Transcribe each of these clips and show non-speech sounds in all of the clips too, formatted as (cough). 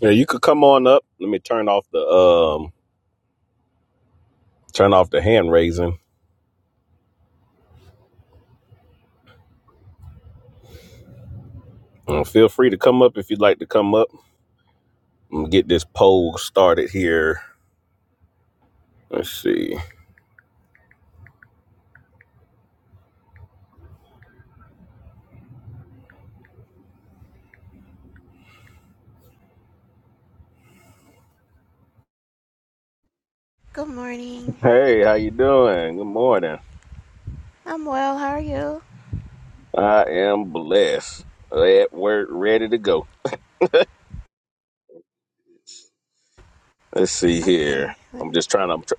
Yeah, you could come on up. Let me turn off the um turn off the hand raising. Uh, feel free to come up if you'd like to come up. I'm gonna get this poll started here. Let's see. Good morning. Hey, how you doing? Good morning. I'm well. How are you? I am blessed. At work, ready to go. Let's see here. Okay, let I'm me. just trying to I'm tr-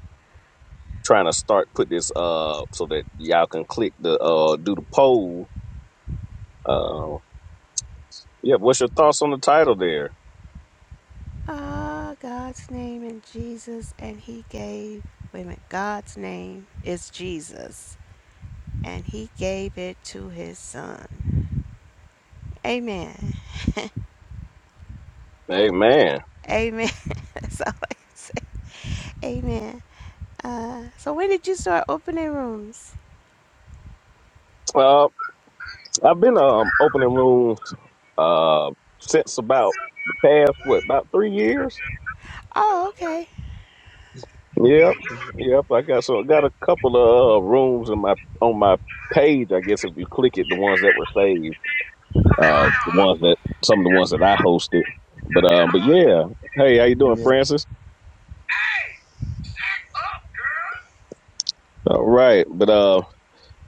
trying to start put this uh so that y'all can click the uh do the poll. Uh yeah, what's your thoughts on the title there? Ah, oh, God's name and Jesus, and He gave. Wait a minute. God's name is Jesus, and He gave it to His Son. Amen. Hey man. (laughs) Amen. (laughs) That's all I can say. Amen. Uh, so when did you start opening rooms? I've been um opening rooms uh since about the past what Hey, about three years. Oh, okay. Yep, yep. I got so I got a couple of uh, rooms in my on my page. I guess if you click it, the ones that were saved, uh, the ones that some of the ones that I hosted. But um, but yeah. Hey, how you doing, Francis? shack up, All right, but uh.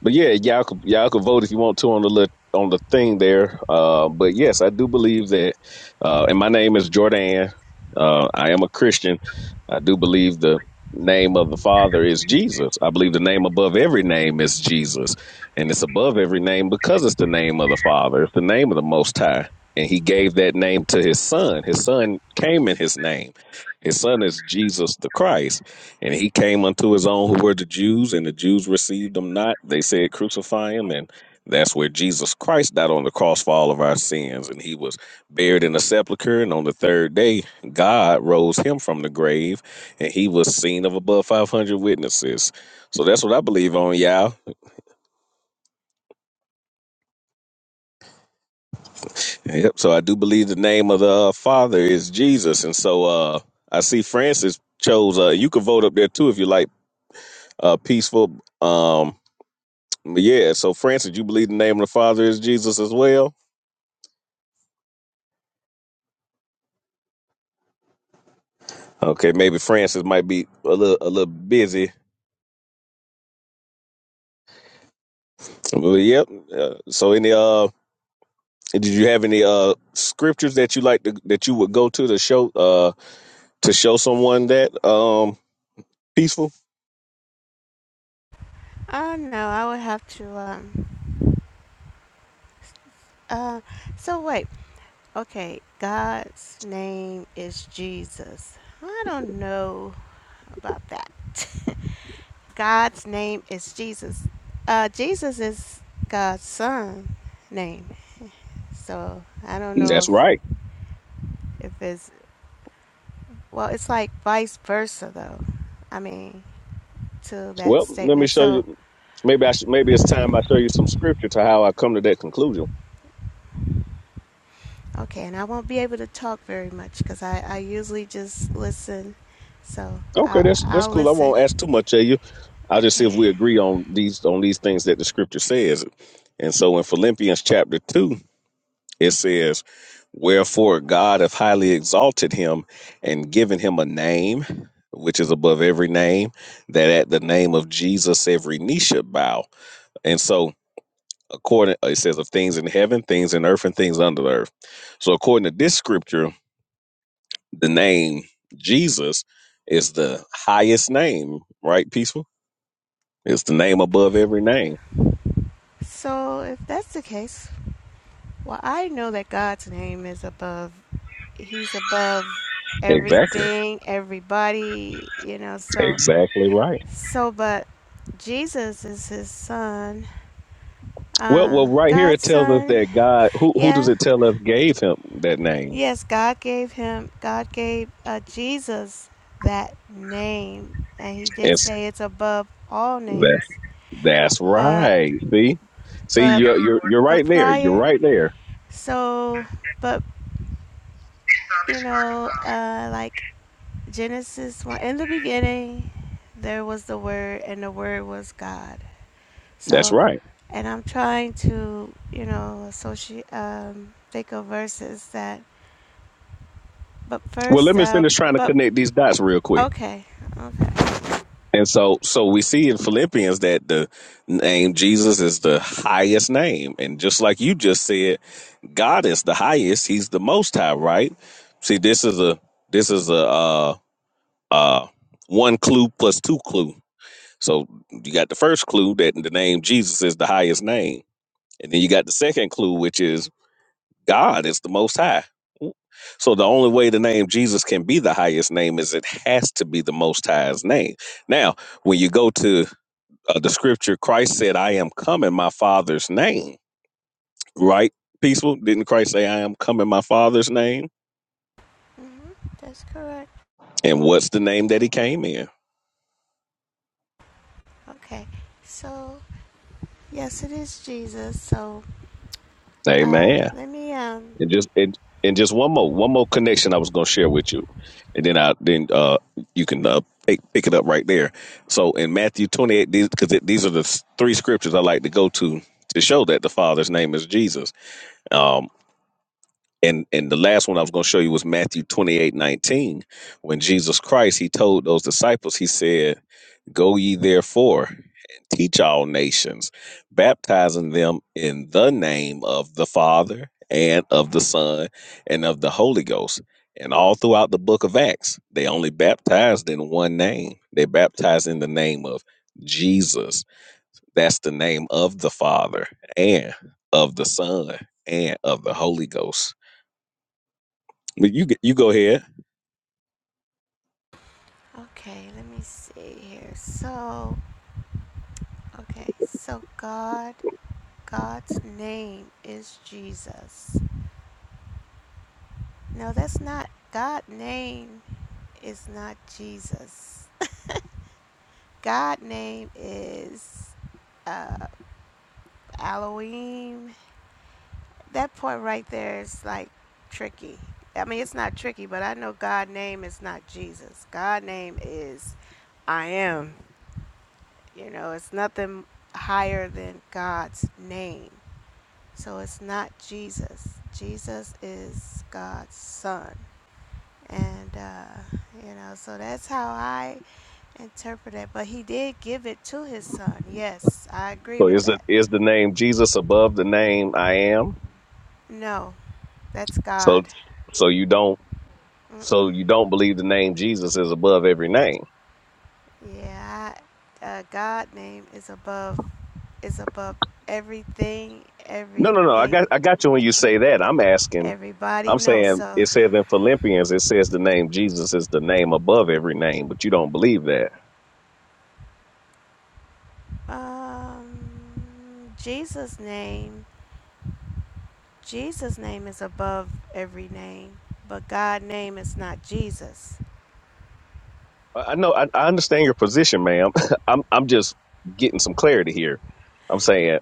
But yeah, y'all could y'all could vote if you want to on the lit- on the thing there. Uh, but yes, I do believe that. Uh, and my name is Jordan. Uh, I am a Christian. I do believe the name of the Father is Jesus. I believe the name above every name is Jesus, and it's above every name because it's the name of the Father. It's the name of the Most High, and He gave that name to His Son. His Son came in His name. His Son is Jesus the Christ. And he came unto his own who were the Jews, and the Jews received him not. They said, Crucify him. And that's where Jesus Christ died on the cross for all of our sins. And he was buried in a sepulchre. And on the third day, God rose him from the grave, and he was seen of above 500 witnesses. So that's what I believe on, y'all. Yep. So I do believe the name of the uh, Father is Jesus. And so uh, I see Francis chose, uh, you could vote up there too if you like, uh, peaceful. Um, But yeah, so Francis, you believe the name of the Father is Jesus as well? Okay, maybe Francis might be a little a little busy. But yep. Uh, so any uh did you have any uh scriptures that you like to, that you would go to to show uh to show someone that um peaceful? Oh no, I would have to. Um. Uh. So wait. Okay, God's name is Jesus. I don't know about that. (laughs) God's name is Jesus. Uh, Jesus is God's son name. So I don't know That's if, right. if it's, well, it's like vice versa though. I mean, to that Well, let me statement. show So, you maybe I should, maybe it's time I show you some scripture to how I come to that conclusion. okay, and I won't be able to talk very much because I, I usually just listen. So Okay, I'll, that's that's I'll cool. I won't listen. ask too much of you. I'll just see Okay. if we agree on these on these things that the scripture says. And so in Philippians chapter two, it says, Wherefore God hath highly exalted him and given him a name which is above every name, that at the name of Jesus every knee should bow. And so according it says of things in heaven, things in earth, and things under the earth. So according to this scripture, the name Jesus is the highest name, right? Peaceful? It's the name above every name. So if that's the case, Well, I know that God's name is above. He's above Exactly. everything, everybody, you know. So, Exactly right. so, but Jesus is his son, Well, well, uh, right here it God's tells us son. that God. Who who does Yeah, it tell us gave him that name? yes, God gave him, God gave uh, Jesus that name. And he did It's say it's above all that's names. that's But, right. See, see, but, you're you're you're but right there. You're prior, right there. so, but, you know, girl. uh, like Genesis 1 In the beginning, there was the Word, and the Word was God. That's So, right. and I'm trying to, you know, associate, um, think of verses that, but Well, let first, me uh, finish trying to but, connect these dots real quick. okay. And so, so we see in Philippians that the name Jesus is the highest name, and just like you just said, God is the highest. He's the Most High, right? See, this is a this is a Uh, uh one clue plus two clue so you got the first clue that the name jesus is the highest name and then you got the second clue which is god is the most high so the only way the name jesus can be the highest name is it has to be the most highest name now when you go to uh, the scripture christ said i am come in my father's name right peaceful didn't christ say i am come in my father's name hmm that's correct. and what's the name that he came in Okay. So, yes, it is Jesus. So, uh, Amen. let me, um, And just and, and just one more one more connection I was going to share with you, and then I then uh you can uh, pick pick it up right there. So in Matthew twenty eight, these because these are the s- three scriptures I like to go to to show that the Father's name is Jesus. Um, and and the last one I was going to show you was Matthew twenty eight nineteen, when Jesus Christ he told those disciples he said. Go ye therefore and teach all nations, baptizing them in the name of the Father and of the Son and of the Holy Ghost. And all throughout the book of Acts, they only baptized in one name. They baptized in the name of Jesus. That's the name of the Father and of the Son and of the Holy Ghost. But you you go ahead. okay, let me see here. So, okay, so God, God's name is Jesus. No, that's not. God name is not Jesus. (laughs) God name is uh, Elohim. That part right there is like tricky. I mean, it's not tricky, but I know God name is not Jesus. God name is I am. You know, it's nothing higher than God's name. So it's not Jesus. Jesus is God's son. And, uh, you know, so that's how I interpret it, but he did give it to his son. Yes, I agree So with is it that. is the name Jesus above the name I am? No, that's So God. so you don't Mm-mm. so you don't believe the name Jesus is above every name. Yeah, I, uh, God name is above is above everything, No, no, no. I got everything, I got you when you say that. I'm asking. everybody. I'm knows. saying so it says in Philippians, it says the name Jesus is the name above every name, but you don't believe that. um, Jesus name, Jesus name is above every name, but God name is not Jesus. I I know. I, I understand your position, ma'am. (laughs) I'm I'm just getting some clarity here. I'm saying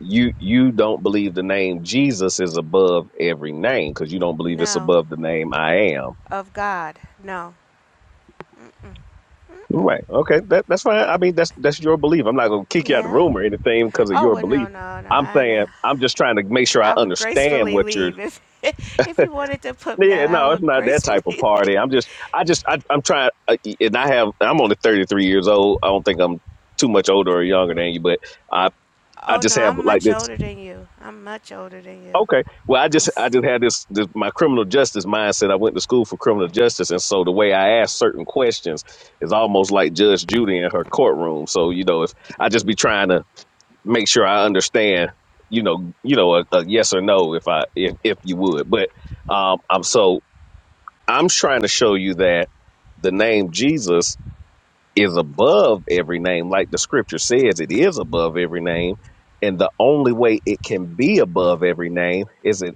you you don't believe the name Jesus is above every name because you don't believe it's No, above the name I am. of God. No. Right. Okay. That that's fine. I mean, that's that's your belief. I'm not gonna kick you out of the Yeah. room or anything because of Oh your well, no, belief. no, no. I'm I know. saying I'm just trying to make sure I I would understand gracefully what you're leave if (laughs) if you wanted to put me out. Yeah, I no, would it's not that gracefully type (laughs) of leave. party. I'm just, I just, I, I'm trying, uh, and I have, I'm only 33 years old. I don't think I'm too much older or younger than you, but I, I Oh just no, have I'm like much this. older than you. I'm much older than you. Okay, well, I I'm just, I s- just had this, this, my criminal justice mindset. I went to school for criminal justice, and so the way I ask certain questions is almost like Judge Judy in her courtroom. So you know, if I just be trying to make sure I understand, you know, you know, a, a yes or no, if I, if, if you would, but. Um, I'm so I'm trying to show you that the name Jesus is above every name, like the scripture says, it is above every name. And the only way it can be above every name is it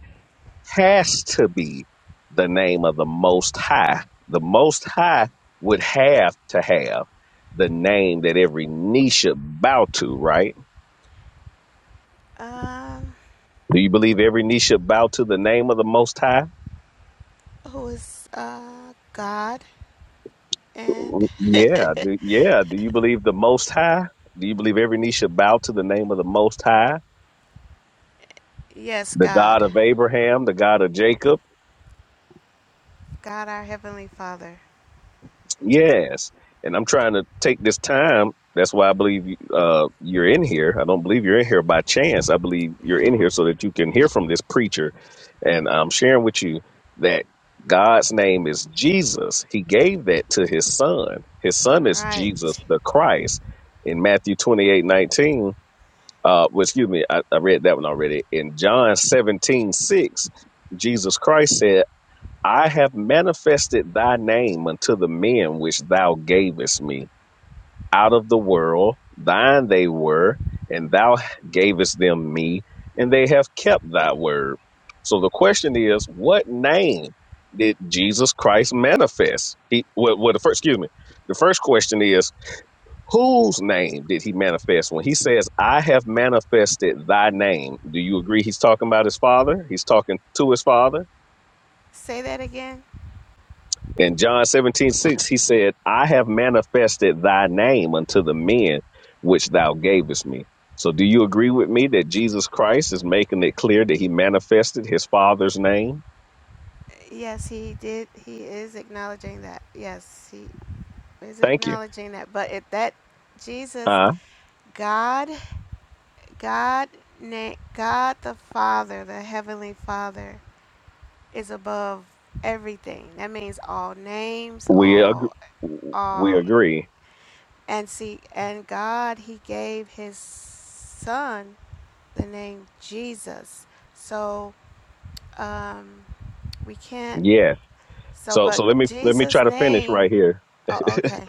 has to be the name of the Most High. The Most High would have to have the name that every knee should bow to, right? um Do you believe every knee should bow to the name of the Most High? who is uh God and Yeah, do, yeah. Do you believe the Most High? Do you believe every knee should bow to the name of the Most High, (laughs) yes, the God. God of Abraham, the God of Jacob? God our heavenly Father. Yes. And I'm trying to take this time. That's why I believe you- uh, you're in here. I don't believe you're in here by chance. I believe you're in here so that you can hear from this preacher. And I'm sharing with you that God's name is Jesus. He gave that to his son. His son is Jesus Right. the Christ. In Matthew 28:19. Uh, well, excuse me, I, I read that one already. In John seventeen six, Jesus Christ said, I have manifested thy name unto the men which thou gavest me. Out of the world, thine they were, and thou gavest them me, and they have kept thy word. So the question is, what name did Jesus Christ manifest? He, well, well, the first, excuse me, the first question is, Whose name did he manifest? When he says, I have manifested thy name, do you agree he's talking about his father? He's talking to his father. Say that again. In John 17 6, he said, I have manifested thy name unto the men which thou gavest me. So do you agree with me that Jesus Christ is making it clear that he manifested his father's name? Yes, he did. He is acknowledging that. Yes, he is Thank you. acknowledging that. But it that Jesus, Huh? God God, God the Father, the Heavenly Father, is above everything. That means all names, We agree. all, We all, agree. and see, and God, He gave His Son the name Jesus. So, um, we can't, Yeah. so, So but so let me let me Jesus' try to finish right name, here. oh, (laughs) okay,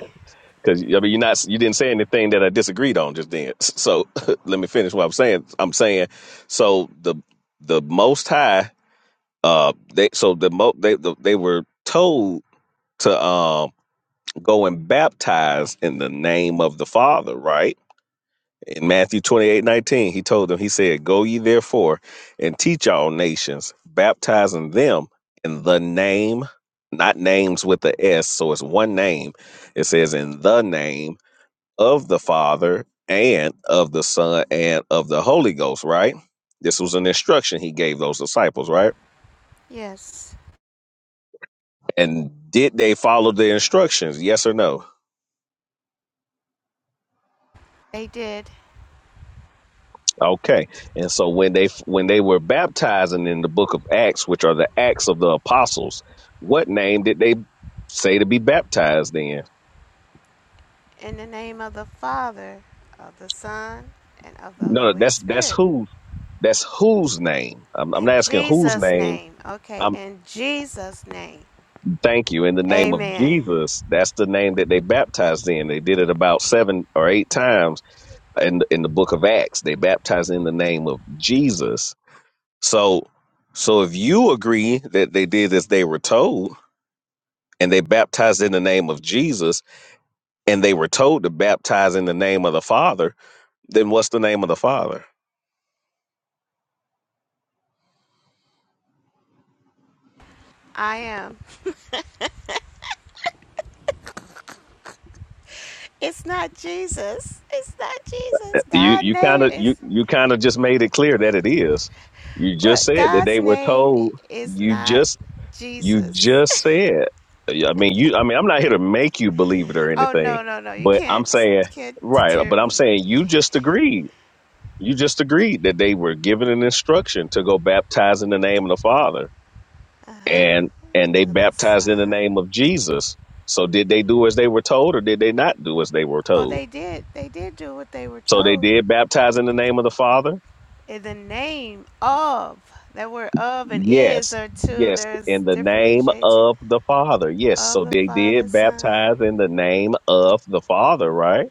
Because I mean, you're not you didn't say anything that I disagreed on just then. So (laughs) let me finish what I'm saying. I'm saying so the the Most High, uh, they so the mo they the, they were told to um go and baptize in the name of the Father, right? In Matthew 28:19, he told them, he said, "Go ye therefore and teach all nations, baptizing them in the name." Not names with the S, so it's one name. It says in the name of the Father and of the Son and of the Holy Ghost, right? This was an instruction he gave those disciples, right? yes, And did they follow the instructions? Yes or no? they did, Okay. And so when they when they were baptizing in the book of Acts, which are the Acts of the apostles, what name did they say to be baptized in? in the name of the Father, of the Son, and of the No, Holy that's that's Spirit. who that's whose name. I'm, I'm In not asking whose Jesus' name. name. Okay, in Jesus' name. Thank you. In the name of Amen. Jesus, that's the name that they baptized in. They did it about seven or eight times in in the book of Acts. They baptized in the name of Jesus. So, so if you agree that they did as they were told, and they baptized in the name of Jesus, and they were told to baptize in the name of the Father, then what's the name of the Father? I am. It's not Jesus. It's not Jesus. You God's you kind name of you is you kind of just made it clear that it is. You what? just said that God's they were name told. is You not just You Jesus. just said. I mean, you. I mean, I'm not here to make you believe it or (laughs) oh anything, no, no, no. You but I'm can't saying can't right. deter But I'm me. saying you just agreed. You just agreed that they were given an instruction to go baptize in the name of the Father, Uh-huh. and and they the baptized in the Son. name of Jesus. So did they do as they were told, or did they not do as they were Oh, told? they did. They did do what they were So they told. did baptize in the name of the Father. In the name of that word of and is Yes, are two. yes, There's in the name differentiation of the Father. Yes, of so the they Father, did Son. baptize in the name of the Father, right?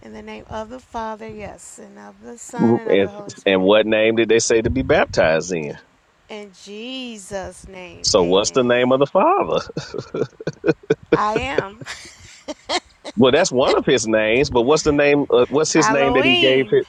In the name of the Father, yes, and of the Son, Mhm. and of the And, Holy and Spirit. what name did they say to be baptized in? In Jesus' name, So what's the amen. name of the Father? (laughs) I am well, that's one of his names, but what's the name? Uh, what's (laughs) his name that he gave? Elohim.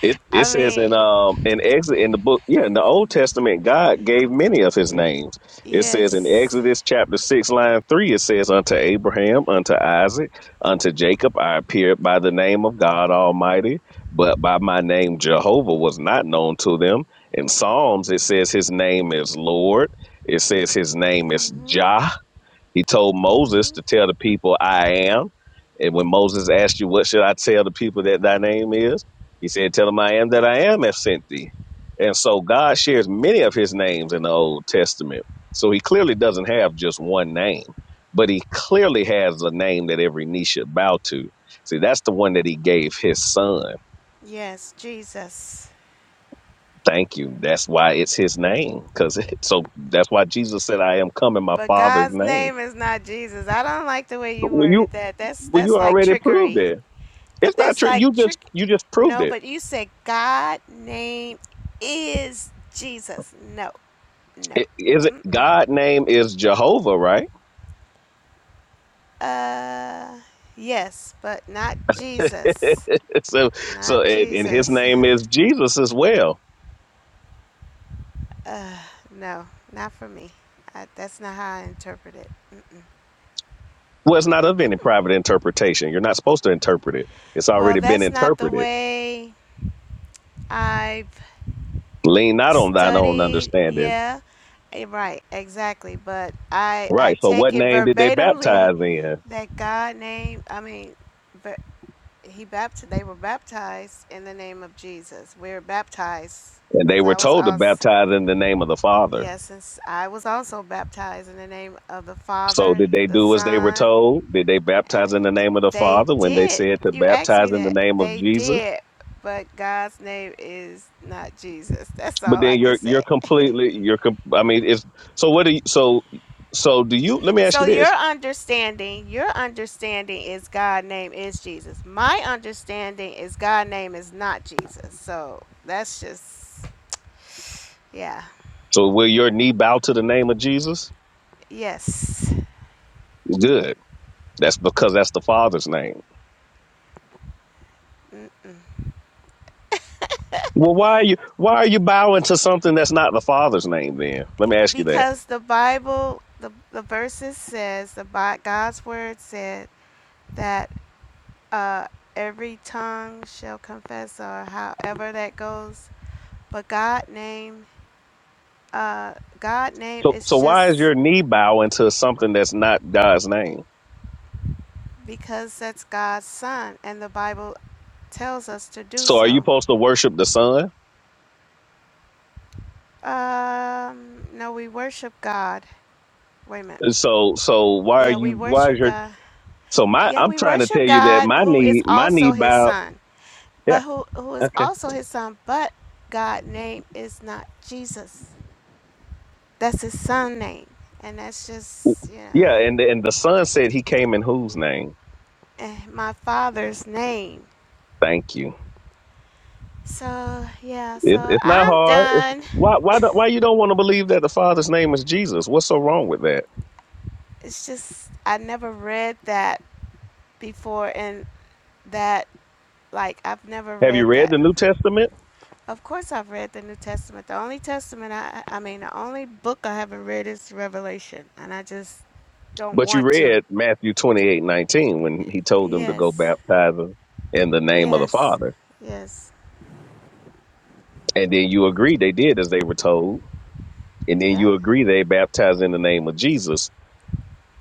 It it I says in mean, um in Exodus in the book yeah in the Old Testament God gave many of His names. It says in yes. Exodus chapter six line three it says unto Abraham unto Isaac unto Jacob I appeared by the name of God Almighty, but by my name Jehovah was not known to them. In Psalms it says His name is Lord. It says His name is hmm Jah. He told hmm Moses to tell the people, I am. And when Moses asked you, What should I tell the people that thy name is? He said, Tell them I am that I am have sent thee. And so God shares many of his names in the Old Testament. So he clearly doesn't have just one name, but he clearly has a name that every knee should bow to. See, that's the one that he gave his son. Yes, Jesus. Thank you. That's why it's his name. Cause (laughs) it, so that's why Jesus said, I am come in my But father's God's name. name is not Jesus. I don't like the way But you Will you worded that. That's well, you that's like already proved trickery. it. But It's not that's true. like You just trick. you just proved No, it. but you said God name is Jesus. No, no. it is it Mm-mm. God name is Jehovah, right? Uh, yes, but not Jesus. (laughs) so so Not and, and his Jesus. name is Jesus as well. (laughs) uh, no, not for me. I, that's not how I interpret it. Well, it's not of any private interpretation. You're not supposed to interpret it. It's Well, already been that's not the interpreted. way I've Lean not on thine own studied. understanding. Yeah, eh, right, exactly. But I I Right. So what take it name did they verbatimly baptize in? that God name. I mean, ver- he baptized. They were baptized in the name of Jesus. We are baptized And they because I were was told to also baptize in the name of the Father. Yes, since I was also baptized in the name of the So Father, did they the do as they were Son, told? Did they and baptize in the name of the they Father when they did. said to You asked baptize me in the that. name of They Jesus? did, but God's name is not Jesus. That's but all I then can you're you're say. (laughs) completely you're com- i mean it's so what do you so so do you let me ask So you your this understanding, your understanding is God name is Jesus. My understanding is God name is not Jesus. So that's just yeah. so will your knee bow to the name of jesus Yes. good that's because that's the father's name well why are you why are you bowing to something that's not the father's name then let me ask you that because the Bible, the, the verses says, the Bi- God's word said that uh, every tongue shall confess, or however that goes. But God name, uh, God name so so is why is just your knee bowing to something that's not god's name because that's God's son, and the Bible tells us to do so are you so. supposed to worship the son Um, no, we worship God. Wait a minute. so so why are Yeah, you we why is worship your God. so my Yeah, i'm we trying to tell worship you that God, my who is knee my knee also His bow son. yeah but who who is okay. also his son, but God name is not Jesus. That's his son name. And that's just, you know, Yeah, and the, and the son said he came in whose name? eh, my father's name. Thank you. So yeah, It, so it's not I'm hard. It's, done. why why do- why you don't want to believe that the Father's name is Jesus? What's so wrong with that? It's just I never read that before and that like I've never Have you read read that. the New Testament? Of course I've read the New Testament. The only testament I I mean the only book I haven't read is Revelation and I just don't But you want to. read Matthew twenty eight nineteen when he told them to go Yes. baptizing in the name of the Yes, Father, yes, and then you agree they did as they were told, and then yeah. you agree they baptized in the name of Jesus.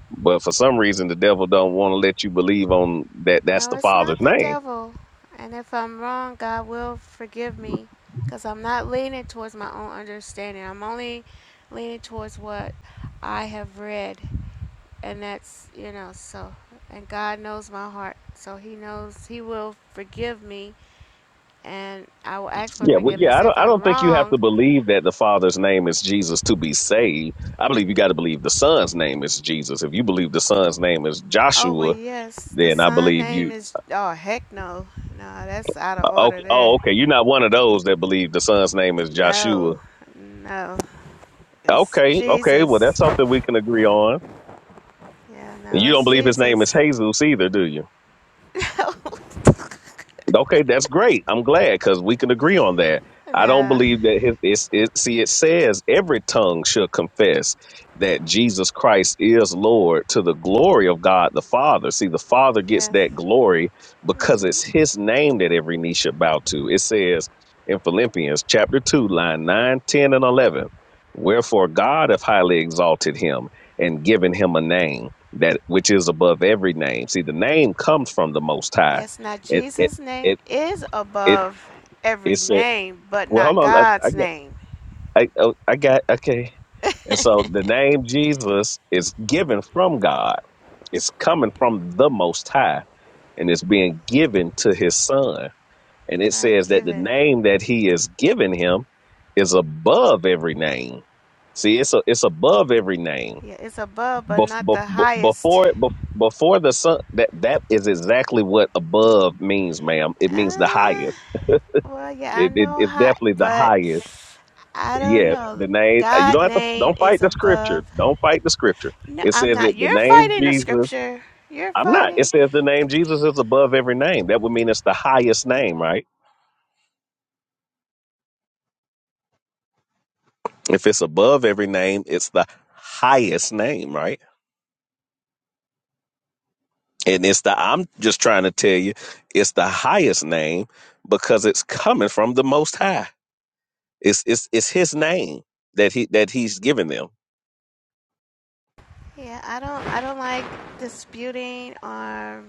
But for some reason, the devil don't want to let you believe on that. That's No, the it's Father's not the name devil. And if I'm wrong, God will forgive me because I'm not leaning towards my own understanding. I'm only leaning towards what I have read. And that's, you know, so. And God knows my heart. So He knows He will forgive me. And I will ask for Yeah, well, yeah, forgiveness I if don't, I I'm don't think you have to wrong. believe that the Father's name is Jesus to be saved. I believe you got to believe the Son's name is Jesus. If you believe the Son's name is Oh, well, Joshua, yes. The then I son believe name you. is. Oh, heck no. No, that's out uh, of order Okay, there. oh, okay, you're not one of those that believe the Son's name is Joshua. No, no. It's Okay, okay, well, that's Jesus. something we can agree on. Yeah, And no, you don't it's believe his name is Jesus. Jesus either, do you? (laughs) Okay, that's great. I'm glad because we can agree on that. No, I don't no. believe that his, it's, it. See, it says every tongue should confess that Jesus Christ is Lord to the glory of God the Father. See, the Father gets Yes. that glory because it's His name that every knee should bow to. It says in Philippians chapter two, line 9, 10, and eleven. Wherefore God hath highly exalted him and given him a name that which is above every name. See, the name comes from the Most High Yes, now Jesus' name it is it above it every said name, but well not hold on i, I God's got name. I, oh, I got okay and so the name jesus is given from god it's coming from the most high and it's being given to his son and it Right, says that the given. name that he is giving him is above every name see it's a, it's above every name Yeah, it's above, but bef- not the bef- bef- highest. before bef- before the son that that is exactly what above means ma'am it means the Uh, highest well, yeah, I it, it, know it's high, definitely the but highest I don't Yes, know. the name. uh, You God' don't have to. name Don't fight is the scripture. above. Don't fight the scripture. No, It I'm says that not. the You're name fighting the Jesus. scripture. You're I'm not. It fighting. says the name Jesus is above every name. That would mean it's the highest name, right? If it's above every name, it's the highest name, right? And it's the. I'm just trying to tell you, it's the highest name because it's coming from the Most High. It's it's it's His name that he that He's given them. Yeah, I don't I don't like disputing or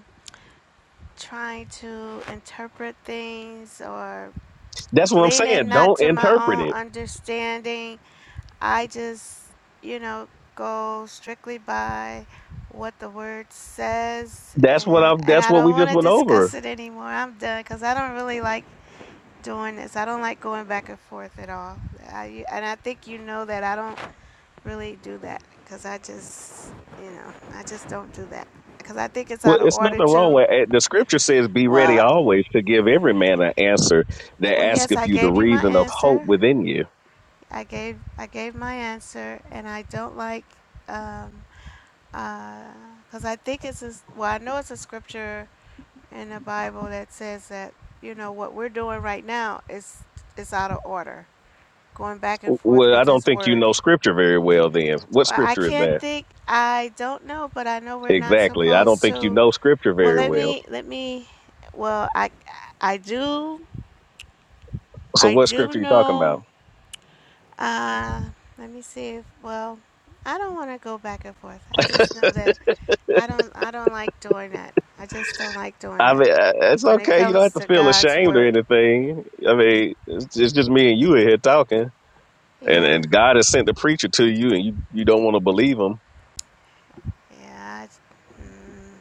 trying to interpret things or That's what I'm saying. leaning not Don't to my interpret own it. understanding. I just, you know, go strictly by what the word says That's what and I'm. and That's I what we don't want just to went over. discuss it anymore. I'm done cuz I don't really like doing this. I don't like going back and forth at all. I, and I think you know that I don't really do that because I just, you know, I just don't do that because I think it's Well, out of it's order nothing wrong to. with it. The scripture says, Be ready Well, always to give every man an answer that well, yes, asketh I you the gave you my reason of hope answer. within you. I gave I gave my answer, and I don't like um, uh because I think it's a, s- well, I know it's a scripture in the Bible that says that you know what we're doing right now is is out of order, going back and W- forth Well, I with don't His think you Word. know scripture very well then. What Well, I scripture is can't that? think. I don't know, but I know we're not Exactly. I don't supposed think you to know scripture Well, very let well. me let me. Well, I I do So, I what do scripture are you talking know. about? Uh, let me see if. Well, I don't want to go back and forth. I just know that I don't I don't like doing that. I just don't like doing I that mean, uh, it's when it okay. You don't comes have to to feel God's ashamed or word. anything. I mean, it's, it's just me and you in here talking, and, Yeah, and God has sent the preacher to you, and you, you don't want to believe him yeah. I, mm,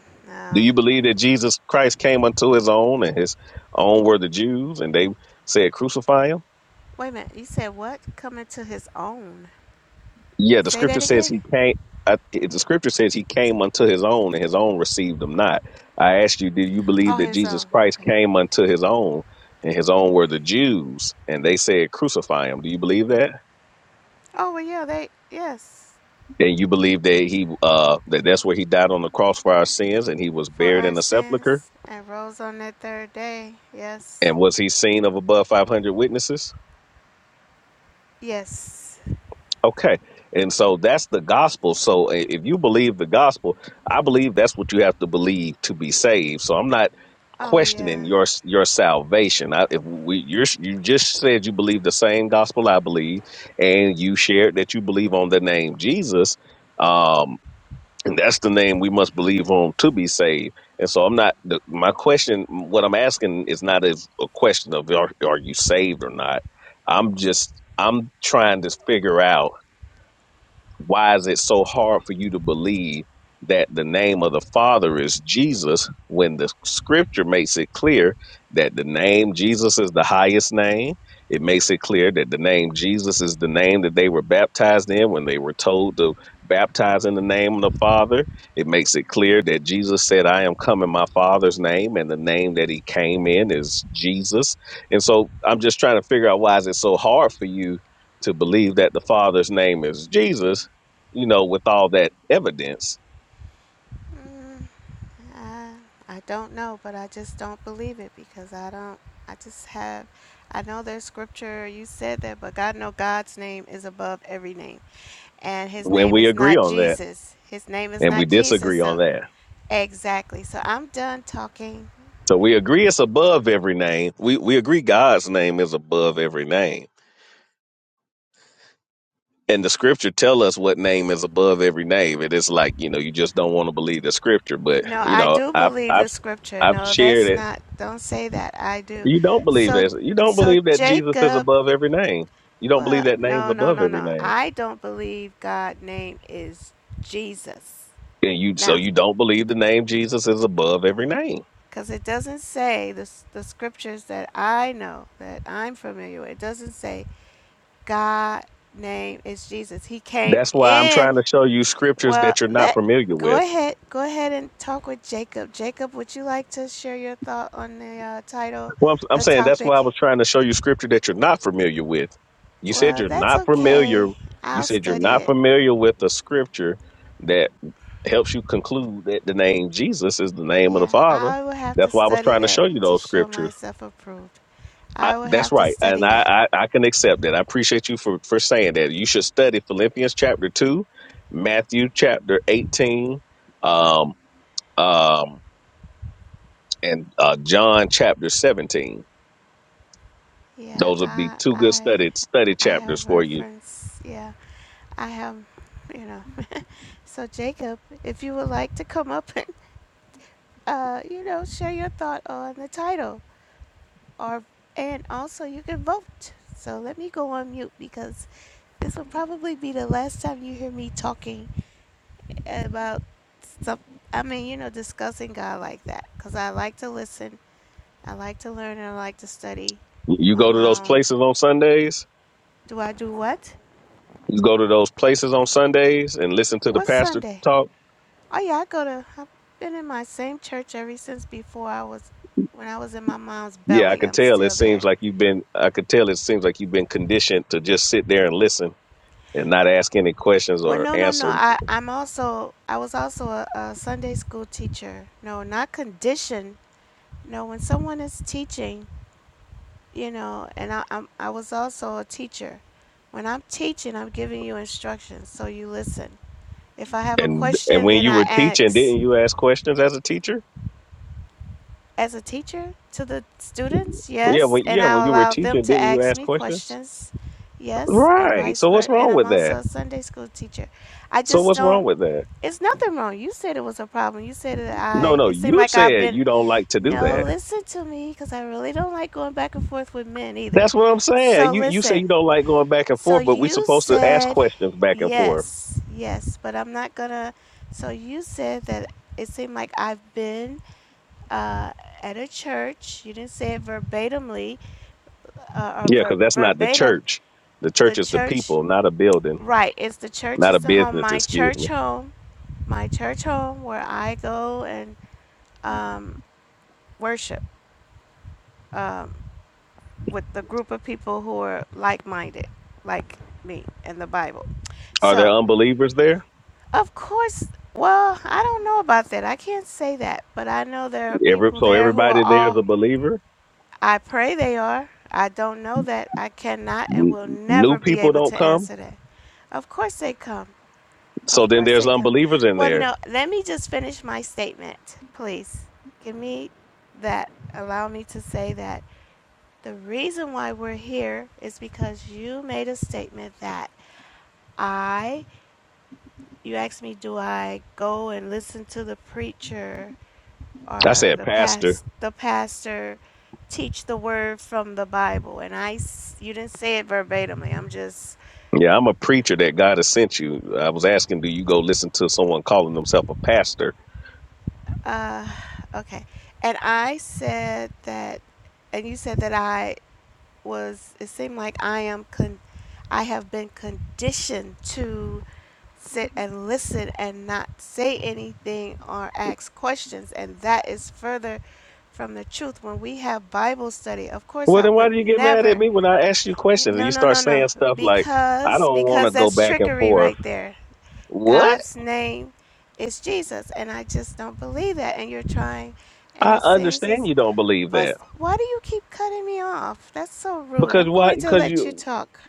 Do no. you believe that Jesus Christ came unto his own and his own were the Jews and they said crucify him? Wait a minute. You said what? Coming to his own. Yeah, the Say that scripture says again. he came. I, the scripture says he came unto his own and his own received him not. I asked you, do you believe Oh, that his Jesus own. Christ Okay. came unto his own and his own were the Jews and they said crucify him? Do you believe that? Oh well, yeah. They yes. And you believe that he uh that that's where he died on the cross for our sins and he was for buried our in a sepulcher sins and rose on the third day. Yes. and was he seen of above 500 witnesses? Yes. Okay. And so that's the gospel. So i- if you believe the gospel, I believe that's what you have to believe to be saved. So I'm not Oh, yeah. questioning your your salvation. I, if we you're, you just said you believe the same gospel I believe and you shared that you believe on the name Jesus, um and that's the name we must believe on to be saved. And so I'm not the, my question what I'm asking is not as a question of are, are you saved or not. I'm just I'm trying to figure out why is it so hard for you to believe that the name of the Father is Jesus when the scripture makes it clear that the name Jesus is the highest name? It makes it clear that the name Jesus is the name that they were baptized in when they were told to baptize in the name of the Father. It makes it clear that Jesus said, I am come in my Father's name, and the name that he came in is Jesus. And so I'm just trying to figure out why is it so hard for you to believe that the Father's name is Jesus you know, with all that evidence Mm, I, I don't know, but I just don't believe it because I don't, I just have, I know there's scripture, you said that, but God know God's name is above every name. And his when name we is agree not on that Jesus. His name is and we not Jesus, disagree on so. that. Exactly. So I'm done talking. So we agree it's above every name. We we agree God's name is above every name. And the scripture tell us what name is above every name. It is like, you know, you just don't want to believe the scripture. But, No, you I know, do I've believe I've the scripture. I've No, shared that's it. not. Don't say that. I do. You don't believe So this. You don't so believe that Jesus is Jacob above every name. You don't believe Well, that name's no, no, above no, every no. name. I don't believe God's name is Jesus. And you so Now, you don't believe the name Jesus is above every name because it doesn't say the, the scriptures that I know, that I'm familiar with, it doesn't say God name is Jesus. He came That's why I'm trying in. to show you scriptures Well, that you're not let familiar go with. ahead. Go ahead and talk with Jacob. Jacob, would you like to share your thought on the uh, title, Well, I'm, I'm the saying that's why topic? I was trying to show you scripture that you're not familiar with. You said Well, you're that's not familiar. okay. You I'll said you're study not it. familiar with the scripture that helps you conclude that the name Jesus is the name of the Yeah, Father. I will have to That's why I was study trying to that show you to those show scriptures. myself approved. I, I will that's have to right, and study that. I, I I can accept that. I appreciate you for for saying that. You should study Philippians chapter two, Matthew chapter eighteen, um, um, and uh, John chapter 17. Yeah, Those would be I two good I study study I chapters have for you. reference. Yeah, I have, you know. (laughs) so Jacob, if you would like to come up (laughs) and uh, you know, share your thought on the title or and also you can vote. So let me go on mute because this will probably be the last time you hear me talking about stuff. I mean, you know, discussing God like that because I like to listen, I like to learn, and I like to study You go on to those my own. places on Sundays. Do I do what? You go to those places on Sundays and listen to the What's pastor Sunday? talk. Oh yeah, I go to. I've been in my same church ever since before I was, when I was in my mom's Yeah, I belly. can I'm tell. It still seems there. like you've been. I could tell. It seems like you've been conditioned to just sit there and listen and not ask any questions Well, or no, no, no. answer. I I'm also I was also a, a Sunday school teacher. No, not conditioned. No, when someone is teaching you know and I, I'm, I was also a teacher when i'm teaching i'm giving you instructions so you listen if i have a And and question when then you i were teaching, didn't ask you ask questions as a teacher? as a teacher to the students Yeah, yes when and yeah i when you were allow them teaching, to didn't you ask ask me questions? questions yes and Right. vice So what's versa and wrong i'm with also that? a sunday school teacher i So just what's wrong don't with that? it's nothing wrong you said it was a problem you said that No, i no, it seemed you like i've said been you don't like to do no that. listen to me because i really don't like going back and forth with men either That's what I'm so saying. You you say listen you don't like going back and So forth, but we're you supposed to ask said questions back and forth. yes, yes, but I'm not gonna. So you said that it seemed like I've been uh, at a church. You didn't say it verbatimly uh, or Yeah, ver- because that's not the verbatim. church. The The church is the church, people, not a building, right? It's the church not is a the home. business. My Excuse church me. home, my church home, where I go and um, worship um, with the group of people who are like-minded, like me, and the Bible. Are So there unbelievers there? Of course. Well, I don't know about that. I can't say that, but I know there are Every people so there who are everybody there is all. a believer. I pray they are. I don't know that. I cannot and N- will never New be people able don't to come, answer that. Of course they come. so Of then course there's they come. unbelievers in Well, no, there. let me just finish my statement, please. Give me that. Allow me to say that. The reason why we're here is because you made a statement that I, you asked me, do I go and listen to the preacher I or said, the Pastor. past the pastor teach the word from the Bible, and I s- you didn't say it verbatimly. I'm just Yeah, I'm a preacher that God has sent you. I was asking, do you go listen to someone calling themselves a pastor? uh, okay. And I said that, and you said that I was. It seemed like I am con. I have been conditioned to sit and listen and not say anything or ask questions, and that is further from the truth. When we have Bible study, of course, Well, I then why do would you get mad never at me when I ask you questions and No, you no, start no, no. saying stuff like, I Because don't want because to go that's back and trickery forth? right there. What? God's name is Jesus, and I just don't believe that. And you're trying, and I it seems understand it's. you don't believe But that. why do you keep cutting me off? That's so rude. Because I'm why? going to Because let you you. talk.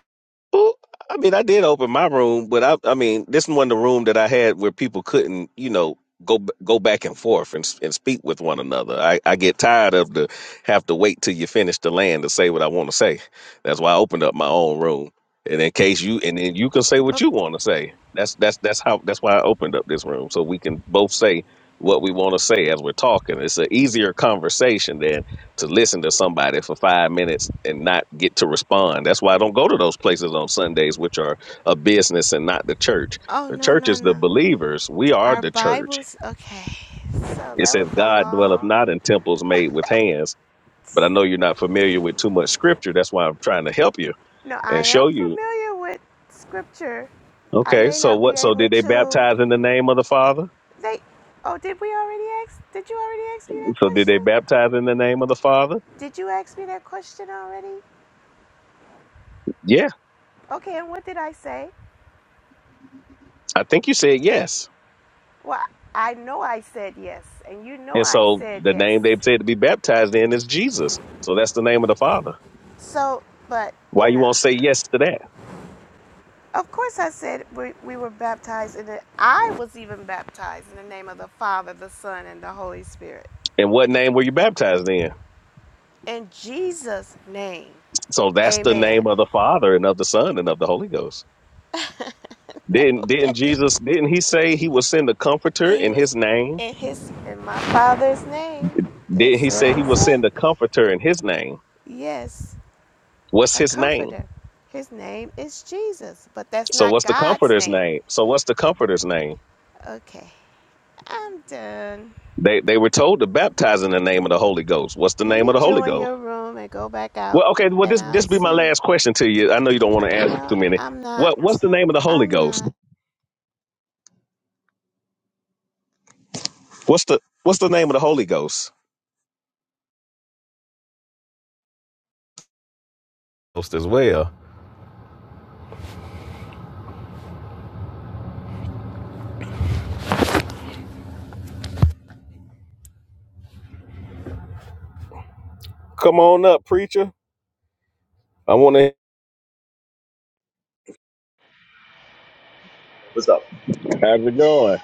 Well, I mean, I did open my room, but I, I mean, this wasn't the room that I had where people couldn't, you know, go b- go back and forth and s- and speak with one another. I, I get tired of the have to wait till you finish the land to say what I want to say. That's why I opened up my own room, and in case you and then you can say what But you want to say. That's that's that's how that's why I opened up this room so we can both say what we want to say as we're talking. It's an easier conversation to listen to somebody for five minutes and not get to respond. That's why I don't go to those places on Sundays, which are a business and not the church. oh The no, church no, is the no. believers. We are Our the church. Bibles. Okay. So It that says was a God dwelleth long. not in temples made with hands. But I know you're not familiar with too much scripture. That's why I'm trying to help you No, I and am show you. familiar with scripture. I Okay, may so not be what? So able did they to. baptize in the name of the Father? They. Oh, did we already ask? Did you already ask me that So did they question? baptize in the name of the Father? Did you ask me that question already? Yeah, Okay, and what did I say? I think you said yes. Well, I know I said yes, and you know And I so said the yes. name they said to be baptized in is Jesus. So that's the name of the Father. So, but, Why you you know, won't say yes to that? of course I said we, we were baptized, and I was even baptized in the name of the Father, the Son, and the Holy Spirit. And what name were you baptized in? In Jesus' name, So that's the amen. name of the Father and of the Son and of the Holy Ghost. (laughs) no. Didn't didn't Jesus didn't he say he will send the comforter He in was his name? in his in my father's name. Didn't That's he what say he will he send said. the comforter in his name? Yes. What's a his name? comforter. His name is Jesus, but that's So not what's the God's comforter's name. name? So what's the comforter's name? Okay, I'm done. They they were told to baptize in the name of the Holy Ghost. What's the Let name me of the Holy join Ghost? your room and go back out, Well, okay. Well, and this I'll this be see. my you. last question to you. I know you don't want to answer too No, many. I'm not. What what's the name of the Holy I'm Ghost? not. What's the what's the name of the Holy Ghost? Ghost as well. Come on up, preacher. I want to. What's up? How's it going?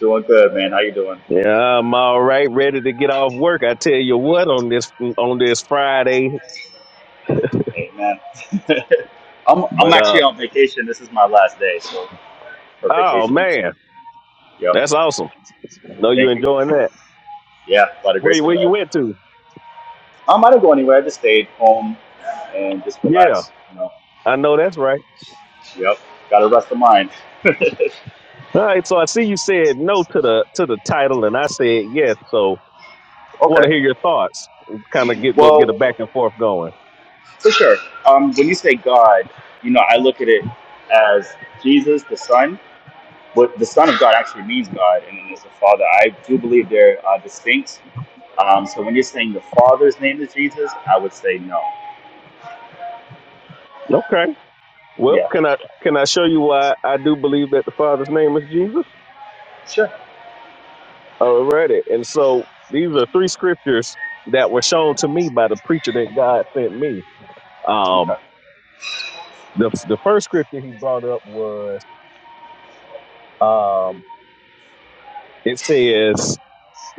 Doing good, man. How you doing? Yeah, I'm all right. Ready to get off work. I tell you what, on this on this Friday. Hey, man. (laughs) I'm I'm But actually uh, on vacation. This is my last day, so for oh vacation. man, Yep. that's awesome. Know you Thank you. enjoying that. Yeah, by the Where grace you- of where you God. went to? Um, I didn't go anywhere. I just stayed home and just Yeah, relaxed. You know. I know that's right. Yep. Got a rest of mind. All right. So I see you said no to the to the title, and I said yes. So. want Okay. to hear your thoughts. Kind of get go get Well, a back and forth going. for sure. Um, when you say God, you know, I look at it as Jesus, the Son. What the Son of God actually means God, and then there's the Father. I do believe they're uh, distinct Um, so when you're saying the Father's name is Jesus, I would say no. Okay. Well, Yeah. can I can I show you why I do believe that the Father's name is Jesus? Sure. Alrighty. And so these are three scriptures that were shown to me by the preacher that God sent me. Um, Okay. the the first scripture he brought up was um, it says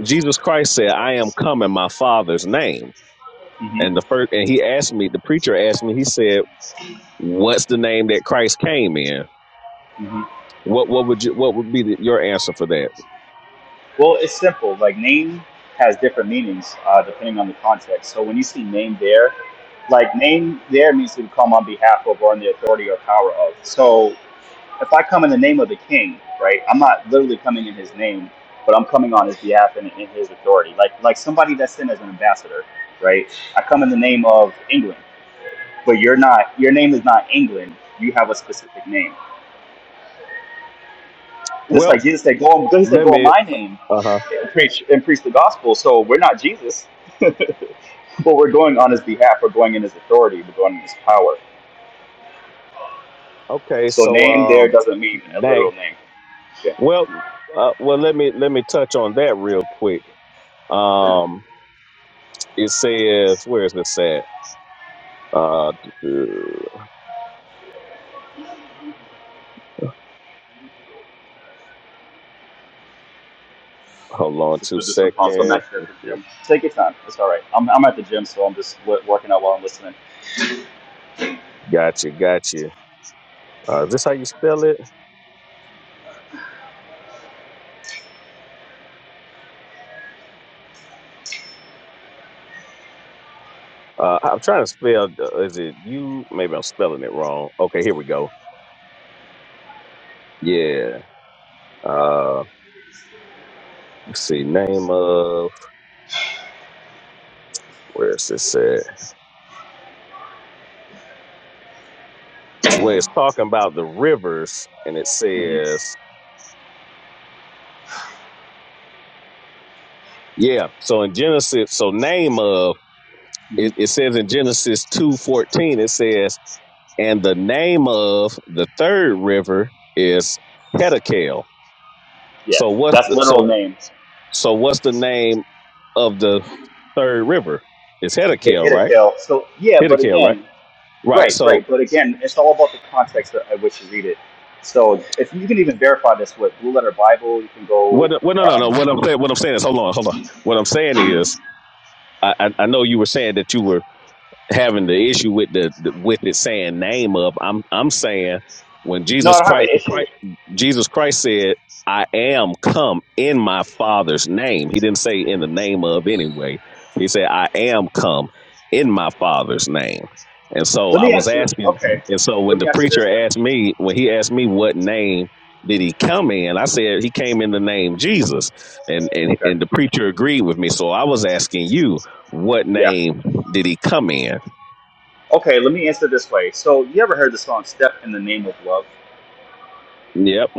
Jesus Christ said, "I am come in my Father's name." hmm And the first and he asked me, the preacher asked me, he said, "What's the name that Christ came in?" hmm What what would you what would be the, your answer for that? Well, it's simple. Like name has different meanings uh, depending on the context. So when you see name there, like name there means to come on behalf of or on the authority or power of. So if I come in the name of the King, right? I'm not literally coming in His name, but I'm coming on His behalf and in His authority. Like like somebody that's sent as an ambassador, right? I come in the name of England. but you're not your name is not England. You have a specific name. Just like Well, Jesus said, go in, he said, let go in me. my name Uh huh. and preach and preach the gospel. So we're not Jesus. (laughs) but we're going on his behalf, we're going in his authority, we're going in his power. Okay, So so name there um, doesn't mean a literal dang. name. Yeah. Well, uh, well, let me let me touch on that real quick. Um, it says where is this at? Uh, duh, duh, hold on Just two do this one pause. I'm seconds. actually at the gym. Take your time. It's all right. I'm, I'm at the gym, so I'm just w- working out while I'm listening. Gotcha, gotcha. Uh, is this how you spell it? Uh, I'm trying to spell. Uh, is it you? Maybe I'm spelling it wrong. Okay, here we go. Yeah. Uh, let's see. Name of where is this at? It's where it's talking about the rivers, and it hmm says, yeah. So in Genesis, so name of hmm it, it says in Genesis two fourteen, it says, and the name of the third river is Hedekel. Yeah, So what's that's the, literal so names. so what's the name of the third river. It's Hit, Hiddekel, hit a right? kill. So yeah, but Hiddekel, right? again, Right. Right, So right. But again, it's all about the context that I wish you read it. So if you can even verify this with Blue Letter Bible, you can go. what? Well, no, no, no. Um, What I'm saying, what I'm saying is, hold on, hold on. What I'm saying is, I, I, I know you were saying that you were having the issue with the, the with it saying name of. I'm I'm saying when no, I Jesus don't have an Christ, issue. Christ Jesus Christ said, "I am come in my Father's name." He didn't say in the name of anyway. He said, "I am come in my Father's name." And so Let I me was ask you. asking, Okay, and so let when me the ask you this then. preacher asked me, when he asked me what name did he come in, I said he came in the name Jesus, and and Okay, and the preacher agreed with me. So I was asking you, what yeah. name did he come in? Okay, let me answer this way. So you ever heard the song "Step in the Name of Love"? Yep.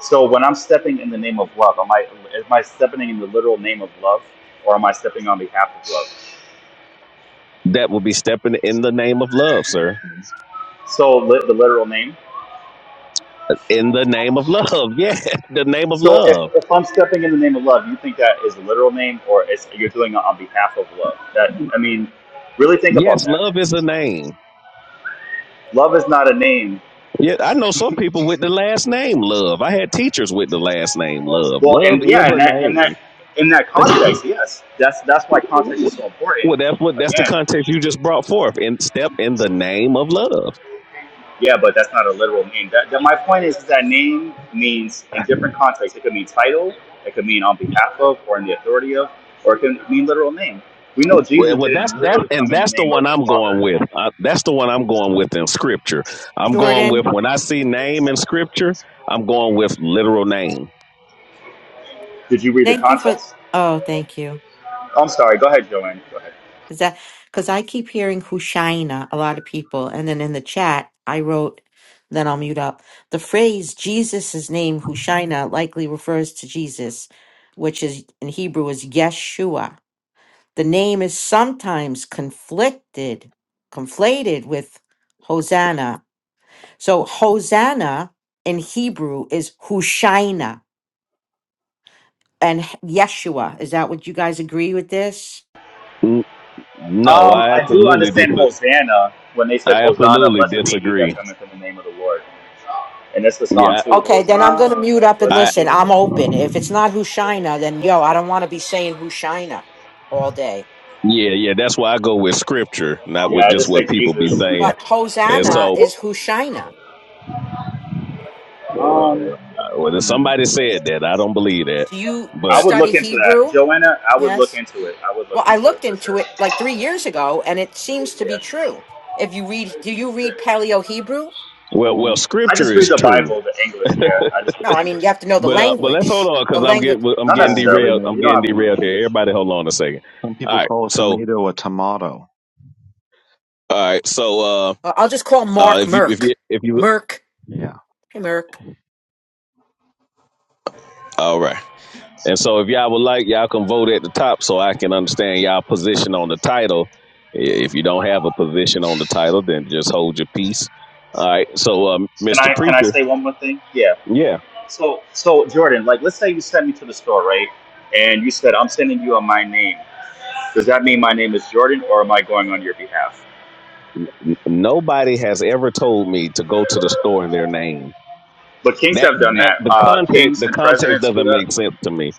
So when I'm stepping in the name of love, am I am I stepping in the literal name of love, or am I stepping on behalf of love? That will be stepping in the name of love, sir. So li- the literal name. In the name of love. (laughs) yeah. The name of So if, love. if I'm stepping in the name of love, you think that is a literal name or it's you're doing it on behalf of love? That I mean, really think about Yes, that. love is a name. Love is not a name. Yeah, I know some people with the last name Love. I had teachers with the last name Love. Well, Love and is yeah, and a that and that name. in that (laughs) context, yes, that's that's why context is so important. well, that's what that's the Again, context you just brought forth. And step in the name of love. yeah, but that's not a literal name. That, that my point is that name means in different contexts. It could mean title, it could mean on behalf of, or in the authority of, or it can mean literal name. We know Well, Jesus well that's didn't that, literally and come in the that's the name of one the I'm Father. going with. Uh, that's the one I'm going with in scripture. I'm going with Jordan, when I see name in scripture. I'm going with literal name. Did you read the thank you for. context? Oh, thank you. I'm sorry. Go ahead, Joanne. Go ahead. Is that because I keep hearing Hushaina, a lot of people, and then in the chat I wrote. Then I'll mute up. The phrase Jesus' name Hushaina likely refers to Jesus, which is in Hebrew is Yeshua. The name is sometimes conflicted, conflated with Hosanna. So Hosanna in Hebrew is Hushaina and Yeshua. Is that what you guys agree with this? No, Um, I I do absolutely understand dis- Hosanna when they said I Hosanna, absolutely blessed be he that disagree. cometh in the name of the Lord. And that's the song Yeah, too. Okay, then I'm gonna mute Hosanna, up and blessed be I listen. the I'm Lord. open. If it's not Hushina, then yo, I don't want to be saying Hushina all day. yeah yeah. That's why I go with scripture, not Yeah, with I just just what think people be Jesus. saying. But And Hosanna so, is Hushina. Um, uh, whether hmm, somebody said that, I don't believe that. Do you I But would study look into that, Hebrew? Joanna. I would look Yes. into it. I would Well, look I into it looked for sure. into it like three years ago, and it seems to Yeah, be true. If you read, do you read Paleo Hebrew? well, well, Oh, I just scripture read is the true. Bible, the English. Yeah, I just read No, the I mean English. you have to know the But uh, but let's hold language. on The because I'm language. getting I'm Not getting oh, a necessarily. derailed. I'm You don't getting have to tomato. know the derailed language. here. Everybody, hold on a second. Some All people right. call a So tomato a tomato. all right. So uh, I'll just call uh uh Mark if you if Merck. you if you Merck. Yeah. Hey, Merck. all right. And so, if y'all would like, y'all can vote at the top so I can understand y'all position on the title. If you don't have a position on the title, then just hold your peace. All right. So, um, Can I? Mr. Can I Preacher, say one more thing? Yeah. yeah, So, so Jordan, like, let's say you sent me to the store, right? And you said, I'm sending you on my name. Does that mean my name is Jordan or am I going on your behalf? n- nobody has ever told me to go to the store in their name. But kings That have done that that. the Uh, context kings the and context presidents do doesn't that. make sense to me.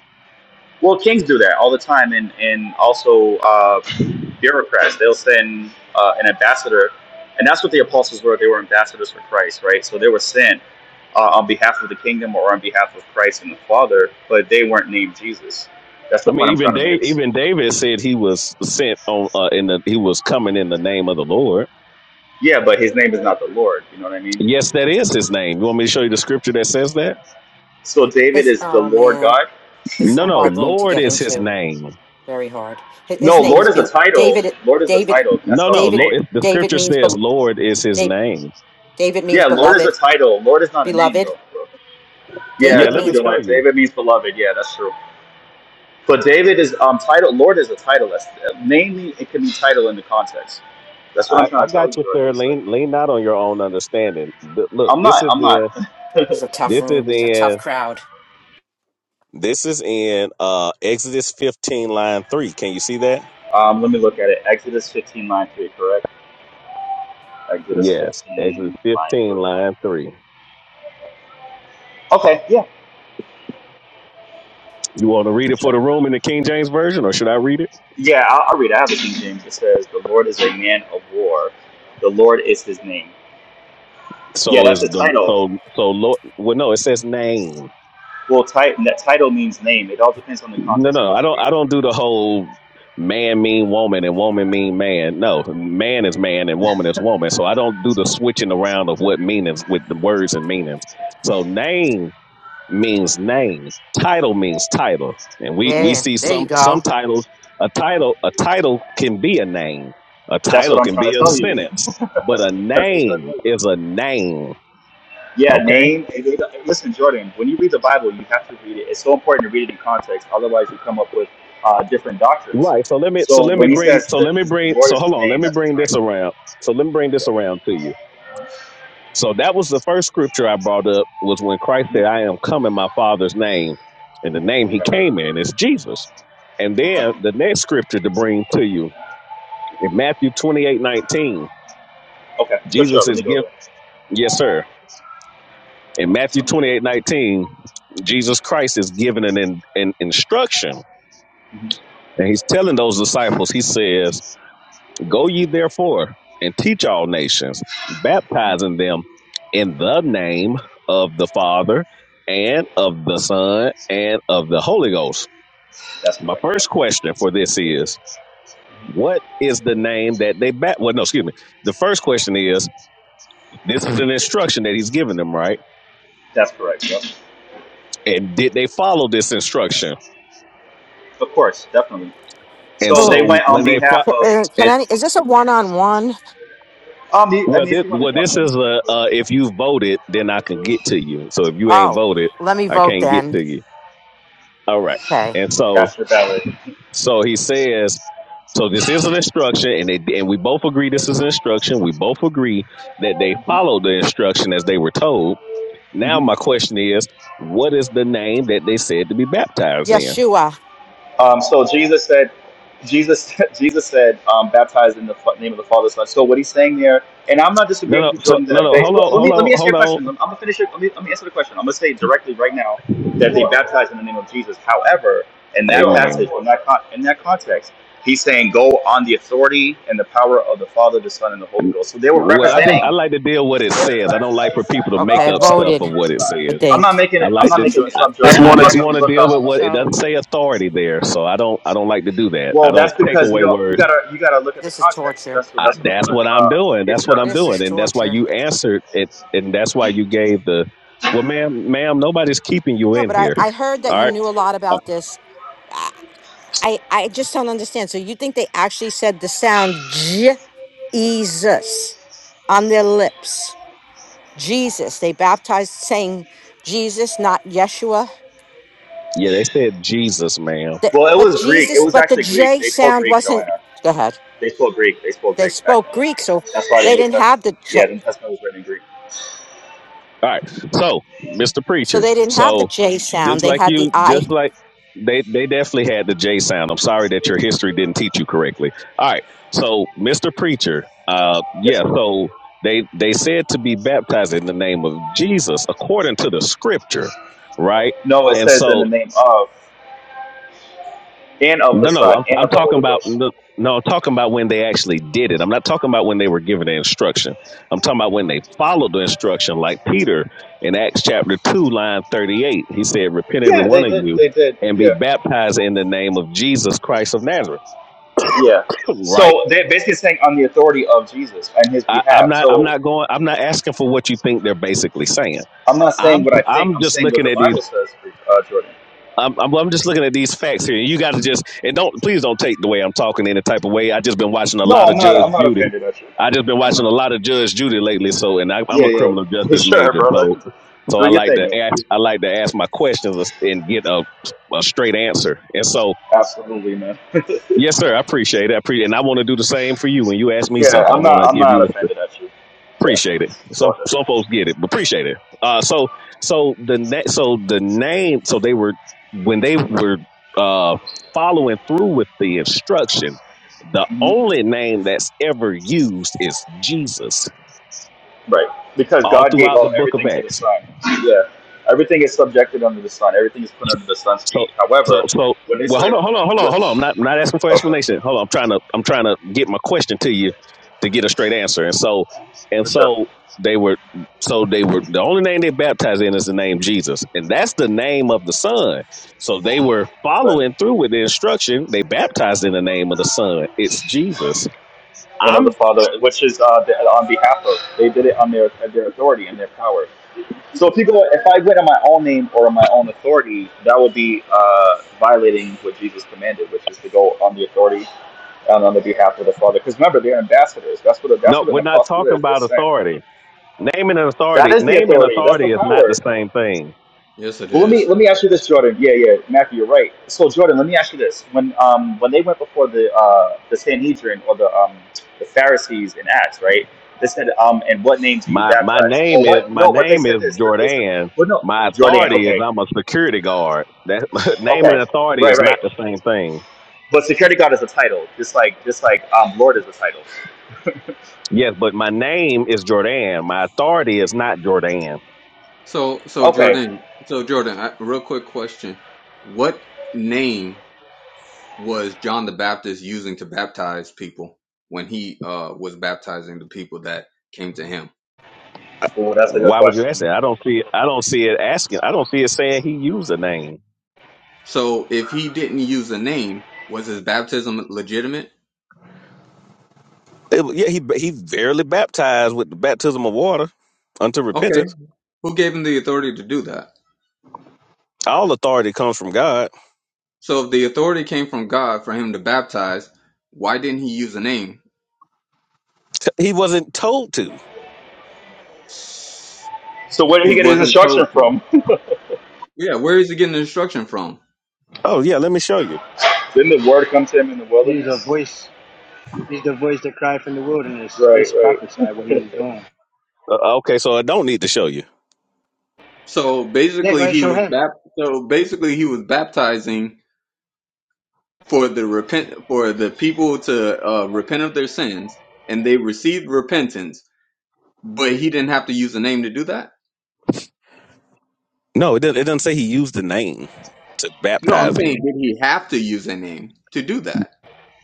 Well, kings do that all the time. And, and also uh, bureaucrats, they'll send uh, an ambassador. And that's what the apostles were. They were ambassadors for Christ, right? So they were sent uh, on behalf of the kingdom or on behalf of Christ and the Father, but they weren't named Jesus. That's I the mean, point I'm even trying to Dave make. even David said he was sent on uh, in the he was coming in the name of the Lord. Yeah, but his name is not the Lord. You know what I mean? Yes, that is his name. You want me to show you the scripture that says that? So David This. is the Oh Lord man, God. this is No, a no, hard room to Lord get is his into. name. Very hard. Hi- His No, name Lord is is a Bel title. David. Lord is a David. title. That's No, no. also a Lo- name. David. If the David scripture means says bel Lord is his Da- name. David means Yeah, Lord is a beloved. title. Lord is not a name Beloved. though, bro. Yeah, Yeah, David let t- me means show Jeremiah. you. David means beloved. Yeah, that's true. But David is um title. Lord is a title. That's uh, namely it can be title in the context. That's what I'm I, trying I to tell you, got you, Jordan. sir. It's like Lean, lean not on your own understanding. Th- look, I'm this not. is I'm in, not. this is a tough this is room. This is a tough in, crowd. this is in uh Exodus 15, line three. Can you see that? Um, let me look at it. Exodus 15 line three, correct? Exodus Yes, Exodus 15 line 15, three. line three. Okay. Yeah. You want to read it sure. for the room in the King James version, or should I read it? Yeah, I'll, I'll read it. I have the King James. It says, The Lord is a man of war. The Lord is his name. Yeah, So that's is the the title. so so Lord? Well, no, it says name. Well, ti- that title means name. It all depends on the No, context in no, which I you don't. read I it, don't Jordan. do the whole man mean woman and woman mean man. No, man is man and woman is woman. So I don't do the switching around of what meanings with the words and meanings. So name means name, title means title, and we Yeah. we yeah. see There you some some go. titles. A title a title can be a name. A That's what title I'm can trying to be a tell you. (laughs) sentence, but a That's what I'm trying to tell name you. is a name. Yeah, Okay name. it- it- Listen, Jordan, when you read the Bible, you have to read it. It's so important to read it in context. Otherwise, you come up with uh, different doctrines. Right. So let me so So let me when he bring says so that let me his bring Lord so is his hold on, let name, me that's a bring this title. around. So let me bring Yeah. this around to you. So that was the first scripture I brought up was when Christ said, Mhm. I am come in my father's name, and the name he Okay. came in is Jesus. And Okay. then the next scripture to bring to you in Matthew twenty eight nineteen, Okay. For sure. Jesus Let is me go given there. yes, sir. In Matthew Matthew twenty 28. eight nineteen, Jesus Christ is giving an, in, an instruction. Mhm. And he's telling those disciples, he says, Go ye therefore and teach all nations, baptizing them in the name of the Father and of the Son and of the Holy Ghost. That's My correct. first Yeah. question for this is what is the name that they bat? Well, no, excuse me. The first question is this is an instruction that he's giving them, right? That's correct. Yep. And did they follow this instruction? Of course, definitely. And So Oh, they so went on when they fo- behalf of, can and, and any? Is this a one-on-one? um, I well, mean, if this, you want to well, jump this in, is a uh, if you voted, then I can get to you. So if you ain't Oh, voted, let me I vote can't get then. to you. All right. Okay. And so Pastor Ballard. so he says, so this is an instruction, and they and we both agree this is an instruction. We both agree that they followed the instruction as they were told. Now my question is, what is the name that they said to be baptized in? Yeshua. Um, so Jesus said, Jesus, (laughs) Jesus said, um, baptized in the fa- name of the Father, Son. So what he's saying there, and I'm not No, disagreeing with no, you, so, Jordan. no, That no. they, Hold let on, let me hold let me answer your on, question. Let- I'm gonna finish it. Let me, let me answer the question. I'm gonna say directly right now that hold they on. baptized in the name of Jesus. However, in that passage, Amen. in that con- in that context, he's saying go on the authority and the power of the Father, the Son, and the Holy Ghost. So they were Well, I just I representing. like to deal with what it says. I don't like for people to make Okay, up stuff of voted. what it I says. I'm not think. making I it. I'm like That's not to. making this I, up, yeah, Jordan. You I one can of just you. actually want to look deal up. with what it So doesn't say authority there, so I don't. I don't like to do that. I Well, that's don't take because you away don't. You words. gotta. You gotta look at the this is context. torture. That's what. I, That's what I'm that's trying what to I'm uh, doing. get you That's to what I'm This doing, is understand. and that's why torture. you answered it, and that's why you gave the. Well, ma'am, ma'am, nobody's keeping you No, in but I, here. I heard that All you right. knew a lot Uh, about this. I I just don't understand. So you think they actually said the sound Jesus on their lips? Jesus. They baptized saying Jesus, not Yeshua. yeah, they said Jesus, ma'am. The- Well, it but was Greek. It Jesus, was but the actually Greek. J They spoke sound Greek, wasn't. Joanna. Go ahead. They spoke Greek. They spoke They Greek back spoke then. Greek, so That's why the they New didn't have Testament. the J. Yeah, the New Testament was written in Greek. All right. So, Mr. So Preacher, they didn't have the so J sound. just They like had the you, I just like they, they definitely had the J sound. I'm sorry that your history didn't teach you correctly. All right. So, Mr. Preacher, uh, Yes, yeah, sir. so they, they said to be baptized in the name of Jesus according to the scripture, right? No, it And says in so the name of and of the no, no, Son I'm and I'm of the talking Holy about Ghost. no, no, I'm talking about when they actually did it. I'm not talking about when they were given the instruction. I'm talking about when they followed the instruction, like Peter in Acts chapter two, line thirty-eight. He said, "Repent, every Yeah, they one of did. you, They did. and be Yeah. baptized in the name of Jesus Christ of Nazareth." Yeah. (laughs) right? So they're basically saying on the authority of Jesus and His I, I'm behalf. not. I'm So not going. I'm not asking for what you think they're basically saying. I'm not saying I'm. what I think. I'm I'm just saying what looking the at these. Bible says, uh, Jordan. I'm, I'm, I'm just looking at these facts here. You got to just and don't please don't take the way I'm talking any type of way. I just been watching a No, lot I'm of not. I'm Judge not Judy. offended at you. I just been I'm watching a not. lot of Judge Judy lately. So and I, Yeah, I'm a yeah, criminal (laughs) for justice sure, major, brother. so (laughs) so Do I your like thing, to man. Do your ask I thing. like to ask my questions and get a, a straight answer. And so Absolutely, man. yes, sir, I appreciate it. I appreciate and I want to do the same for you when you ask me Yeah, something. I I'm not. want I'm to give not you a offended at you. Yeah, Appreciate it. it's, it's Some all good. some folks get it, but appreciate it. Uh, so so the na- so the name so they were when they were uh following through with the instruction. The hmm only name that's ever used is Jesus Right, because all God gave throughout the all Book of everything to the Acts. Son. Yeah, everything is subjected under the Son. Everything is put under the Son's So feet. so However, so when they well hold said, on, hold on, hold on, hold on. I'm which, not I'm not asking for okay, explanation. Hold on, I'm trying to I'm trying to get my question to you to get a straight answer. And so and for sure, so they were so they were the only name they baptized in is the name Jesus. And that's the name of the Son. So they were right, following through with the instruction. They baptized in the name of the Son. It's Jesus. and of the I'm Father, which is uh, the, on behalf of, they did it on their at their authority and their power. So if you go, if I went on my own name or on my own authority, that would be uh, violating what Jesus commanded, which is to go on the authority and on the behalf of the Father. Because remember, they're ambassadors. That's what a, that's no, what an we're not apostle talking is. They're about sent. authority. Name and That authority, is the name and authority. That's the authority is not the power. same thing. Yes, it Well, let me is. let me ask you this, Jordan. Yeah, yeah, Matthew, you're right. So Jordan, let me ask you this: when um when they went before the uh the Sanhedrin or the um the Pharisees in Acts, right? They said, um, and what name do you My my baptize? Or name is what? my No, but they name said is this. They said, Jordan. well, no, My Jordan. authority is Okay, I'm a security guard. That (laughs) name and Okay, authority right, is right. not the same thing. But security guard is a title, just like just like um, lord is a title. Yes, but my name is Jordan. My authority is not Jordan. So, so Okay, Jordan, so Jordan, I, real quick question: What name was John the Baptist using to baptize people when he uh, was baptizing the people that came to him? Ooh, that's a good Why would you question. ask that? I don't see I don't see it asking. I don't see it saying he used a name. So, if he didn't use a name, was his baptism legitimate? It- yeah, he he verily baptized with the baptism of water unto Okay, repentance. who gave him the authority to do that? All authority comes from God. So, if the authority came from God for him to baptize, why didn't he use a name? He wasn't told to. So where did he He get his wasn't instruction told to. from? Yeah, where is he getting the instruction from? Oh yeah, let me show you. (laughs) didn't the word come to him in the He's a wilderness? voice. He's the voice that cried from the wilderness. Right, It's right. prophesied what he was doing. Uh, okay, so I don't need to show you. So Yeah, go basically, ahead, he show was him. bap- So basically, he was baptizing for the repent for the people to uh, repent of their sins, and they received repentance. But he didn't have to use a name to do that. No, it didn't. It doesn't say he used the name to No, I'm baptize saying, him. did he have to use a name to do that?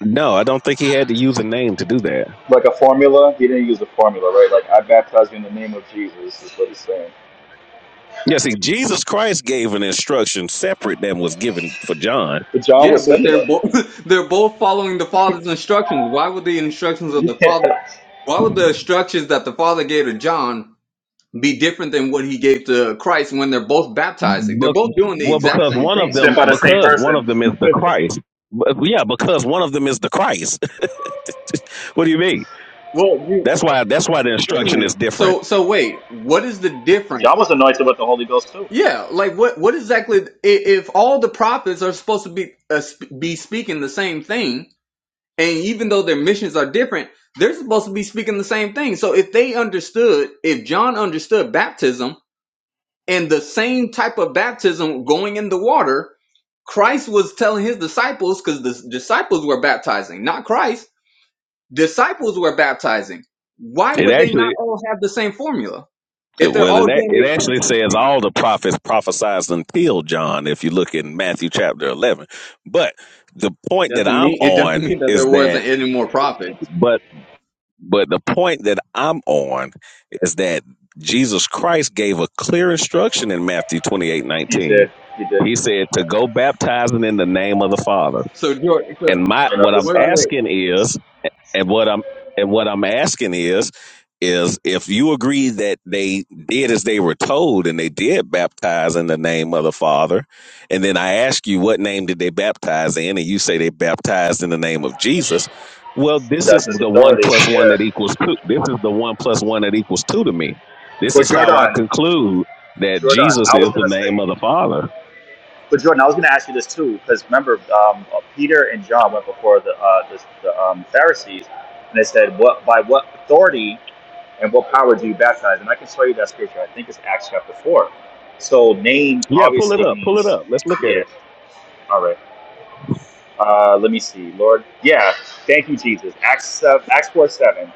No, I don't think he had to use a name to do that. Like a formula, he didn't use a formula, right? Like I baptize you in the name of Jesus is what he's saying. Yeah, see, Jesus Christ gave an instruction separate than was given for John. But John Yeah, was but similar, they're both (laughs) they're both following the father's instructions. Why would the instructions of (laughs) the father? Yeah. Why would the instructions that the father gave to John be different than what he gave to Christ when they're both baptizing? They're But, both doing the well, exact because same one of thing. sent them, by the same because one of person. them (laughs) is the Christ. But, yeah, because one of them is the Christ. (laughs) What do you mean? Well, you That's why that's why the Wait a instruction minute. is different. So so wait, what is the difference? John was anointed with the Holy Ghost too. Yeah, like what what exactly i- if all the prophets are supposed to be uh, sp- be speaking the same thing and even though their missions are different, they're supposed to be speaking the same thing. So if they understood, if John understood baptism and the same type of baptism going in the water, Christ was telling his disciples cuz the disciples were baptizing, not Christ disciples were baptizing. Why It would they not actually all have the same formula if they're well all it a- doing the it exact actually same says thing? all the prophets prophesied until John if you look in Matthew chapter 11. But the point that Doesn't I'm mean it doesn't on mean that there is that wasn't any more prophets. But the point that I'm on is that Jesus Christ gave a clear instruction in Matthew 28 He 19. did, he did, He said to go baptizing in the name of the Father. So George, so And my and of what the I'm wait, Son. wait. asking is and what I'm and what I'm asking is, is if you agree that they did as they were told and they did baptize in the name of the Father, and then I ask you what name did they baptize in, and you say they baptized in the name of Jesus. Well, this That's is his the one authority. plus one Yeah. that equals two. This is the one plus one that equals two to me. This But is how I Jordan, conclude that Jordan, Jesus I was is the gonna name say. of the Father. But Jordan, I was going to ask you this too, because remember, um, uh, Peter and John went before the uh, the, the um, Pharisees, and they said, "What by what authority and what power do you baptize?" And I can show you that scripture. I think it's Acts chapter four. So name Yeah, pull it obviously up. Pull it means, up. Let's look at it. yeah. All right. Uh, let me see, Lord. Yeah, thank you, Jesus. Acts uh, Acts four seven.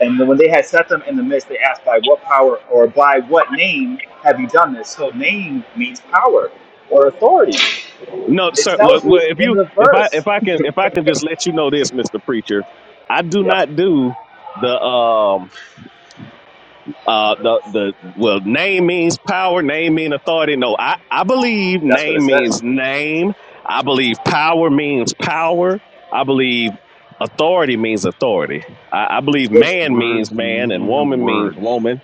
And when they had set them in the midst, they asked, "By what power or by what name have you done this?" So name means power or authority. No, It sir. Well, tells you well, if in you, the if I, verse. if I can, if I can just let you know this, Mister Preacher, I do Yep. not do the, um, uh, the, the. Well, name means power. Name means authority. No, I, I believe That's what it name says. means name. I believe power means power. I believe authority means authority. I, I believe Well, man means Words man and mean woman means words. woman.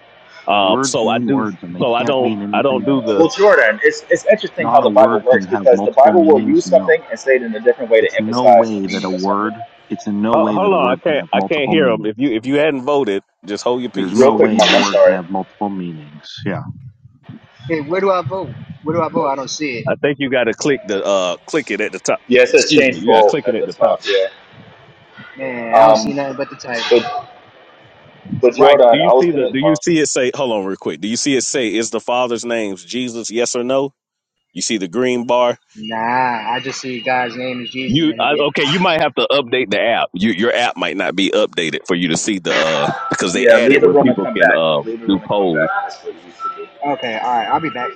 Um, Words so I mean do. words and they So I can't don't. mean I don't anything do else. the. well, Jordan, it's it's interesting how Not a the Bible word can works have because the multiple Bible will meanings. use No. something and say it in a different way to It's no emphasize the way that a meaning of something. word, it's in no Ho- way that Hold a on, I word can can't. have I can't multiple hear them. meanings. If you if you hadn't voted, just hold your There's peace. Real no quick, way Mark, a I'm word can sorry. have multiple meanings. Yeah. Hey, where do I vote? Where do I vote? Oh, I don't see it. I think you got to click the uh click it at the top. Yeah, it says Excuse me, change you got to bold click it at at the the top. top. Yeah. Man, I don't Um, see nothing but the title. but but Right. Do Jordan, you I was see the? gonna. Do you Uh, see it say? Hold on, real quick. Do you see it say? Is the Father's name Jesus? Yes or no? You see the green bar. Nah, I just see God's name is Jesus You and he I, did. okay? You might have to update the app. You, your app might not be updated for you to see the uh because they yeah, added leave the where room and people come can back. uh Leave the do room and come back. polls. That's what you used to do. Okay, all right, I'll be back.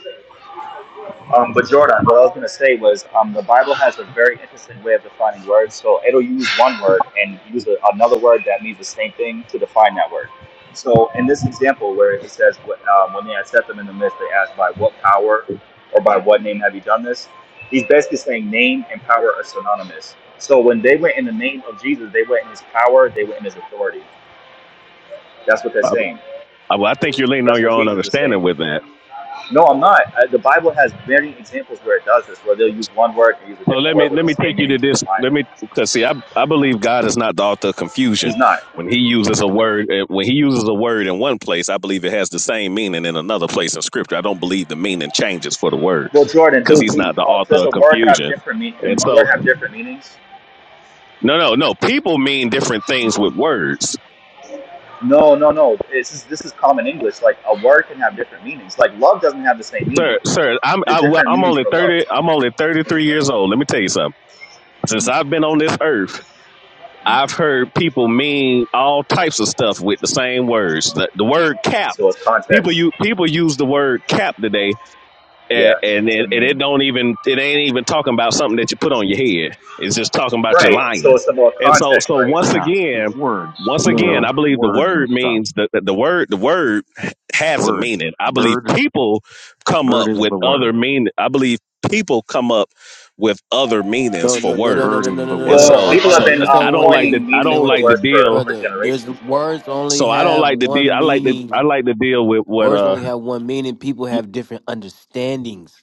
Um, but Jordan, what I was going to say was um, the Bible has a very interesting way of defining words. So it'll use one word and use a, another word that means the same thing to define that word. So in this example, where it says, what, um, when they had set them in the midst, they asked, by what power or by what name have you done this? He's basically saying name and power are synonymous. So when they went in the name of Jesus, they went in his power, they went in his authority. That's what they're I, saying. I, well, I think you're leaning on That's your what own Jesus is understanding saying. with that. No, I'm not. I, the Bible has many examples where it does this, where they'll use one word and use a So different let me word with let the me take same you meaning to to this. define Let it. me because see, I I believe God is not the author of He's confusion. not. When He uses a word, eh, when He uses a word in one place, I believe it has the same meaning in another place in Scripture. I don't believe the meaning changes for the word Well, Jordan, because does, He's he, not the uh, author does of a word have confusion. different mean? Can And one word so, have different meanings? no, no, no. People mean different things with words, No, no, no. This is this is common English. Like a word can have different meanings. Like love doesn't have the same meaning. sir. Sir, I'm There's I, well, different I'm meanings only for love. thirty. I'm only thirty three years old. Let me tell you something. Since Mhm, I've been on this earth. mhm. I've heard people mean all types of stuff with the same words. The, the word cap. So it's People context. you people use the word cap today and Yeah. and So, I it, and it mean, don't even it ain't even talking about something that you put on your head. It's just talking about you right. lying. So it's about And so context, so right? once Yeah. Cause again, words, once you No, again, know, I believe the words and word stuff. means the the the word the word has a Word. meaning. I believe Bird. people come Bird up is with the other word. meaning. I believe people come up with other meanings no, for no, no, no, no, Bird words. no, no, is no, no, the And no. word. Well, no. Hold so on, people hold have so on. Let been me uh, say um, I one don't like thing. the coining Let me I say meanings don't for one like thing, the words for deal. for brother. There's generations. bro. words only So I don't have like the deal. one I like the I meaning. like to deal with what Words uh only have one meaning. People y- have different understandings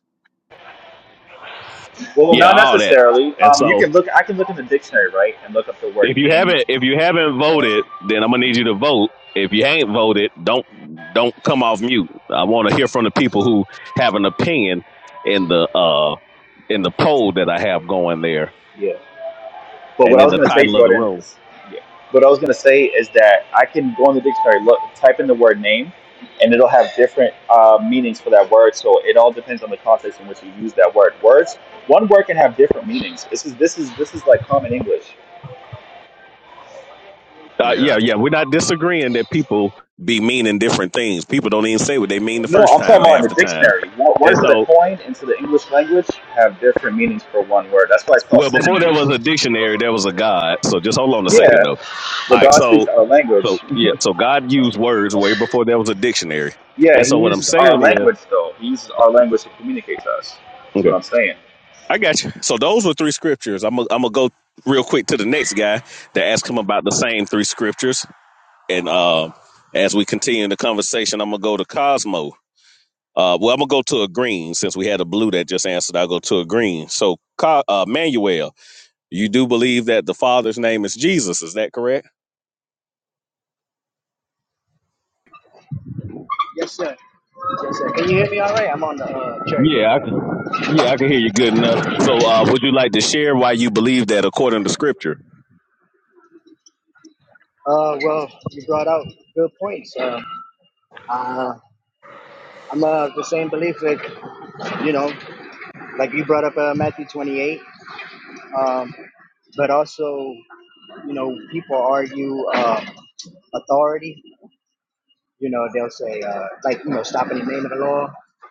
Well, yeah not all that. necessarily. And Um, you so can look. I can look in the dictionary, right, and look up the word If you name. haven't, if you haven't voted, then I'm gonna need you to vote. If you ain't voted, don't don't come off mute. I want to hear from the people who have an opinion in the uh in the poll that I have going there, Yeah. But what and I in was the gonna say, title of the Jordan, room. is yeah. What I was gonna say is that I can go in the dictionary, look, type in the word name, and it'll have different uh, meanings for that word. So it all depends on the context in which you use that word. Words. One word can have different meanings. This is this is this is like common English. Uh, yeah, Yeah, yeah, we're not disagreeing that people be meaning different things. People don't even say what they mean the No, first I'm talking time about in half the the time. dictionary. Wo- And Words that are so, coined into the English language have different meanings for one word. That's why it's called well, before there was synonyms. a dictionary, there was a God. So just hold on a Yeah, second, though. All but right, God speaks so our So language. yeah, so God used words way before there was a dictionary. Yeah, And he so what I'm uses our saying is, language though. He uses our language to communicate to us. Is what okay, I'm saying. I got you. So those were three scriptures. I'm gonna I'm gonna go real quick to the next guy that asked him about the same three scriptures. And um, as we continue the conversation, I'm gonna go to Cosmo. Uh, well, I'm gonna go to a green since we had a blue that just answered. I'll go to a green. So, Co- uh, Manuel, you do believe that the Father's name is Jesus? Is that correct? Yes, sir. Yes, sir. Can you hear me all right? I'm on the uh, cherry Yeah, I picker. at can, work. yeah, I can hear you good enough. So, uh, would you like to share why you believe that according to Scripture? Uh, well, you brought out good points. Uh, uh, I'm uh, of the same belief that, you know, like you brought up uh, Matthew 28, um, but also you know, people argue uh, authority. You know, they'll say, uh, like, you know, stop in the name of the law,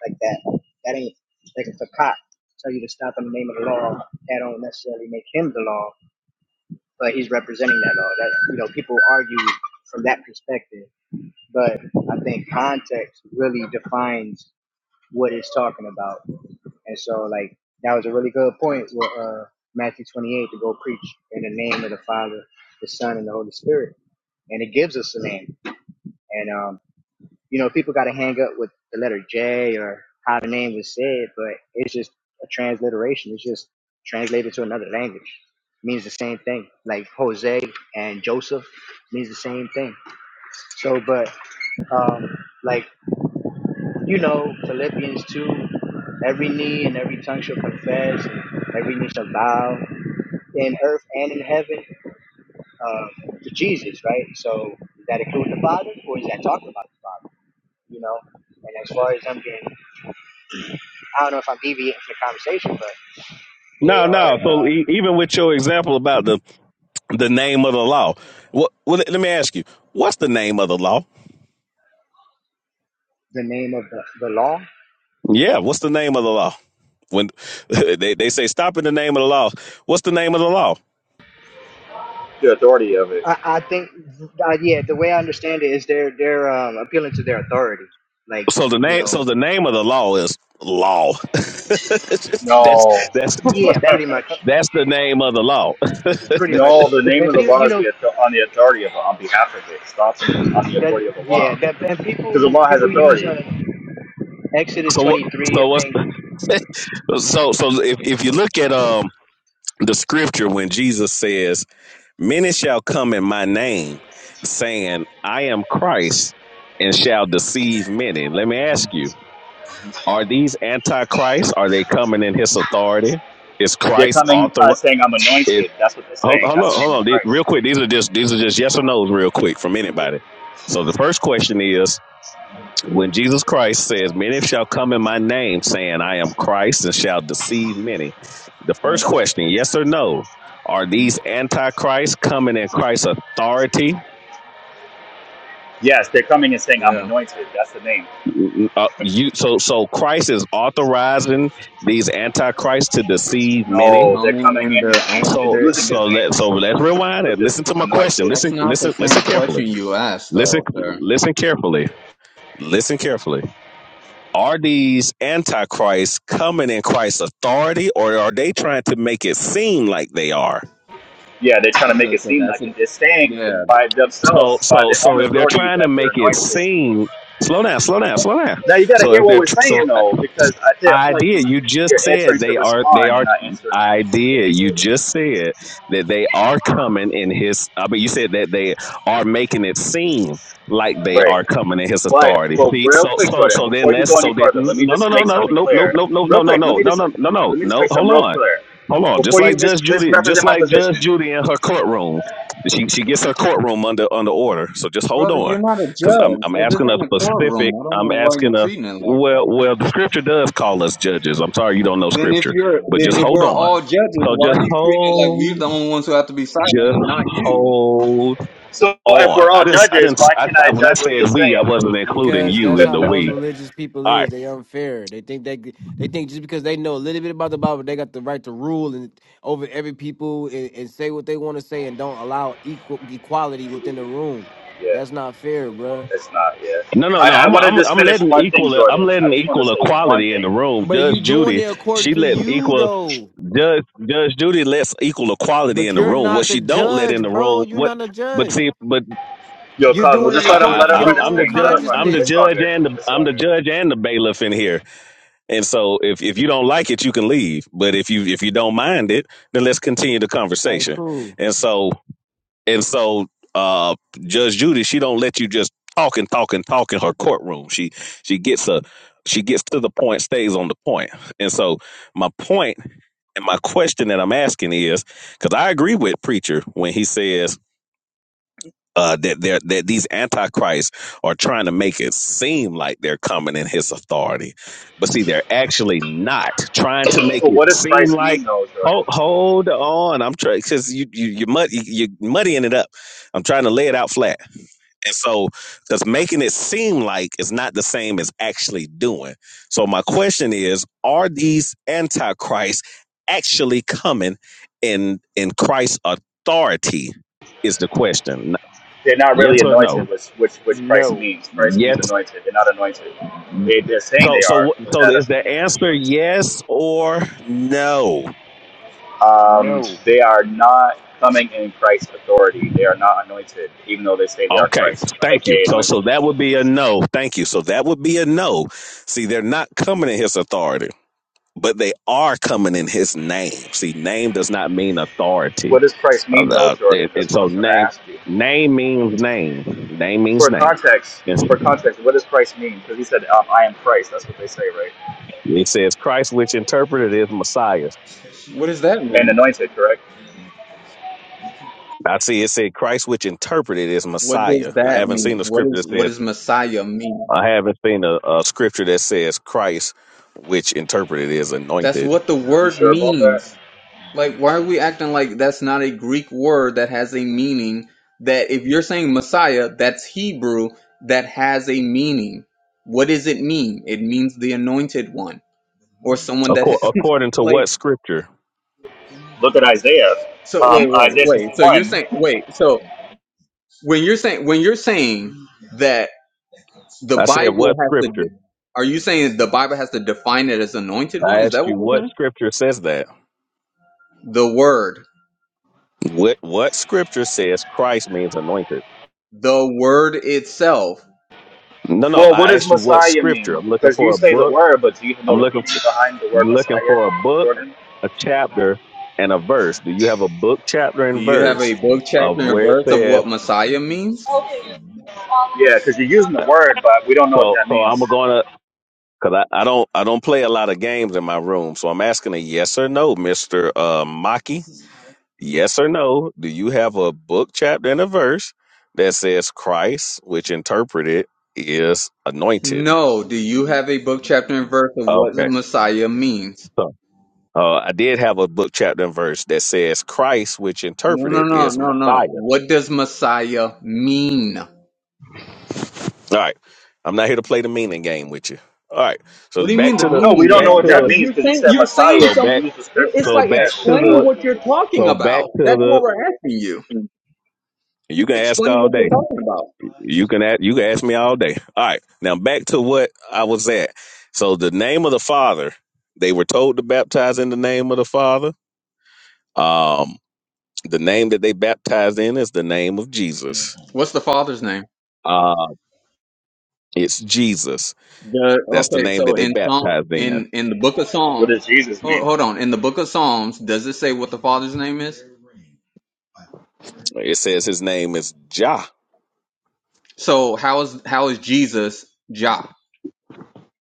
like that. That ain't, like, if a cop tell you to stop in the name of the law, that don't necessarily make him the law, but he's representing that law. That, you know, people argue from that perspective. But I think context really defines what it's talking about. And so, like, that was a really good point with uh, Matthew 28 to go preach in the name of the Father, the Son, and the Holy Spirit. And it gives us a name And um, you know, people got to hang up with the letter J or how the name was said, but it's just a transliteration. It's just translated to another language. It means the same thing. Like Jose and Joseph means the same thing. So, but um, like you know, Philippians two, every knee and every tongue shall confess, and every knee shall bow in earth and in heaven um, to Jesus, right? So, is that include the Father, or is that talking about the Father? you know. And as far as I'm getting, I don't know if I'm deviating from the conversation, but they No, are no. uh, So, e- even with your example about the the name of the law, what? Well, let me ask you, what's the name of the law? the name of the, the law. Yeah, what's the name of the law? When (laughs) they they say stop in the name of the law, what's the name of the law? The authority of it. I, I think, uh, yeah, the way I understand it is they're they're um, appealing to their authority, like So the you name, so know, the name of the law is law. (laughs) that's that's No, that's yeah, pretty much, that's the name of the law. pretty much. no. The name And of the people, law you is know, the author- on the authority of it on behalf of it. Stopping in, on the that, authority of the yeah, law that and because the people law has people use authority. uh, Exodus So what? twenty three. I So what's think (laughs) so so if if you look at um the scripture when Jesus says, "Many shall come in my name, saying, I am Christ, and shall deceive many." Let me hmm ask you: Are these antichrists? Are they coming in His authority? Is They're Christ coming author? uh, saying I'm Is anointed. That's what they're hold, saying. hold That's on, the name hold of on, These- Christ. real quick. These are just these are just yes or no's, real quick, from Mhm. anybody. So the first question is. When Jesus Christ says, Many shall come in my name, saying, I am Christ, and shall deceive many. The first question, yes or no, are Mhm. these antichrists coming in Christ's authority? Yes, they're coming and saying I'm yeah. anointed. That's the name. Uh, you, so, so Christ is authorizing these antichrists to deceive They're many. No, they're coming coming in in their His name. own. It's So, They're, using so they, His name, let so let's rewind which and is listen to my question. anointed. that's Listen, not the listen, same listen carefully. question you asked, Listen, though. Sir. listen carefully. Listen carefully. Are these antichrists coming in Christ's authority, or are they trying to make it seem like they are? yeah, they're trying to Okay, make it so seem that's like a it. They're staying yeah, by So themselves, by so their so own if they're authority trying to that they're make it anointed. seem slow down, slow down, slow down. Now you got to So hear if what they're we're tr- so saying though, because I feel I I feel like did. You just you're answering said to they are. They respond and are. not answering. I did. You just said that they are coming in his. I mean, you said that they are making it seem like they Right. are coming in his But authority. but See, real so quick, so Jordan, so then before you go let's any so then further, mm, let me no no just no make no something nope nope clear. nope nope nope Real no no quick, let no me no just no no no let me just no. make Hold something real on. clear Hold on, just before you like mis- Judge Judy, misrepresent just my like Judge position. Judy in her courtroom, she she gets her courtroom under under order. So just hold brother. You're on, not a because I'm judge, I'm so this asking a ain't a courtroom. specific. I don't I'm know why you're asking a treating it like well that. well the scripture does call us judges. I'm sorry you don't know Then if scripture, you're but then just if hold we're on. all judges, So why are just you treating it like we're hold, the only ones who have to be silent just and not you? hold So if on. we're I all didn't I judges, didn't why I, can't I I when I judge what you're said we, I saying? wasn't including because you that's in how the most we. religious people All right. is. They unfair. They think they they think just because they know a little bit about the Bible, they got the right to rule and over every people and, and say what they want to say and don't allow equal equality within the room. Yeah, That's not fair, bruh. it's not. Yeah, No, no, no. I, I I'm want to I'm just I'm finish letting one thing, equal I'm Jordan. I letting just want to equal say one equality in thing. the room. But are you Judge doing it Judy, according she to lets you equal though. Judge Judge Judy lets equal equality in But the you're room. What not the she don't let in judge, the bro. room, You're what? not the But judge. see, but Yo, You're Cosmo, doing it just I, let him I, according let to him your run I'm his I'm own the thing. Let judge. him run it. I'm the consciousness. It's all judge good. and the It's I'm all the good. judge and the bailiff in here. And so if if you don't like it, you can leave. But if you if you don't mind it, then let's continue the All right, conversation. cool. And so and so uh Judge Judy, she don't let you just talk and talk and talk in her courtroom. She she gets a she gets to the point, stays on the point. And so my point and my question that I'm asking is, because I agree with preacher when he says uh, that they're that these antichrists are trying to make it seem like they're coming in his authority, but see, they're actually not trying to make But it what does seem Christ like. mean, though, Jordan? Hold, hold on, I'm trying because you you you mud, you you're muddying it up. I'm trying to lay it out flat, and so because making it seem like it's not the same as actually doing. So my question is: Are these antichrists actually coming in in Christ's authority? Is the question They're not Yes really or no? anointed, which which which Christ no, means. Christ means Yes. anointed. They're not anointed. They, they're saying So they are, so but so that is doesn't the mean they're answer anointed. yes or no? Um, no, they are not coming in Christ's authority. They are not anointed, even though they say they are Okay. Christ, Thank you. aka So anointed. so that would be a no. Thank you. So that would be a no. See, they're not coming in his authority, but they are coming in his name. See, name does not mean What authority. does Christ Uh, mean, though, uh, Jordan? it, That's it- what I'm so trying to name ask you. name means name. Name means For name. context, It's- for context, what does Christ mean? Because he said, um, "I am Christ." That's what they say, right? It says Christ, which interpreted is Messiah. What does that And mean? anointed, correct? I see it said Christ, which interpreted is What does Messiah. I that haven't seen mean? a What scripture is that what says, does Messiah mean? I haven't seen a, a scripture that says Christ, which interpreted is That's anointed. what the You word sure about that? means. Like why are we acting like that's not a Greek word that has a meaning that if you're saying Messiah, that's Hebrew that has a meaning. What does it mean? It means the anointed one or someone that (laughs) Accor- according to like what scripture? Look at Isaiah, so wait, um, wait, Isaiah wait. So you're 61. saying wait. So When you're saying when you're saying that the I said, Bible what has to, scripture? de- are you saying the Bible has to define it as anointed one? I Is asked that what you, you're what saying? scripture says that? The Word, What what scripture says Christ means anointed? the Word itself. No, no. Well, what I does asked you what Messiah scripture. mean? I'm looking Because you for a say the book. word, but do you even know I'm What- the looking meaning behind the word Messiah, looking for a book, Jordan? a chapter, and a verse. Do you have a book, chapter, Do and you have a verse book, of chapter, and where it verse of says? what Messiah means? Yeah, because you're using the uh, word, but we don't know what So, that so I'm means. gonna because I, I don't I don't play a lot of games in my room. So I'm asking a yes or no, Mister uh, Maki. Yes or no? Do you have a book, chapter, and a verse that says Christ, which interpreted is anointed? No. Do you have a book, chapter, and verse of what Okay, Messiah means? so. Uh, I did have a book, chapter, and verse that says Christ, which No, no, interpreted no, is no, no. Messiah. What does Messiah mean? All right. I'm not here to play the meaning game with you. All right. What So do you back mean the to the No, we meaning don't know back what game, to that brother? the means You're because you saying said you're Messiah. saying so You something. back used the It's scripture, so like yeah, back but we to don't know explain what the it what you're means. talking so back about. That's what to we're asking you. the you can ask Explain all what you're day. talking about. You can ask you can ask me all day. All right. Now back to what I was at. So the name of the Father, they were told to baptize in the name of the Father. Um the name that they baptized in is the name of Jesus. What's the father's name? Uh it's Jesus. The That's the okay. name that So they in Psalm baptized in. in in the book of What Psalms, does Jesus hold, mean? hold on. In the book of Psalms, does it say what the father's name is? It says his name is Jah So how is how is Jesus Jah?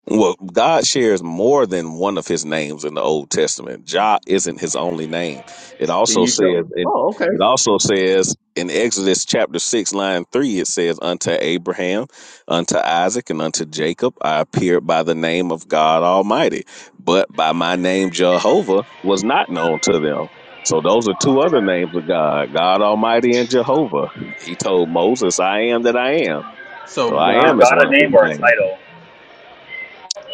Well, God shares more than one of his names in the Old Testament. Jah isn't his only name. It Can also you says show? it, Oh, okay. it also says in Exodus chapter six, line three, it says, Unto Abraham, unto Isaac, and unto Jacob I appeared by the name of God Almighty, but by my name Jehovah was not known to them. So those are two other names of God, God Almighty and Jehovah. He told Moses, I am that I am. So So I Is am God, is God a one of his name or a names. title?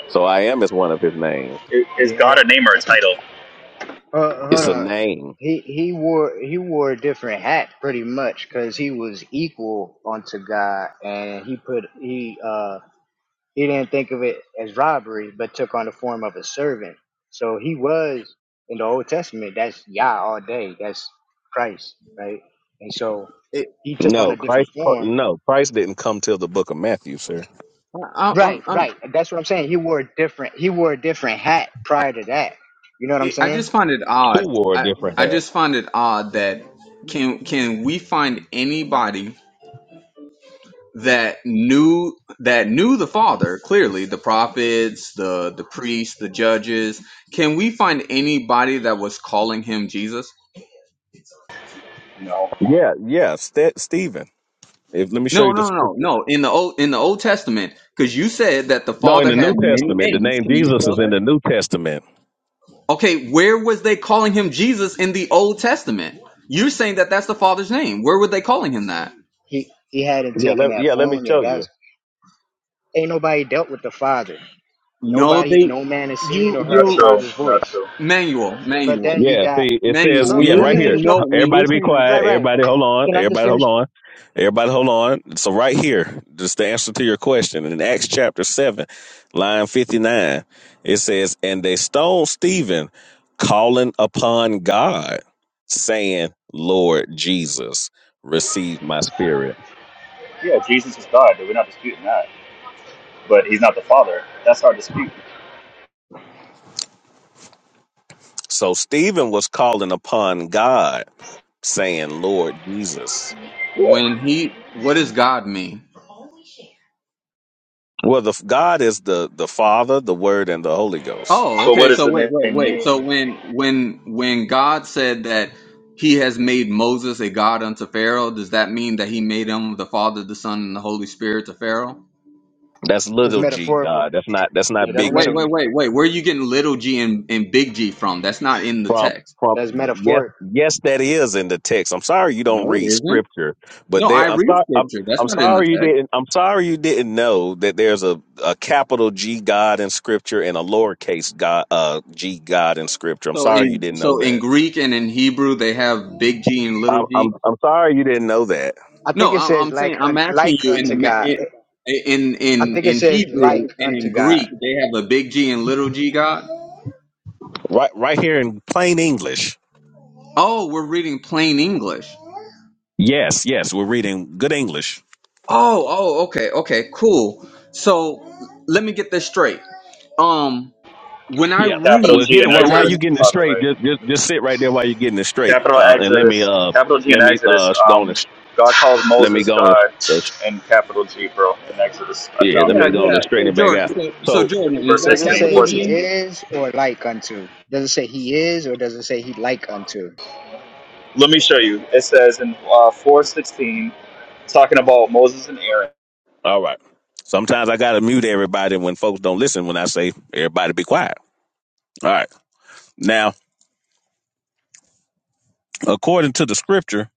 So I am is one of his names. I- Is yeah. God a name or a title? Uh, hold It's a on. name. He he wore he wore a different hat pretty much because he was equal unto God, and he put he uh he didn't think of it as robbery, but took on the form of a servant. So he was in the Old Testament. That's Yah all day. That's Christ, right? And so it, he took on No, a different Christ. form. No, Christ didn't come till the Book of Matthew, sir. I, I'm Right, I'm right. That's what I'm saying. He wore a different he wore a different hat prior to that. You know what I'm It, I saying? just find it odd. Who wore a I, different I hat? just find it odd that can can we find anybody that knew that knew the father clearly the prophets the the priests the judges can we find anybody that was calling him jesus No, Yeah, yeah. Ste Stephen. If let me show no you the no no no scripture. no. in the old in the old testament because you said that the No, in father the New had many Testament, the names name can you Jesus show is in that the New Testament. okay where was they calling him jesus in the old testament you're saying that that's the father's name where were they calling him that He he hadn't Yeah, taken let, that yeah. Let me form yet. show you. That's Ain't nobody dealt with the Father. No, Nobody, they no man has seen you or heard not the your true. Father's Not voice. true. Not manual, true. But manual, then you Yeah, got, see, it says, manual. bro, When yeah, you're let right me here. saying finish my, no, when you're Everybody be saying right, quiet. right. Everybody hold on. Can I just Everybody hold finish? on. Everybody hold on. So right here, just the answer to your question in Acts chapter 7, line 59, it says, and they stoned Stephen calling upon God saying, Lord Jesus, receive my spirit. Yeah, Jesus is God. We're not disputing that, but He's not the Father. That's our dispute. So Stephen was calling upon God saying, Lord Jesus. But when he, what does God mean? Well, the God is the, the Father, the Word, and the Holy Ghost. Oh, what okay. does So wait, the wait, name wait. mean? So when when when God said that he has made Moses a god unto Pharaoh, does that mean that he made him the Father, the Son, and the Holy Spirit to Pharaoh? That's It's little G metaphorical. God. That's not that's Yeah, not that's Oh, big wait, meta, wait, G. wait, wait. Where are you getting little g and, and big G from? That's not in the Trump text. Trump that's yes metaphoric. yes that is in the text. I'm sorry you don't No, it read isn't. scripture, but No, I there I'm read sorry I'm scripture. That's I'm not in the sorry text. you didn't I'm sorry you didn't know that there's a, a capital G God in scripture and a lowercase God uh G God in scripture. I'm So sorry you in didn't know so in that. Greek and in Hebrew they have big G and little I'm I'm, G. I'm sorry you didn't know that. I think No, it I'm, says I'm saying like, I'm un, asking like you in the unto God. ma- in I in think it in says Hebrew like and in unto God. Greek they have a big G and little G God. Right right here in plain English. Oh, we're reading plain English. Yes, yes, we're reading good English. Oh, oh, okay, okay, cool. So let me get this straight. Um, when I Yeah. Capital read, Well, G get it. in Well, when I while Exodus, you getting it by the straight, way. just just just sit right there while you're getting it straight, Capital uh, and let me Exodus, uh capital G in let me Exodus. uh go on Um, and God calls let me Moses go on and God uh, in capital G, bro. In Exodus, I yeah let found yeah it. me go on yeah. and straighten So it back Jordan, out. so, so So Jordan, is Verse that Does it 16, say capital he G? 416. is or like unto? Does it say he is or does it say he like unto? Let me show you. It says in uh, 416, it's talking about Moses and Aaron, all right. Sometimes I gotta mute everybody when folks don't listen when I say everybody be quiet. All right. Now, according to the scripture,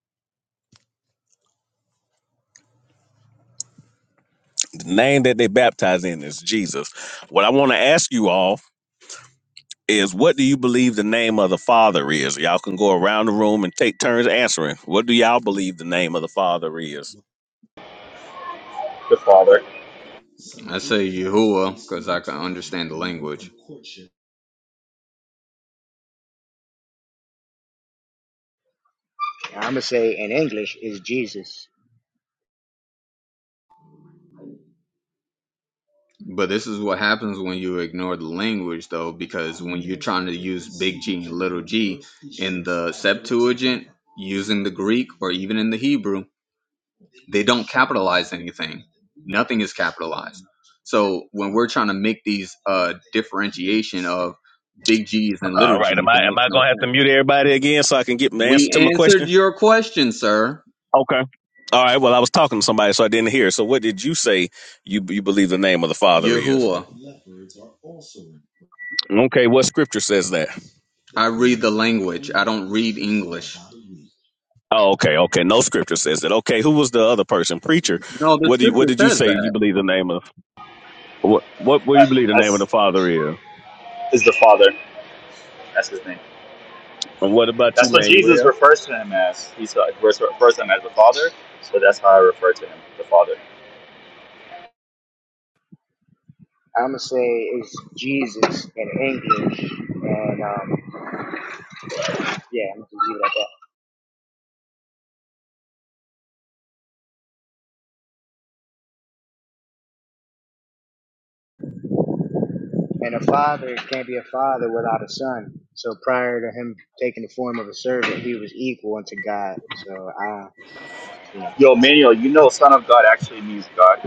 the name that they baptize in is Jesus. What I want to ask you all is what do you believe the name of the Father is? Y'all can go around the room and take turns answering. What do y'all believe the name of the Father is? the father. I say Yahuwah because I can understand the language. I'm going to say in English is Jesus. But this is what happens when you ignore the language, though, because when you're trying to use big G and little g in the Septuagint, using the Greek or even in the Hebrew, they don't capitalize anything. Nothing is capitalized. So when we're trying to make these uh, differentiation of big G's and little All right. G's, Am I it am makes I no gonna have to sense. mute everybody again so I can get the answer to my We answered question? your question, sir. Okay. All right. Well, I was talking to somebody, so I didn't hear. So, what did you say? You you believe the name of the Father is? Yahuwah. Okay. What scripture says that? I read the language. I don't read English. Oh, okay. Okay. No scripture says that. Okay. Who was the other person? Preacher. No, the What do you, what scripture did you says say? You that. believe the name of what? What what do Uh, you believe the name of the That's Father is? is the father. That's his name. And what about you, That's what Jesus Manuel? refers to him as. He refers refers to him as the father. So that's how I refer to him, the father. I'm going to say it's Jesus in English. And, um, Yeah, I'm gonna leave it at that. And a father can't be a father without a son. So prior to him taking the form of a servant, he was equal unto God. So I, you know, Yo, Manuel, you know Son of God actually means God.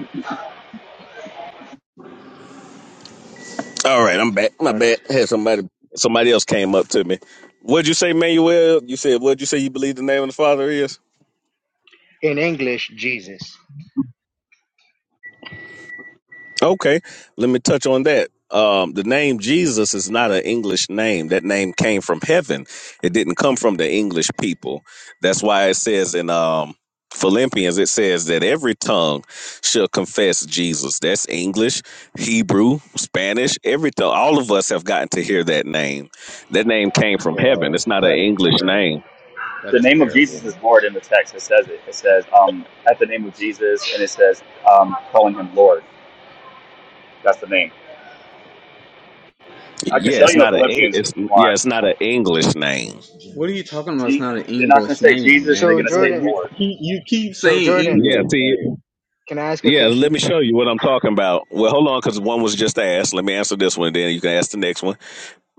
All right. I'm back. My oh, bad. that's Had somebody somebody else came up to me. What'd you say, Manuel? You said what'd you say? You believe the name of the Father is? in English, Jesus. Okay, let me touch on that. Um, the name Jesus is not an English name. That name came from heaven. It didn't come from the English people. That's why it says in um, Philippians, it says that every tongue shall confess Jesus. That's English, Hebrew, Spanish, every All of us have gotten to hear that name. That name came from heaven. Bro, It's not an that is English terrible. name. That The is name of Jesus terrible. is Lord in the text. It says it. It says, um, at the name of Jesus, and it says, um, calling him Lord. That's the name. I can Yeah, show it's Yeah, you I in not a. think. Philippians if It's you yeah, it's want. not an English name. What are you talking about? It's Je- not an they're not going to English say name, Jesus, they're So going man. to Like say Jordan, you Lord. keep you keep so saying Jordan, Yeah, English. see, Like can I ask a Yeah, let question? me show you what I'm talking about. Well, hold on, because one was just asked. Let me answer this one, then you can ask the next one.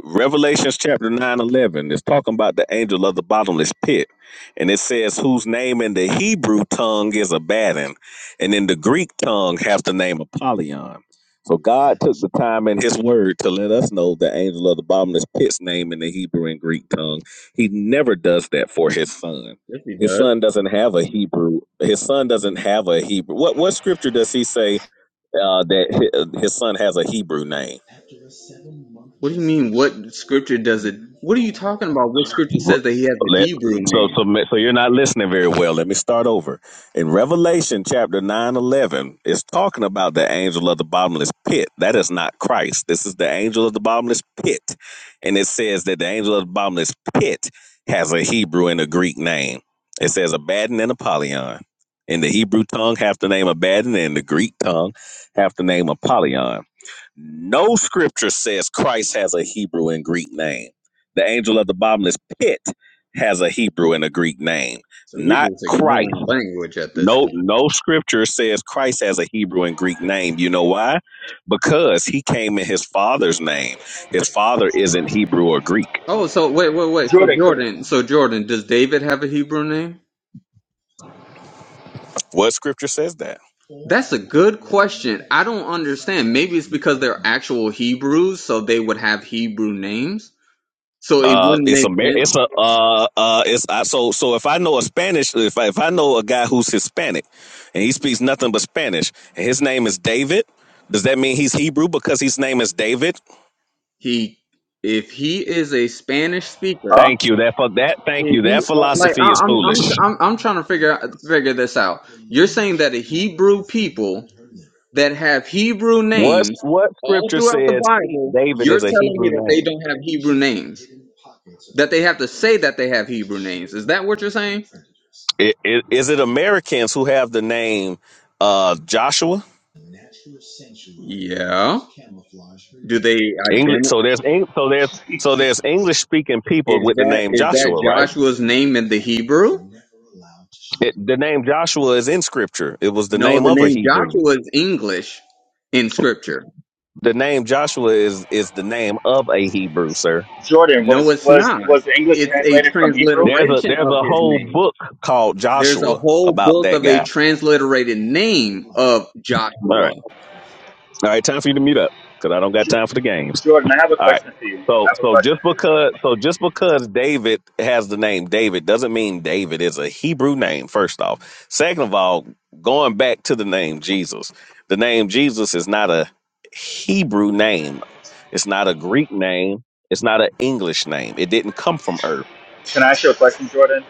Revelations chapter 9 11 is talking about the angel of the bottomless pit. And it says, whose name in the Hebrew tongue is Abaddon, and in the Greek tongue has the name Apollyon. So God took the time in his word to let us know the angel of the bottomless pit's name in the Hebrew and Greek tongue. He never does that for his son. yes, he His does. son doesn't have a Hebrew. His son doesn't have a Hebrew. What what scripture does he say uh, that hi- his son has a Hebrew name? What do you mean? What scripture does it? What are you talking about? What scripture Ru- says that he has a Let, Hebrew so, name? so, ma- so you're not listening very well. Let me start over. In Revelation chapter 9 11, it's talking about the angel of the bottomless pit. That is not Christ. This is the angel of the bottomless pit. And it says that the angel of the bottomless pit has a Hebrew and a Greek name. It says Abaddon and Apollyon. In the Hebrew tongue, half the name Abaddon, and in the Greek tongue, half the name Apollyon. No scripture says Christ has a Hebrew and Greek name. The angel of the bottomless pit has a Hebrew and a Greek name, So we not just Christ. ignoring language at this No, point. no scripture says Christ has a Hebrew and Greek name. You know why? Because he came in his father's name. His father isn't Hebrew or Greek. Oh, so wait, wait, wait. So Jordan, could- Jordan, so Jordan, does David have a Hebrew name? What scripture says that? That's a good question. I don't understand. Maybe it's because they're actual Hebrews, so they would have Hebrew names. So it Uh, wouldn't it's make a mar- sense it's a uh uh it's I, so so if I know a Spanish if I, if I know a guy who's Hispanic and he speaks nothing but Spanish and his name is David, does that mean he's Hebrew because his name is David? He, if he is a Spanish speaker, huh? Thank you. That for that thank if you. he That uh, like I, philosophy is I'm foolish. I'm I'm I'm trying to figure out, figure this out. You're saying that the Hebrew people that have Hebrew What names what all scripture throughout the says he, Bible, David you're is a telling me Hebrew that they name? don't have Hebrew names. That they have to say that they have Hebrew names. Is that what you're saying? It, it, is it Americans who have the name uh Joshua? Yeah. Do they English. So there's Eng- so there's so there's English speaking people Is with the that name is that Joshua, right? Joshua's name in the Hebrew? It, the name Joshua is in scripture. It was the No, name the of a name Hebrew. Joshua is English in scripture. The name Joshua is is the name of a Hebrew, sir. Jordan, No, was, it's was, not. was the English It's a translated from Hebrew? There's a transliteration there's of a his whole name. book called There's a Joshua whole about book that of a guy. transliterated name of All Joshua. right, all right. Time for you to mute up because I don't got Ju- time for the games. Jordan, I have a All right. question for you. So I have a so question just for you. because so just because David has the name David doesn't mean David is a Hebrew name, first off. Second of all, going back to the name Jesus, the name Jesus is not a Hebrew name. It's not a Greek name. It's not an English name. It didn't come from earth. Can I ask you a question, Jordan?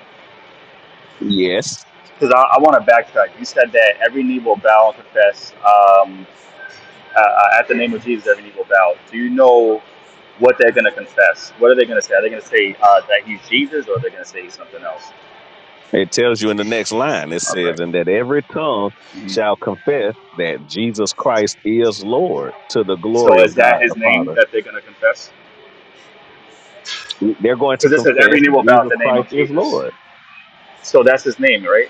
Yes. Because I, I want to backtrack. You said that every knee will bow and confess. Um, uh, uh, at the name of Jesus, every knee will bow. Do you know what they're going to confess? What are they going to say? Are they going to say uh, that he's Jesus, or are they going to say he's something else? It tells you in the next line. It All right. says, and that every tongue Mhm. shall confess that Jesus Christ is Lord to the So glory is of that God his the Father. name that they're going to confess? They're going to Because it says confess every knee will bow at Jesus the name Christ of is Jesus. Lord. So that's his name, right?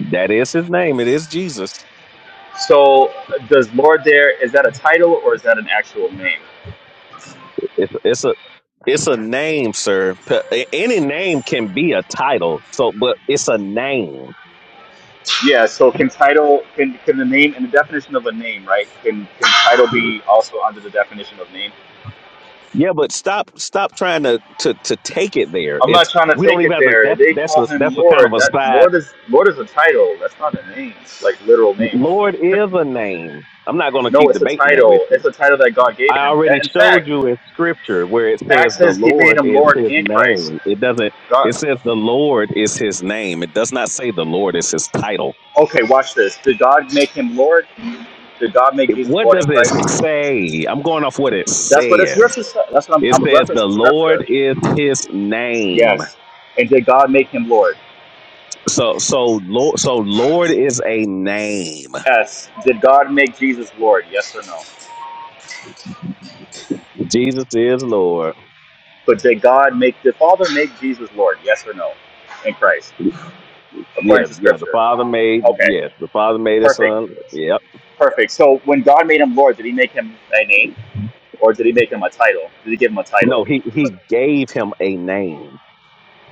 That is his name. It is Jesus. So uh, does Lord there is that a title or is that an actual name? It's it's a it's a name, sir. P- a- Any name can be a title. So, but it's a name. Yeah. So can title can can the name and the definition of a name, right? Can can title be also under the definition of name? Yeah, but stop stop trying to to to take it there. I'm not It's trying to we don't take even it have to. there. That's They that's call a, him that's a kind of Lord. a That side. Lord is Lord is a title. That's not a name, like literal name. Lord is a name. I'm not going to No, keep it's a debating that with title. you. It's a title that God gave I him. already In fact, showed you in scripture where it says Acts the says He made Lord him is Lord his and Christ. name. It doesn't, God. it says the Lord is his name. It does not say the Lord is his title. Okay, watch this. Did God make him Lord? Did God make It- Jesus What Lord does and it Christ? say? I'm going off what it That's what it's says. reference. That's what I'm, It I'm says the referencing scripture. Lord is his name. Yes. And did God make him Lord? So, so Lord, so Lord is a name. Yes. Did God make Jesus Lord? Yes or no? Jesus is Lord. But did God make the Father make Jesus Lord? Yes or no? In Christ. according Yeah, to yeah. The scripture. Father made, Okay, yes, the Father made his perfect, son. Yep. perfect. So when God made him Lord, did he make him a name or did he make him a title? Did he give him a title? No, he, he gave him a name.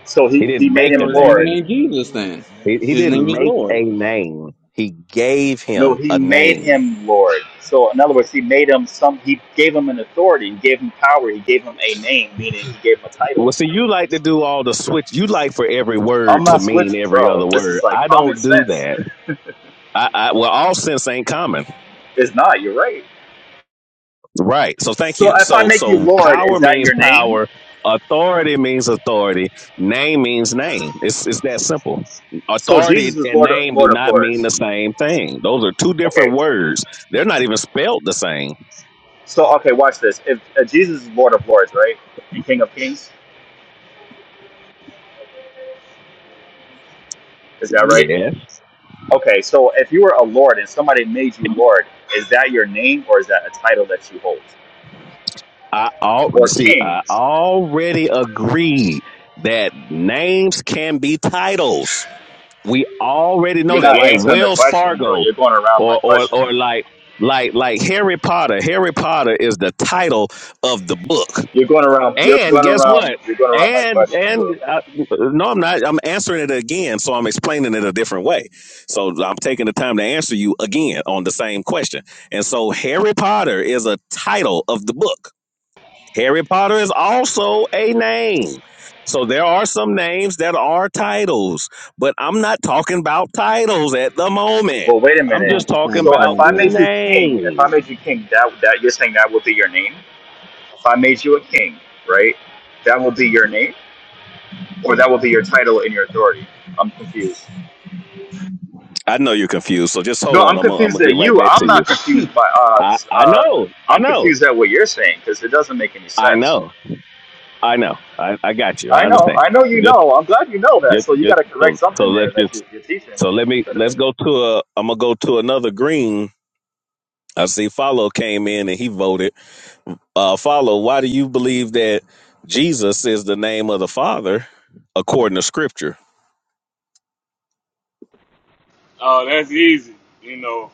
So He he, he didn't made make So a him his Lord. name name ain't Jesus then. He, he His name didn't is make Lord. a name. He gave No, him he a made name. him Lord. So in other words, he made him some, he gave him an authority, he gave him power, he gave him a name, meaning he gave him a title. Well, see, you like to do all the switch. You like for every I'm word not to mean switching, every bro. other This is word. like I common don't do sense. that. I, I well, all sense ain't common, It's not, you're right. right? So thank So you. if I So make you so Lord, power is that means your name? power. Authority means authority. Name means name. It's it's that simple. So Authority Jesus is and Lord, name do Lord of not mean Lords. the same thing. Those are two Okay, different words. They're not even spelled the same. So okay, watch this. If uh, Jesus is Lord of Lords, right, and King of Kings, is that right? Yeah. Okay, so if you were a Lord and somebody made you Lord, is that your name or is that a title that you hold? I all you Or see, King? I already agreed that names can be titles. We already You're know that, not like answering the Wells question, bro. Fargo, You're going around my or or question. or like like like Harry Potter. Harry Potter is the title of the book. You're going around. You're And going guess around. what? You're going around my And question, bro. and uh, no, I'm not. I'm answering it again, so I'm explaining it a different way. So I'm taking the time to answer you again on the same question. And so Harry Potter is a title of the book Harry Potter is also a name. So there are some names that are titles, but I'm not talking about titles at the moment. Well, wait a It's I'm minute. not just the talking same So if about I made you context. King, if I names. made you King, that that you're saying that will be your name. If I made you a King, right, that will be your name, or that will be your title and your authority. I'm confused. I know you're confused, so just hold No, on. I'm I'm gonna, I'm confused gonna at get right you. back I'm to you. not confused (laughs) by I, us. I Uh, know, I I'm know, confused at what you're saying because it doesn't make any I sense. know, I know. I, I got you. I I know. understand. I know you Just, know. I'm glad you know that. just, So you got just. to So, correct so something there let's that just. you, you're teaching. So let me. Let's go to a. I'm gonna go to another green. I see. Follow came in and he voted. uh, follow, why do you believe that Jesus is the name of the Father according to Scripture? Uh, that's easy. You know,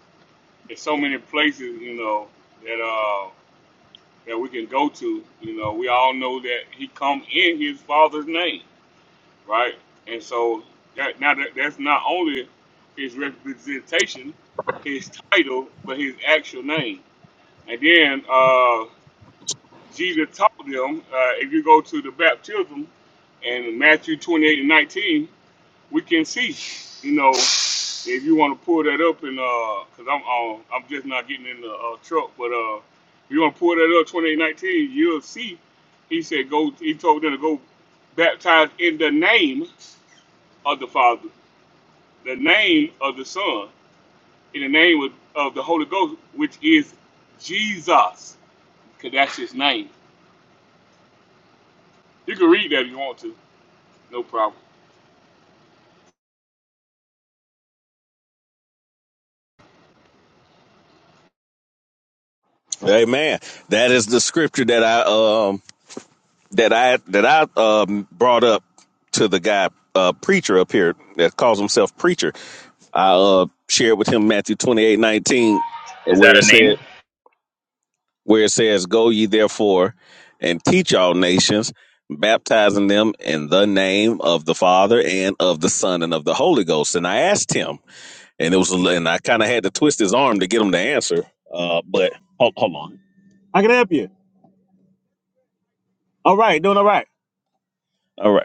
there's so many places, you know, that uh that we can go to. You know, we all know that he come in his father's name, right? And so that now that, that's not only his representation, his title, but his actual name. And then uh Jesus taught them, uh, if you go to the baptism and Matthew 28 and 19, we can see, you know. If you want to pull that up and uhbecause cause I'm uh, I'm just not getting in the uh, truck, but uh, if you want to pull that up, 2819, you'll see. He said, go. He told them to go baptize in the name of the Father, the name of the Son, in the name of, of the Holy Ghost, which is Jesus, cause that's his name. You can read that if you want to, no problem. Amen. That is the scripture that I um that I that I um brought up to the guy uh preacher up here that calls himself preacher. I uh shared with him Matthew twenty eight nineteen, Is where that it a said. name? where it says, Go ye therefore and teach all nations, baptizing them in the name of the Father and of the Son and of the Holy Ghost. And I asked him, and it was, and I kind of had to twist his arm to get him to answer. Uh, but hold, hold on. All right, doing all right. All right.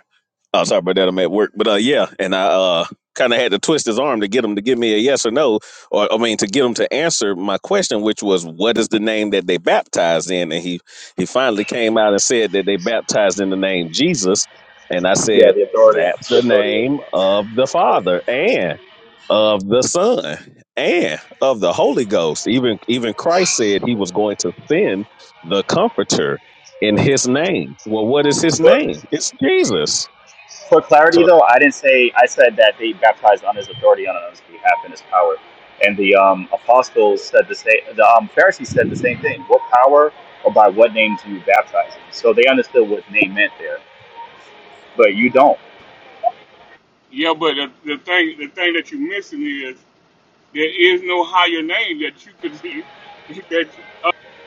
Oh, sorry about that. I'm at work, but uh, yeah, and I uh kind of had to twist his arm to get him to give me a yes or no, or I mean to get him to answer my question, which was what is the name that they baptized in, and he he finally came out and said that they baptized in the name Jesus, and I Yeah, said the authority, that's the the authority of name of the Yahweh. Father and of the Son and of the Holy Ghost. Even even Christ said he was going to send the Comforter in His name. Well, what is His For, name? It's Jesus. for So clarity, though, I didn't say. I said that they baptized on his authority, on his behalf, and his power. And the um, apostles said the same. The um, Pharisees said the same thing. What power or by what name do you baptize? In? So they understood what name meant there, but you don't. Yeah, but the, the thing the thing that you're missing is there is no higher name that you could (laughs) that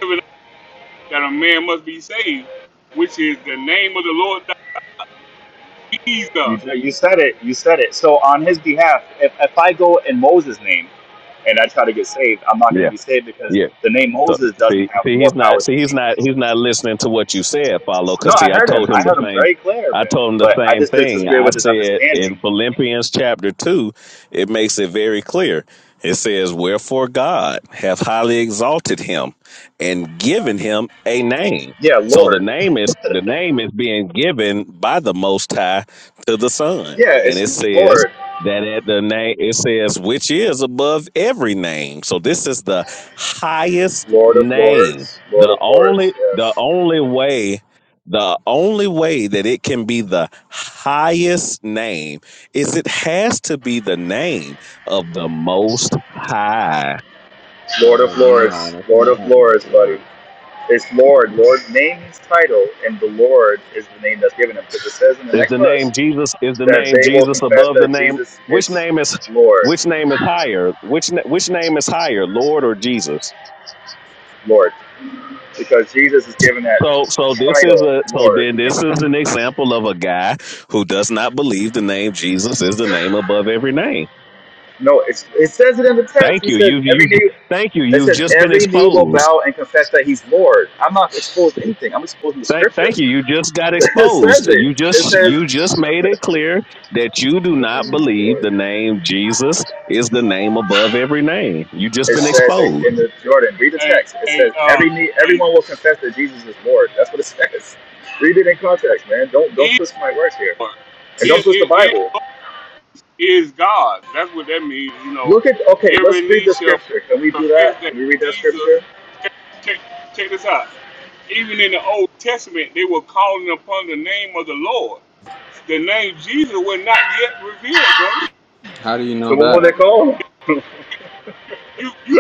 you, that a man must be saved, which is the name of the Lord that Jesus, You, no, you said it. You said it. So on his behalf, if, if I go in Moses' name and I try to get saved, I'm not going to Yeah, be saved because yeah. the name So Moses doesn't see, have see, more he's power not, see, than he's not, Jesus. he's not listening to what you said, follow. No, Because I see, I heard him. told I him the heard him same. very clear, I man. told him the But I same just thing. disagree I with his said in understanding. Philippians chapter two, it makes it very clear. It says, "Wherefore God hath highly exalted him, and given him a name." Yeah, So the Lord. name is the name is being given by the Most High to the Son, Yeah, and it's it says Lord. that at the name it says which is above every name. So this is the highest Lord of name. Lords. Lord The of Lords. only the Yes. only way the only way that it can be the highest name is it has to be the name of the most high. Lord Uh of no, Lords. that's Lord not of how that Lords, buddy. works. It's Lord. Lord, name his title, and the Lord is the name that's given him. Because it says in the Is next the verse, name Jesus is the that name they will Jesus confess above the that name Jesus which is name is Lord, which name is higher? Which na- which name is higher, Lord or Jesus? Lord, because Jesus is given that So so this title, is a so Lord. then this is an example of a guy who does not believe the name Jesus is the name above every name No, it's, it says it in the text. Thank He you. says You've every you knee. thank you. It You've says just been every knee will exposed. bow and confess that He's Lord. I'm not exposed to anything. I'm exposed to the Thank Scripture. thank (laughs) you. You just got It says exposed. it. You It just says you just made it clear that you do not believe the name Jesus is the name above every name. You just it been says it exposed. in the Jordan. Read the a text. It a says uh, every knee, a everyone will confess that Jesus is Lord. That's what it says. Read it in context, man. Don't don't is twist my words here, and don't is twist the is Bible. is God. That's what that means. You know, Look at okay. every Let's read knee the shall scripture. Can we do confess that? that Can we read that Jesus. scripture? Check, check, check this out. Even in the Old Testament, they were calling upon the name of the Lord. The name Jesus was not yet revealed, brother. How do you know So what will they that? call them? you you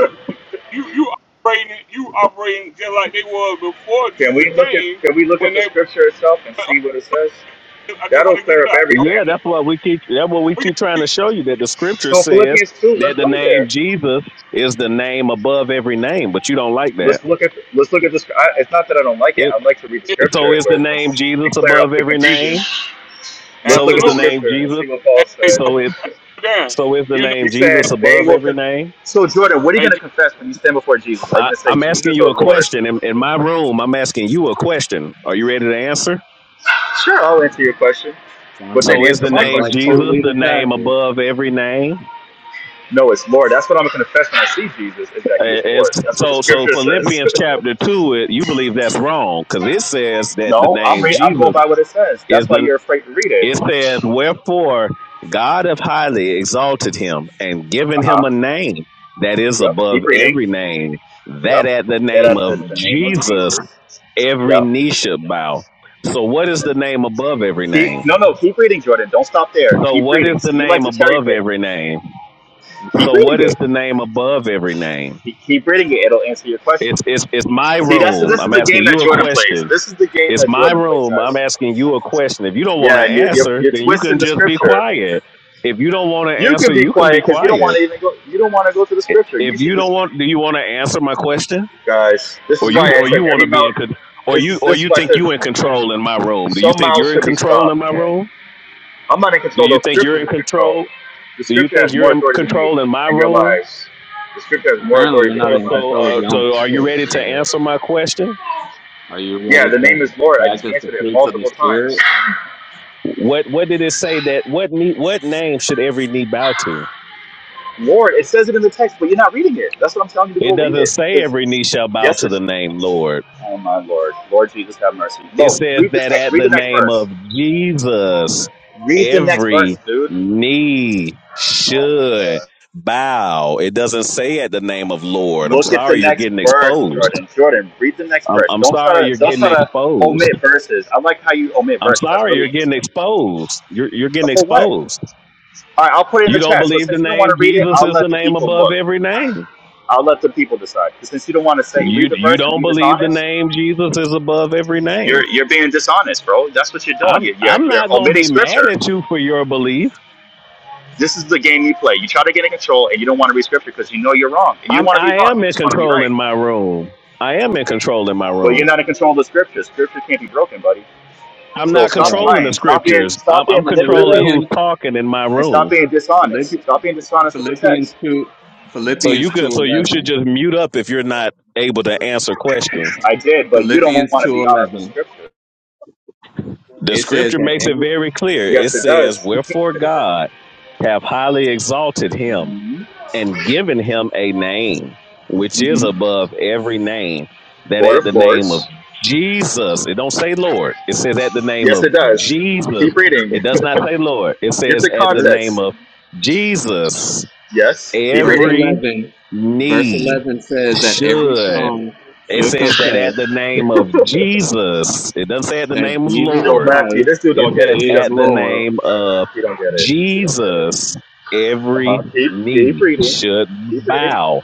you you operating you operating just like they was before Can Jesus we look at came Can we look at when the they scripture itself and see what it says? I just want That'll to get clear it up out. I everything. Yeah, want it- that's what we keep. That's what we we get keep trying to show you that the scripture So says Philippians two. that Let's the go there. name Jesus is the name above every name, but you don't like that. Let's look at Let's look at this. I, it's not that I don't like it. It I'd like to read the it. so scripture is where the it's, name and Jesus clear up above the every confusion. name. Let's So look is at the the Absolutely. name scripture and Jesus. see what And Paul they go said. So (laughs) it down. so is the You know, He name Jesus said they above will. every Con- name. so Jordan, what are you hey going to just confess when you stand before Jesus? Are you I, going to say I'm asking Jesus you or a Lord? question in, in my room. I'm asking you a question. Are you ready to answer? Sure, I'll answer your question, Sounds but like then So is answer the my sounds name like question too. cult Jesus the leader name tactics. above every name? No, it's Lord. That's what I'm gonna confess when I see Jesus is that He is And and Lord. so, That's what the so so Scripture says. Philippians chapter two, it, you believe that's wrong because it says (laughs) that the no, I'm name re- I'm going Jesus by what it says. is That's why the. you're afraid to read it. It says, "Wherefore God hath highly exalted him and Uh given him huh. a name that is Yep. above Keep reading. every name, that Yep. at the That name at of the, the name of Jesus Jesus. every Yep. knee should bow." So, what is the And name above every keep name? no no keep reading, Jordan. Don't stop there. So, Keep what is reading. the See, you like name to cherry above pick. every name? You keep So, reading what is it. the name above every name? Keep, keep reading it. It'll answer your question. It's it's it's my See, that's room. this is I'm the asking game that you a Jordan question plays. This is the game It's that my Jordan plays, room. I'm guys. asking you a question. If you don't want Yeah, and to you're you're, answer, you're then you can twisting the just be Scripture. quiet. If you don't want to You can answer, be you can be quiet because you don't want quiet. to even go. You don't want to go to the I- scripture. You If should you just, don't want, do you want to answer my question, guys. This is or why you, I or you said want every to be mouth. in, con- or This you, is or this is you why I think said you in control in my room? Do you some think mouths you're in should be control stopped, in my man. room? I'm not in Do control. you Those think you're scriptures in are in control. control? The Do you scripture has think you're more in authority than you control in my and your room? lives. The scripture has more Apparently, you're authority than not So, your in lives, so, control buddy. of uh, your own so, are you spirit. ready to brother. answer my question? Are you Yeah, ready the name is to Lord. I just practice the answered it fruits of the multiple times. spirit? What, what did it say that what knee, what name should every knee bow to? Lord, it says it in the text, but you're not reading it. That's what I'm telling you to It go read doesn't it. say Because every knee shall bow yes, to it's the name Lord. oh my Lord, Lord Jesus, have mercy. It Look, says read the that text. at Read the the next name verse. of Jesus, Read the next verse, every dude. knee Oh my should god. bow. It doesn't say at the name of Lord. I'm Look at the sorry you're next getting verse, exposed. Jordan. Jordan, read the next I'm, verse. I'm Don't sorry try you're to don't getting try to exposed. omit verses. I like how you omit I'm verses. That's sorry really you're getting interesting. exposed. You're, you're Uh, getting For what? exposed. All right, I'll put it in You the don't chat. So believe the since you don't want name to read it, Jesus I'll is the let the name people above look. every name. I'll let the people decide. 'Cause Since you don't want to say You read the you verse and don't be believe the dishonest, name Jesus is above every name. you're you're being dishonest, bro. That's what you're doing. I'm You're you're, I'm you're not gonna omitting be mad scripture. at you for your belief. This is the game you play. You try to get in control, and you don't want to read scripture because you know you're wrong. And you don't I'm want to be I wrong. am You in just want to be control right. in my room. I am in control in my Well, you're room. not in control of the scripture. Scripture can't be broken, buddy. I'm So not All stop right. controlling the lying. Stop being scriptures. I'm, stop I'm being controlling manipulative who's Philippians, talking in my and stop room. being dishonest. Philippi- Stop being dishonest with the Philippians text. two, So Philippians you two could so you should eleven. just mute up if you're not able to answer questions. I did, but you don't Philippians want to two be honest with eleven. scripture. The It says scripture that makes it every very clear. It Yes, it says, does. (laughs) "Wherefore God have highly exalted him." hmm and given him a name which is hmm above every name that Lord at of the name of Lords. jesus it don't say lord it says at the name Yes, of it does. jesus Keep reading. it (laughs) does not say lord it Get says the at the verse, name context. of jesus Yes, keep verse reading. every eleven, verse knee eleven says that every should tongue it should says that confess at the name (laughs) of jesus it doesn't say at the that name of Jesus Yo, lord Matthew, Christ this dude it don't get it. says, He is at doesn't the get it, bro. Lord. name of He don't get it. He don't get it. Jesus, Uh every huh. Keep keep knee reading. should Keep reading bow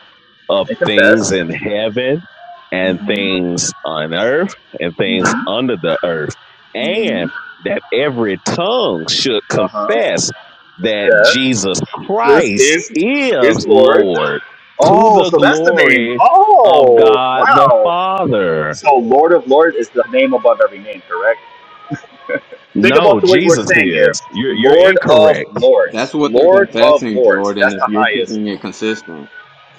of and things confess. in heaven and Mm-hmm. things on earth and things Mm-hmm. under the earth, Mm-hmm. and that every tongue should Uh huh. confess that Steph. Jesus This Christ is is is Lord. Lord to Oh, the so that's the name. glory of Oh, God the wow. Father. So Lord of Lords is the name above every name, correct? Think No, about the way we're Jesus saying here. is. You're, you're Lord of incorrect. That's Lords. what they're Lord of confessing, Lords. Jordan. That's If the you're highest. keeping it consistent,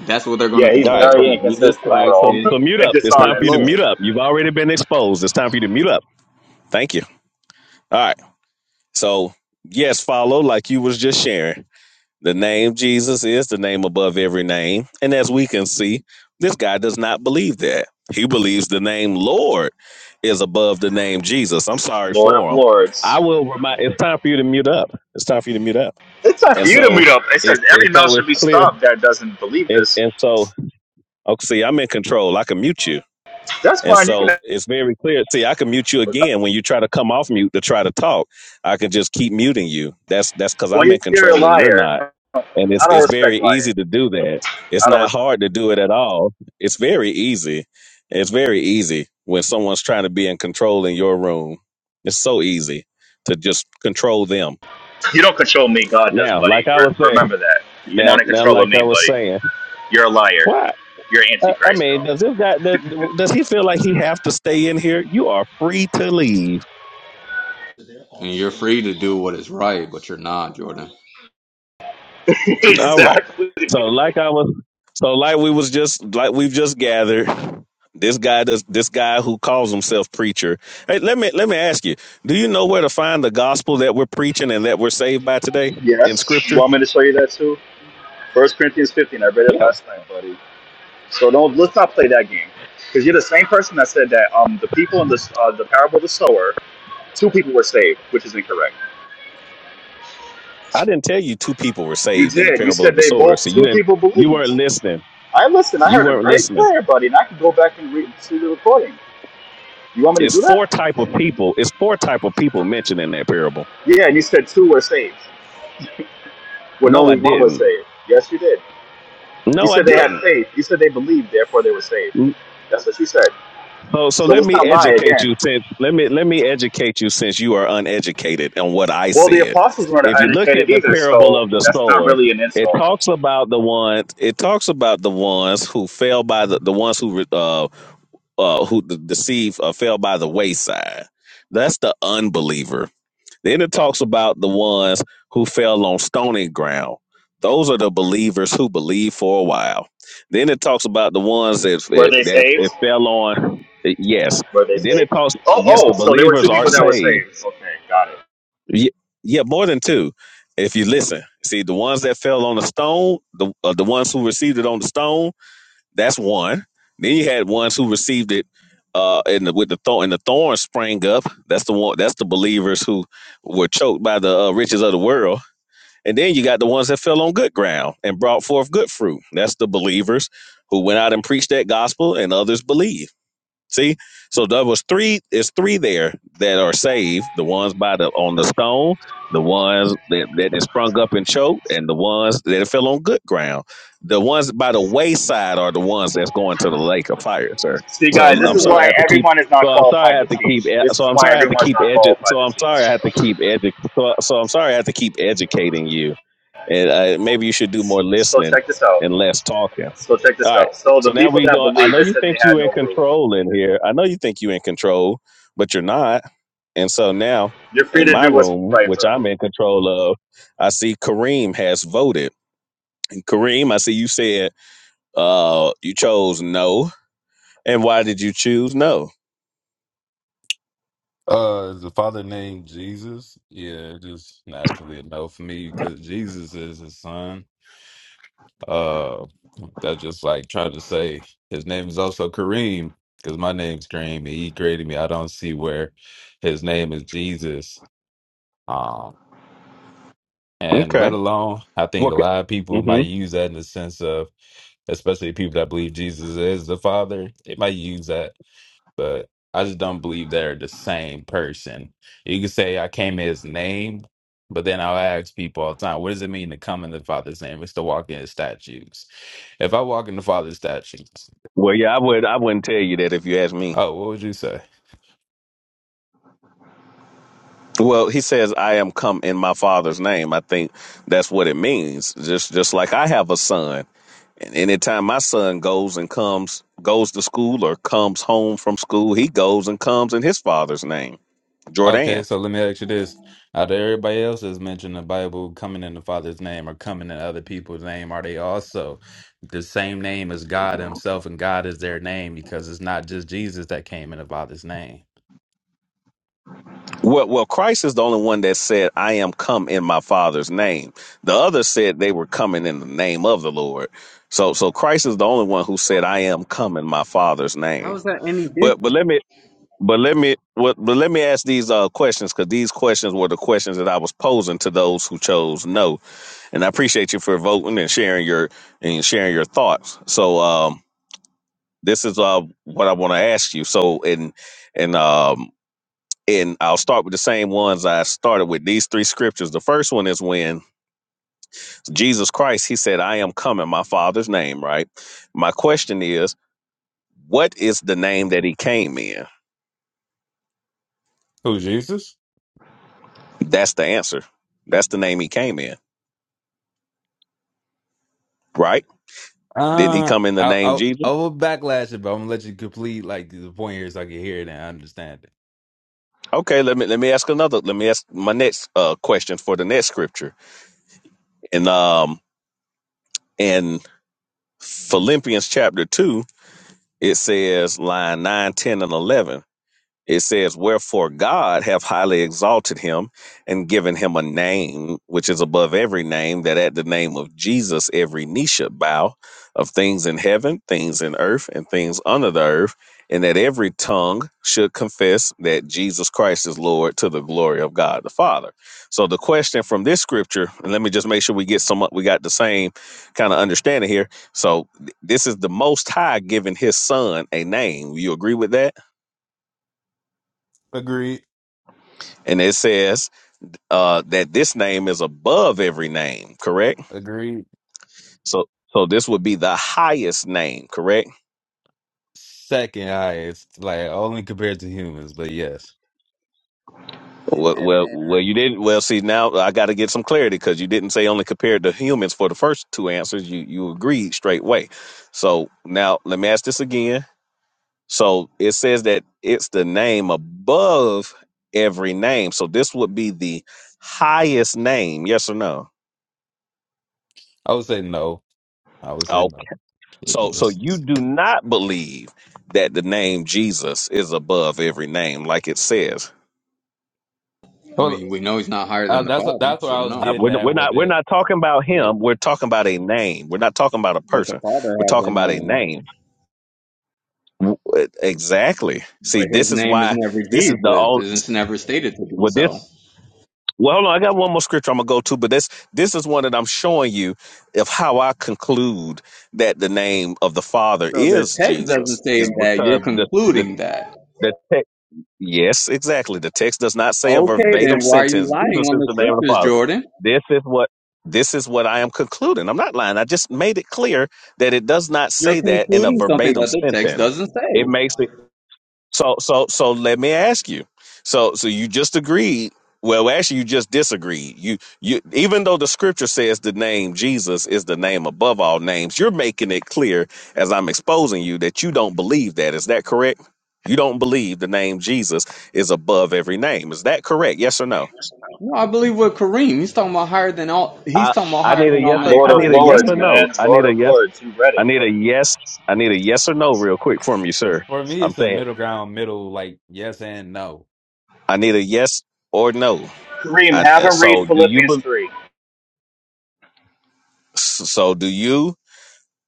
that's what they're going to Yeah, he's All confess right, very that Jesus All inconsistent, right, Christ bro, so is so (laughs) mute and up. It's Is time for you to dishonest. mute Lord. up. You've already been exposed. It's time for you to mute up. Thank you. All right. So yes, follow like you was just sharing. The name Jesus is the name above every name, and as we can see, this guy does not believe that. He believes the name Lord is above the name Jesus. I'm sorry Lord of for him. Lords. I will remind. It's time for you to mute up. It's time for you to mute up. It's up for And you to meet so up. It says it's every it's mouth so should it's be clear. stopped that doesn't believe And this. and so okay, see, I'm in control. I can mute you That's And fine. You so can. it's very clear. See, I can mute you again when you try to come off mute to try to talk. I can just keep muting you. That's that's because Well, I'm in you're a control and you're liar. not. And I it's don't it's respect very liars. easy to do that. It's I don't. not respect hard to do it at all. It's very easy. It's very easy when someone's trying to be in control in your room. It's so easy to just control them. You don't control me. God does, Now, buddy. like I Re- was saying, remember that. You're now not in now control of like me, I was buddy. saying, You're a liar. why? You're I, I antichrist, bro. mean, does this guy does, does he feel like he have to stay in here? You are free to leave And you're free to do what is right, but you're not, Jordan. (laughs) All right. exactly. So like I was so like we was just like we've just gathered. This guy does this guy who calls himself preacher. Hey, let me let me ask you, do you know where to find the gospel that we're preaching and that we're saved by today in Yes. You scripture? want me to show you that too? First Corinthians 15. I read it Yeah. last night, buddy. So don't. Let's not play that game. Because you're the same person that said that um the people in the uh, the parable of the sower, two people were saved, which is incorrect. I didn't tell you two people were You saved in the did. You parable of said the they sword. both So you two didn't people you weren't believed. listening. I listened. I You heard it weren't very listening. clear, buddy, and I can go back and read see the recording. You want me to It's do that? four type of people. It's four type of people mentioned in that parable. Yeah, and you said two were saved. when No, I only one was didn't. saved. Yes, you did. You No, I said they had didn't. faith. You said they believed, therefore they were saved. That's what you said. So so So let let's me not lie educate again. you since let me let me educate you since you are uneducated on what I Well, the said. apostles weren't If you look at educated the either, parable so of the that's not sower, really an it insult. talks about the one it talks about the ones who fell by the, the ones who uh uh who the deceived uh, fell by the wayside. That's the unbeliever. Then it talks about the ones who fell on stony ground. Those are the believers who believe for a while. Then it talks about the ones that Were they that, saved? that fell on. Yes, Were they and then it saved? talks. Oh, Yes, oh, the so there were two believers are people that were saved. saved. Okay, got it. Ye- Yeah, more than two. If you listen, see the ones that fell on the stone, the uh, the ones who received it on the stone that's one. Then you had ones who received it uh in the with the thorn and the thorn sprang up. That's the one that's the believers who were choked by the uh, riches of the world. And then you got the ones that fell on good ground and brought forth good fruit. That's the believers who went out and preached that gospel and others believed. See, so there was three. It's three there that are saved. The ones by the on the stone, the ones that that it sprung up and choked, and the ones that fell on good ground. The ones by the wayside are the ones that's going to the lake of fire, sir. See, I've guys, So this I'm is never. sorry I why have to keep. everyone is not So I'm sorry I qualified to have to keep. teach. e- This So is I'm why sorry I have to everyone's keep not edu- qualified So to I'm sorry I teach. have to keep edu- so, so I'm sorry I have to keep educating you. And uh, maybe you should do more So listening check this out. and less talking. So check All this right. out. So the So now people we that go. I believe, know they you said they think had you in no rule. control in here. I know you think you in control, but you're not. And so now You're free in to my do what's room, right, which brother. I'm in control of, I see Kareem has voted. And Kareem, I see you said uh you chose no. And why did you choose no? Uh, is the father named Jesus? Yeah, it's just naturally a no for me because Jesus is his son. Uh, that's just like trying to say his name is also Kareem because my name's Kareem. and He created me. I don't see where his name is Jesus. Um, and Okay. let alone, I think a Okay. lot of people hmm might use that in the sense of, especially people that believe Jesus is the father, they might use that but I just don't believe they're the same person. You can say I came in his name, but then I'll ask people all the time, what does it mean to come in the Father's name? It's to walk in his statutes. If I walk in the Father's statutes, Well, yeah, I would. I wouldn't tell you that if you asked me. oh, what would you say? Well, he says, "I am come in my father's name." I think that's what it means. Just, just like I have a son, And anytime my son goes and comes, goes to school or comes home from school, he goes and comes in his father's name, Okay, Jordan. so let me ask you this. Out of everybody else that's mentioned in the Bible coming in the Father's name or coming in other people's name, are they also the same name as God Himself and God is their name because it's not just Jesus that came in the Father's name? Well, well, Christ is the only one that said, "I am come in my Father's name." The others said they were coming in the name of the Lord. So, so Christ is the only one who said, "I am come in my Father's How name." is that any But, but different? let me But let me what but let me ask these uh questions because these questions were the questions that I was posing to those who chose no. And I appreciate you for voting and sharing your and sharing your thoughts. So um this is uh what I want to ask you. So and and um and I'll start with the same ones I started with these three scriptures. The first one is when Jesus Christ he said, I am come in my father's name, right? My question is, what is the name that he came in? Who, Jesus? That's the answer. That's the name he came in, right? Didn't he Uh, come in the I name I Jesus? I will backlash it, but I'm gonna let you complete like the point here so I can hear it and I understand it. Okay, let me let me ask another. Let me ask my next uh, question for the next scripture. In um in Philippians chapter two, it says line 9, 10, and eleven. It says, Wherefore God hath highly exalted him and given him a name which is above every name, that at the name of Jesus every knee should bow of things in heaven, things in earth, and things under the earth, and that every tongue should confess that Jesus Christ is Lord to the glory of God the Father. So the question from this scripture, and let me just make sure we get some we got the same kind of understanding here. So th- this is the most high giving his son a name. You agree with that? Agreed. And it says uh, that this name is above every name, correct? Agreed. So, so this would be the highest name, correct? Second highest, like only compared to humans, but yes, In Well, heaven well, and well earth, you didn't. Well, see, now I got to get some clarity because you didn't say only compared to humans for the first two answers. You you agreed straight away. So now let me ask this again. So it says that it's the name above every name. So this would be the highest name. Yes or no? I would say no. I would Oh, say no. (laughs) So so Yes. you do not believe that the name Jesus is above every name, like it says. I Well, mean, we know he's not higher uh, than the that's what Father, that's what so I was Uh, getting we're, no. at we're with not we're it. not talking about Yeah. him. We're talking about a name. We're not talking about a But the person. Father We're has a talking about a name, name. W- uh, Exactly. but See, his this is name is why never this is the Jesus. all. It's never stated to be Well, this. so. Well, hold on. I got one more scripture I'm gonna go to, but this this is one that I'm showing you of how I conclude that the name of the Father So the is text doesn't Jesus say is that. You're because the the concluding that. the text. Yes, exactly. The text does not say a Okay, then verbatim why are you sentence. lying Jesus on is the the name of the scriptures, Father. Jordan? This is what this is what I am concluding. I'm not lying. I just made it clear that it does not You're say that in a concluding something verbatim that the text sentence. doesn't It say. makes it so so so let me ask you. So so you just agreed. Well, actually, you just disagreed. You you even though the scripture says the name Jesus is the name above all names, you're making it clear as I'm exposing you that you don't believe that. Is that correct? You don't believe the name Jesus is above every name. Is that correct? Yes or no? No, I believe with Kareem, he's talking about higher than all. He's I talking about I higher need a than all yes. Or, Lord I of need mankind a and yes Lords, or angels. no. man. I Lord need of a yes. Lords. You read it, I need a Jordan. yes. I need a yes or no real quick from you, sir. For me, I'm it's a saying middle ground, middle like yes and no. I need a yes or no. Kareem, I, have uh, him read so do you believe? Philippians 3. So, do you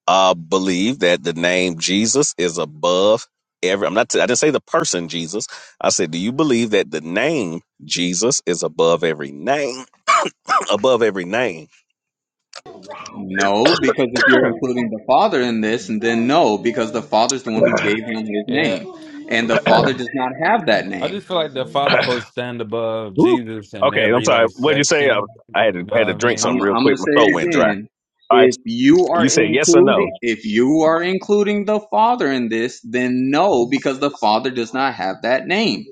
uh, believe that the name Jesus is above every? I'm not. I didn't say the person Jesus. I said, do you believe that the name Jesus is above every name? (clears throat) above every name. No, because if you're including the Father in this, and then no, because the Father's the one who gave him his Yeah, name, and the Father does not have that I name. just feel like the Father supposed to stand above Woo. Jesus in Okay, I'm every like sorry. What did you say? I, section. I had You to, know had to what I drink mean? something I'm real I'm gonna quick. My say throat it went dry. again. All right, If you are you said yes or no. including if you are including the Father in this, then no, because the Father does not have that name.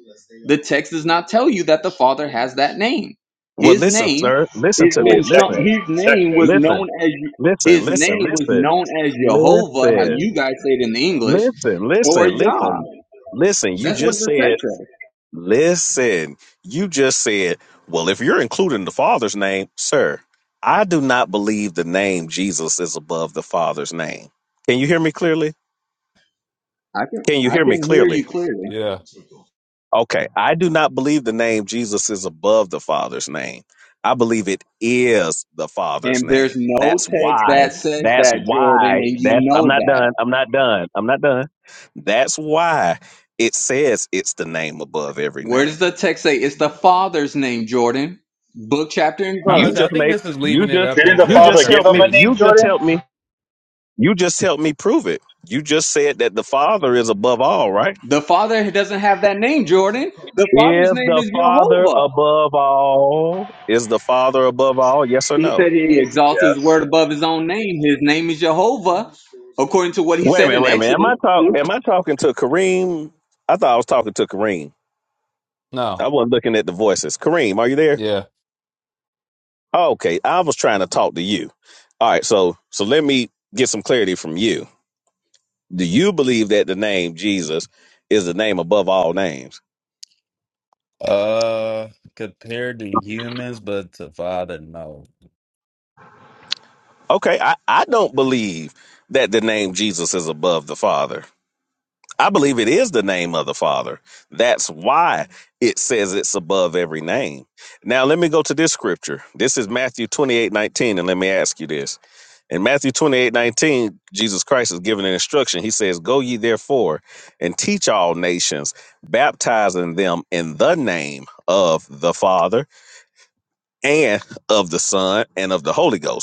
The text does not tell you that the Father has that name. Well, His listen, name sir. Listen has to Oh, me. been some, Listen. checkmate. his name Checkmate. was Listen. known as Listen. his Listen. name was Listen. known as Jehovah, how Listen. you guys say it in the English, Listen. or Listen. Yah. Listen. Listen. You That's what just the said. text says. Listen, you just said, well, if you're including the Father's name, sir, I do not believe the name Jesus is above the Father's name. Can you hear me clearly? I can Can you I hear me can hear you clearly? clearly. Yeah. Okay. I do not believe the name Jesus is above the Father's name. I believe it is the Father's And there's name. no That's text why. that says That's that, Jordan, why. and you That's, know I'm not that. done. I'm not done. I'm not done. That's why it says it's the name above every Where name. does the text say it's the Father's name, Jordan? Book, chapter, and I was about to You verse. say, I just think made this is you leaving it just up Didn't the you until Father just give helped him me a name, you interpretation. just Jordan? helped me you just helped me prove it. You just said that the Father is above all, right? The Father doesn't have that name, Jordan. The Father's Is name the is Father Jehovah. above all? Is the Father above all? Yes or He no? said he exalts his Yes. word above his own name. His name is Jehovah, according to what he Wait a said minute, in wait a minute. Am Exodus. I talking? am I talking to Kareem? I thought I was talking to Kareem. No. I wasn't looking at the voices. Kareem, are you there? Yeah. Okay, I was trying to talk to you. All right, so so let me get some clarity from you. Do you believe that the name Jesus is the name above all names? Uh, compared to humans, but to father, no. Okay, I, I don't believe that the name Jesus is above the Father. I believe it is the name of the Father. That's why it says it's above every name. Now let me go to this scripture. This is Matthew 28 19, and let me ask you this. In Matthew 28 19, Jesus Christ is giving an instruction. He says, Go ye therefore and teach all nations, baptizing them in the name of the Father and of the Son and of the Holy Ghost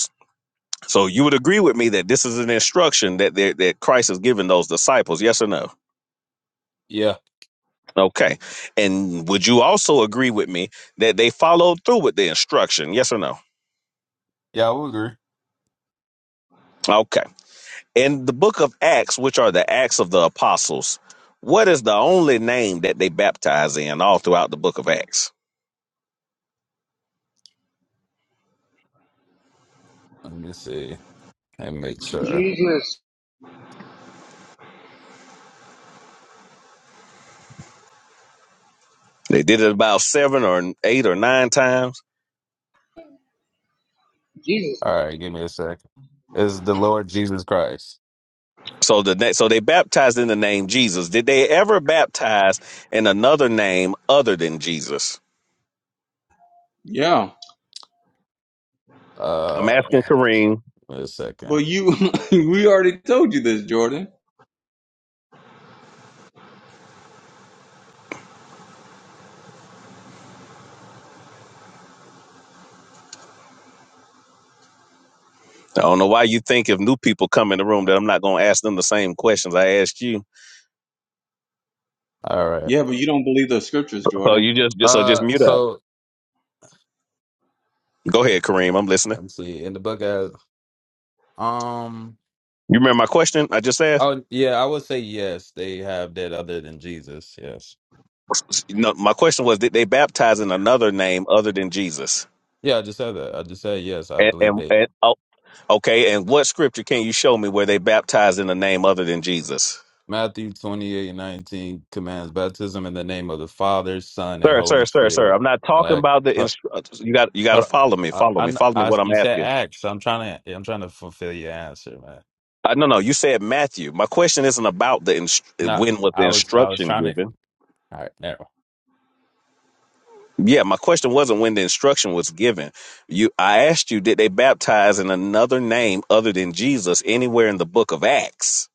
so you would agree with me that this is an instruction that that that Christ has given those disciples, yes or no? Yeah. Okay. And would you also agree with me that they followed through with the instruction, yes or no? Yeah, I would agree. Okay. In the book of Acts, which are the Acts of the Apostles, what is the only name that they baptize in all throughout the book of Acts? Let me see and make sure. Jesus, They did it about seven or eight or nine times. Jesus, All right, give me a sec. Is the Lord Jesus Christ? So the na- so they baptized in the name Jesus. Did they ever baptize in another name other than Jesus? Yeah. I'm Uh, asking Kareem. wait a second. But you, (laughs) we already told you this, Jordan. I don't know why you think if new people come in the room that I'm not going to ask them the same questions I asked you. All right. Yeah, but you don't believe the scriptures, So Jordan. you just, just so just Uh, mute up. so Go ahead, Kareem. I'm listening. let's see. In the book as um. You remember my question I just asked? Oh yeah, I would say yes. They have that other than Jesus. Yes. No, my question was: Did they baptize in another name other than Jesus? Yeah, I just said that. I just said yes. I And, believe and, they and oh, okay. And what scripture can you show me where they baptized in a name other than Jesus? Matthew 28 and 19 commands baptism in the name of the Father, Son, and Sir, Holy sir, sir, sir. Spirit. I'm not talking Act- about the hold- instru- you got you got to hold on. follow me, I, follow me, follow me. I, I, What I'm you said asking. acts. I'm trying to I'm trying to fulfill your answer, man. Uh, no, no. You said Matthew. My question isn't about the inst- No, when was the I was I was instruction trying to given. all right, never. Yeah, my question wasn't when the instruction was given. You, I asked you, did they baptize in another name other than Jesus anywhere in the book of Acts?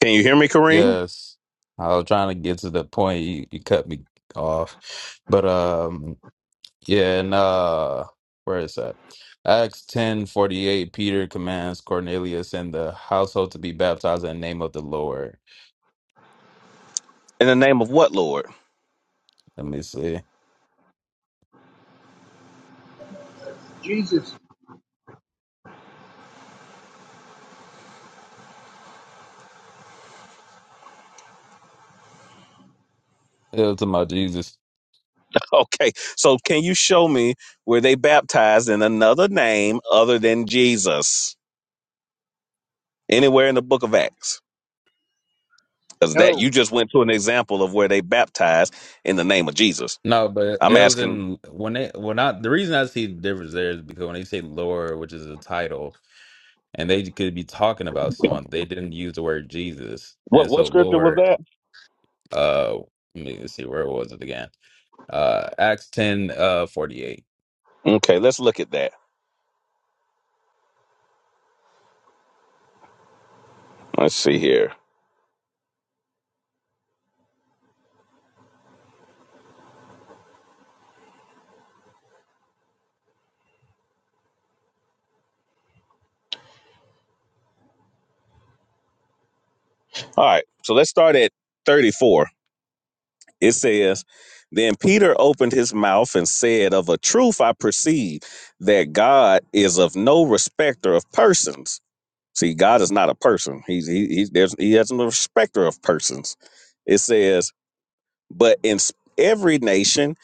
Can you hear me, Kareem? Yes. I was trying to get to the point you, you cut me off. But um yeah, and uh where is that? Acts ten forty eight, Peter commands Cornelius and the household to be baptized in the name of the Lord. In the name of what, Lord? (laughs) Let me see. Jesus. It was talking about Jesus. Okay, so can you show me where they baptized in another name other than Jesus anywhere in the book of Acts? Because that No, you just went to an example of where they baptized in the name of Jesus. No, but I'm it was asking, in when they when I the reason I see the difference there is because when they say Lord, which is a title, and they could be talking about someone, they didn't use the word Jesus. what And what so scripture was Lord, that? uh let me see where was it again? Uh Acts ten uh forty eight. Okay, let's look at that. Let's see here. All right, so let's start at 34. It says, Then Peter opened his mouth and said, 'Of a truth I perceive that God is of no respecter of persons. See, God is not a person. He's he, he there's he has no respecter of persons. It says, But in s- every nation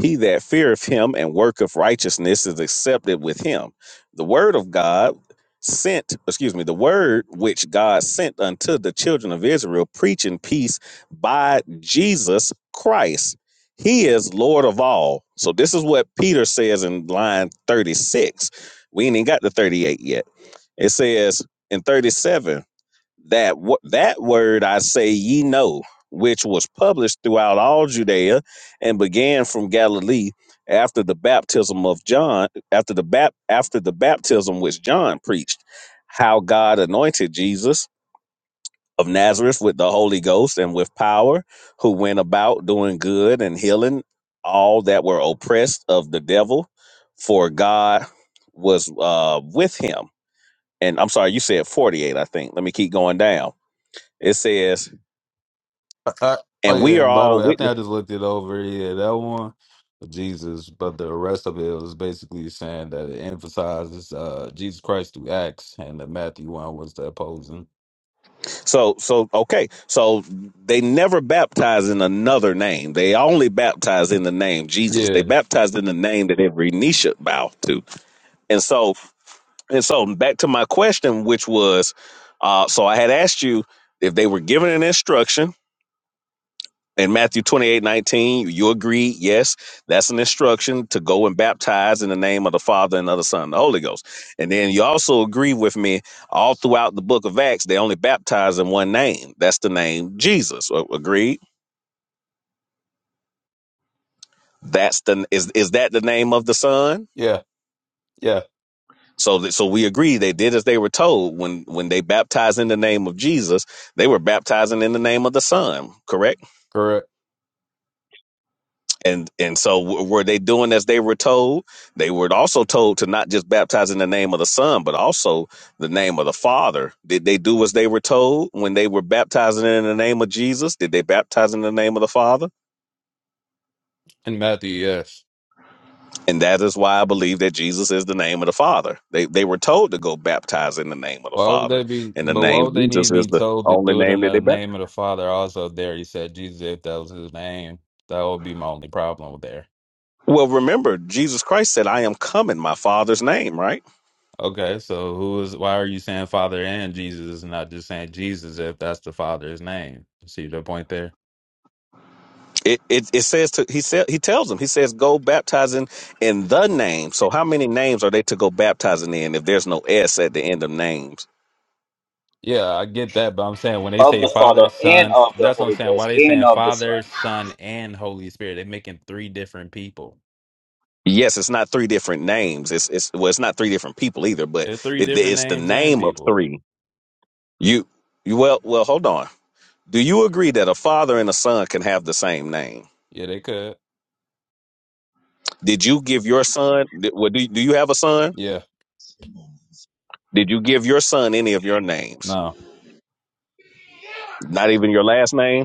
he that feareth him and worketh righteousness is accepted with him. The word of God sent, excuse me, the word which God sent unto the children of Israel, preaching peace by Jesus Christ. He is Lord of all. So this is what Peter says in line 36. We ain't even got to 38 yet. It says in 37 that wo- that word I say ye know, which was published throughout all Judea, and began from Galilee after the baptism of John, after the bap- after the baptism which John preached, how God anointed Jesus of Nazareth with the Holy Ghost and with power, who went about doing good and healing all that were oppressed of the devil, for God was uh, with him. And I'm sorry, you said 48, I think. Let me keep going down it says, I, I, oh and we yeah, are and by the all way, I think witness. I just looked it over. Yeah, that one, Jesus, but the rest of it was basically saying that it emphasizes uh, Jesus Christ through Acts, and the Matthew one was the opposing. So, so okay. So they never baptize in another name. They only baptize in the name Jesus. They Yeah, baptize in the name that every knee should bow to. And so, and so back to my question, which was, uh, so I had asked you if they were given an instruction in Matthew 28 19, you agree, yes, that's an instruction to go and baptize in the name of the Father and of the Son and the Holy Ghost. And then you also agree with me all throughout the book of Acts, they only baptize in one name. That's the name Jesus. A- Agreed? That's the is is that the name of the Son? yeah, yeah, So that, so we agree they did as they were told when when they baptized in the name of Jesus, they were baptizing in the name of the Son, correct? correct. and and so w- were they doing as they were told they were also told to not just baptize in the name of the son but also the name of the father did they do as they were told when they were baptizing in the name of jesus did they baptize in the name of the father And Matthew, yes. and that is why i believe that jesus is the name of the father they, they were told to go baptize in the name of the Why would father they be, and the but why name would they need jesus to be is the told to only do it name in that the they baptize. name of the Father? Also, there he said, Jesus, if that was his name, that would be my only problem with there. well remember jesus christ said i am come in my father's name right Okay, so who is, why are you saying Father and Jesus and not just saying Jesus if that's the Father's name? See the point there? It, it it says to he said he tells them he says go baptizing in the name. So how many names are they to go baptizing in if there's no s at the end of names? Yeah, I get that, but I'm saying when they Of say the Father Father, and Son, of the that's what I'm Holy saying. Why Ghost they and saying of the Father, Son. Son, and Holy Spirit? They're making three different people. Yes, it's not three different names. It's it's well, it's not three different people either, but They're three it, different it's the names and name of people. three. You you well well hold on. Do you agree that a father and a son can have the same name? Yeah, they could. Did you give your son? Well, do do you have a son? Yeah, Did you give your son any of your names? no. Not even your last name.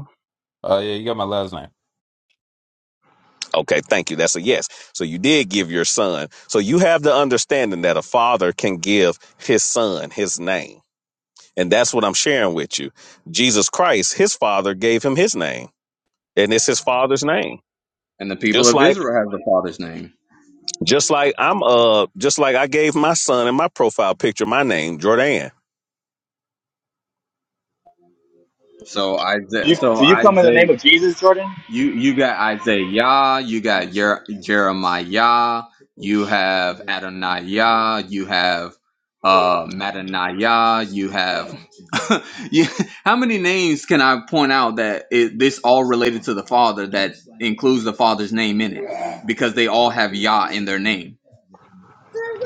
Oh, yeah, you got my last name. Okay, thank you. That's a yes. So you did give your son. So you have the understanding that a father can give his son his name. And that's what I'm sharing with you. Jesus Christ, his father gave him his name. And it's his father's name. And the people Just of like Israel have the Father's name. just like I'm uh just like I gave my son in my profile picture my name, Jordan. So Do Isaiah, You, so do you come in the Isaiah, name of Jesus, Jordan? You you got Isaiah, you got Jer- Jeremiah, you have Adoniah, you have uh Madaniah, you have (laughs) you, how many names can I point out that it, this all related to the Father that includes the Father's name in it because they all have Yah in their name.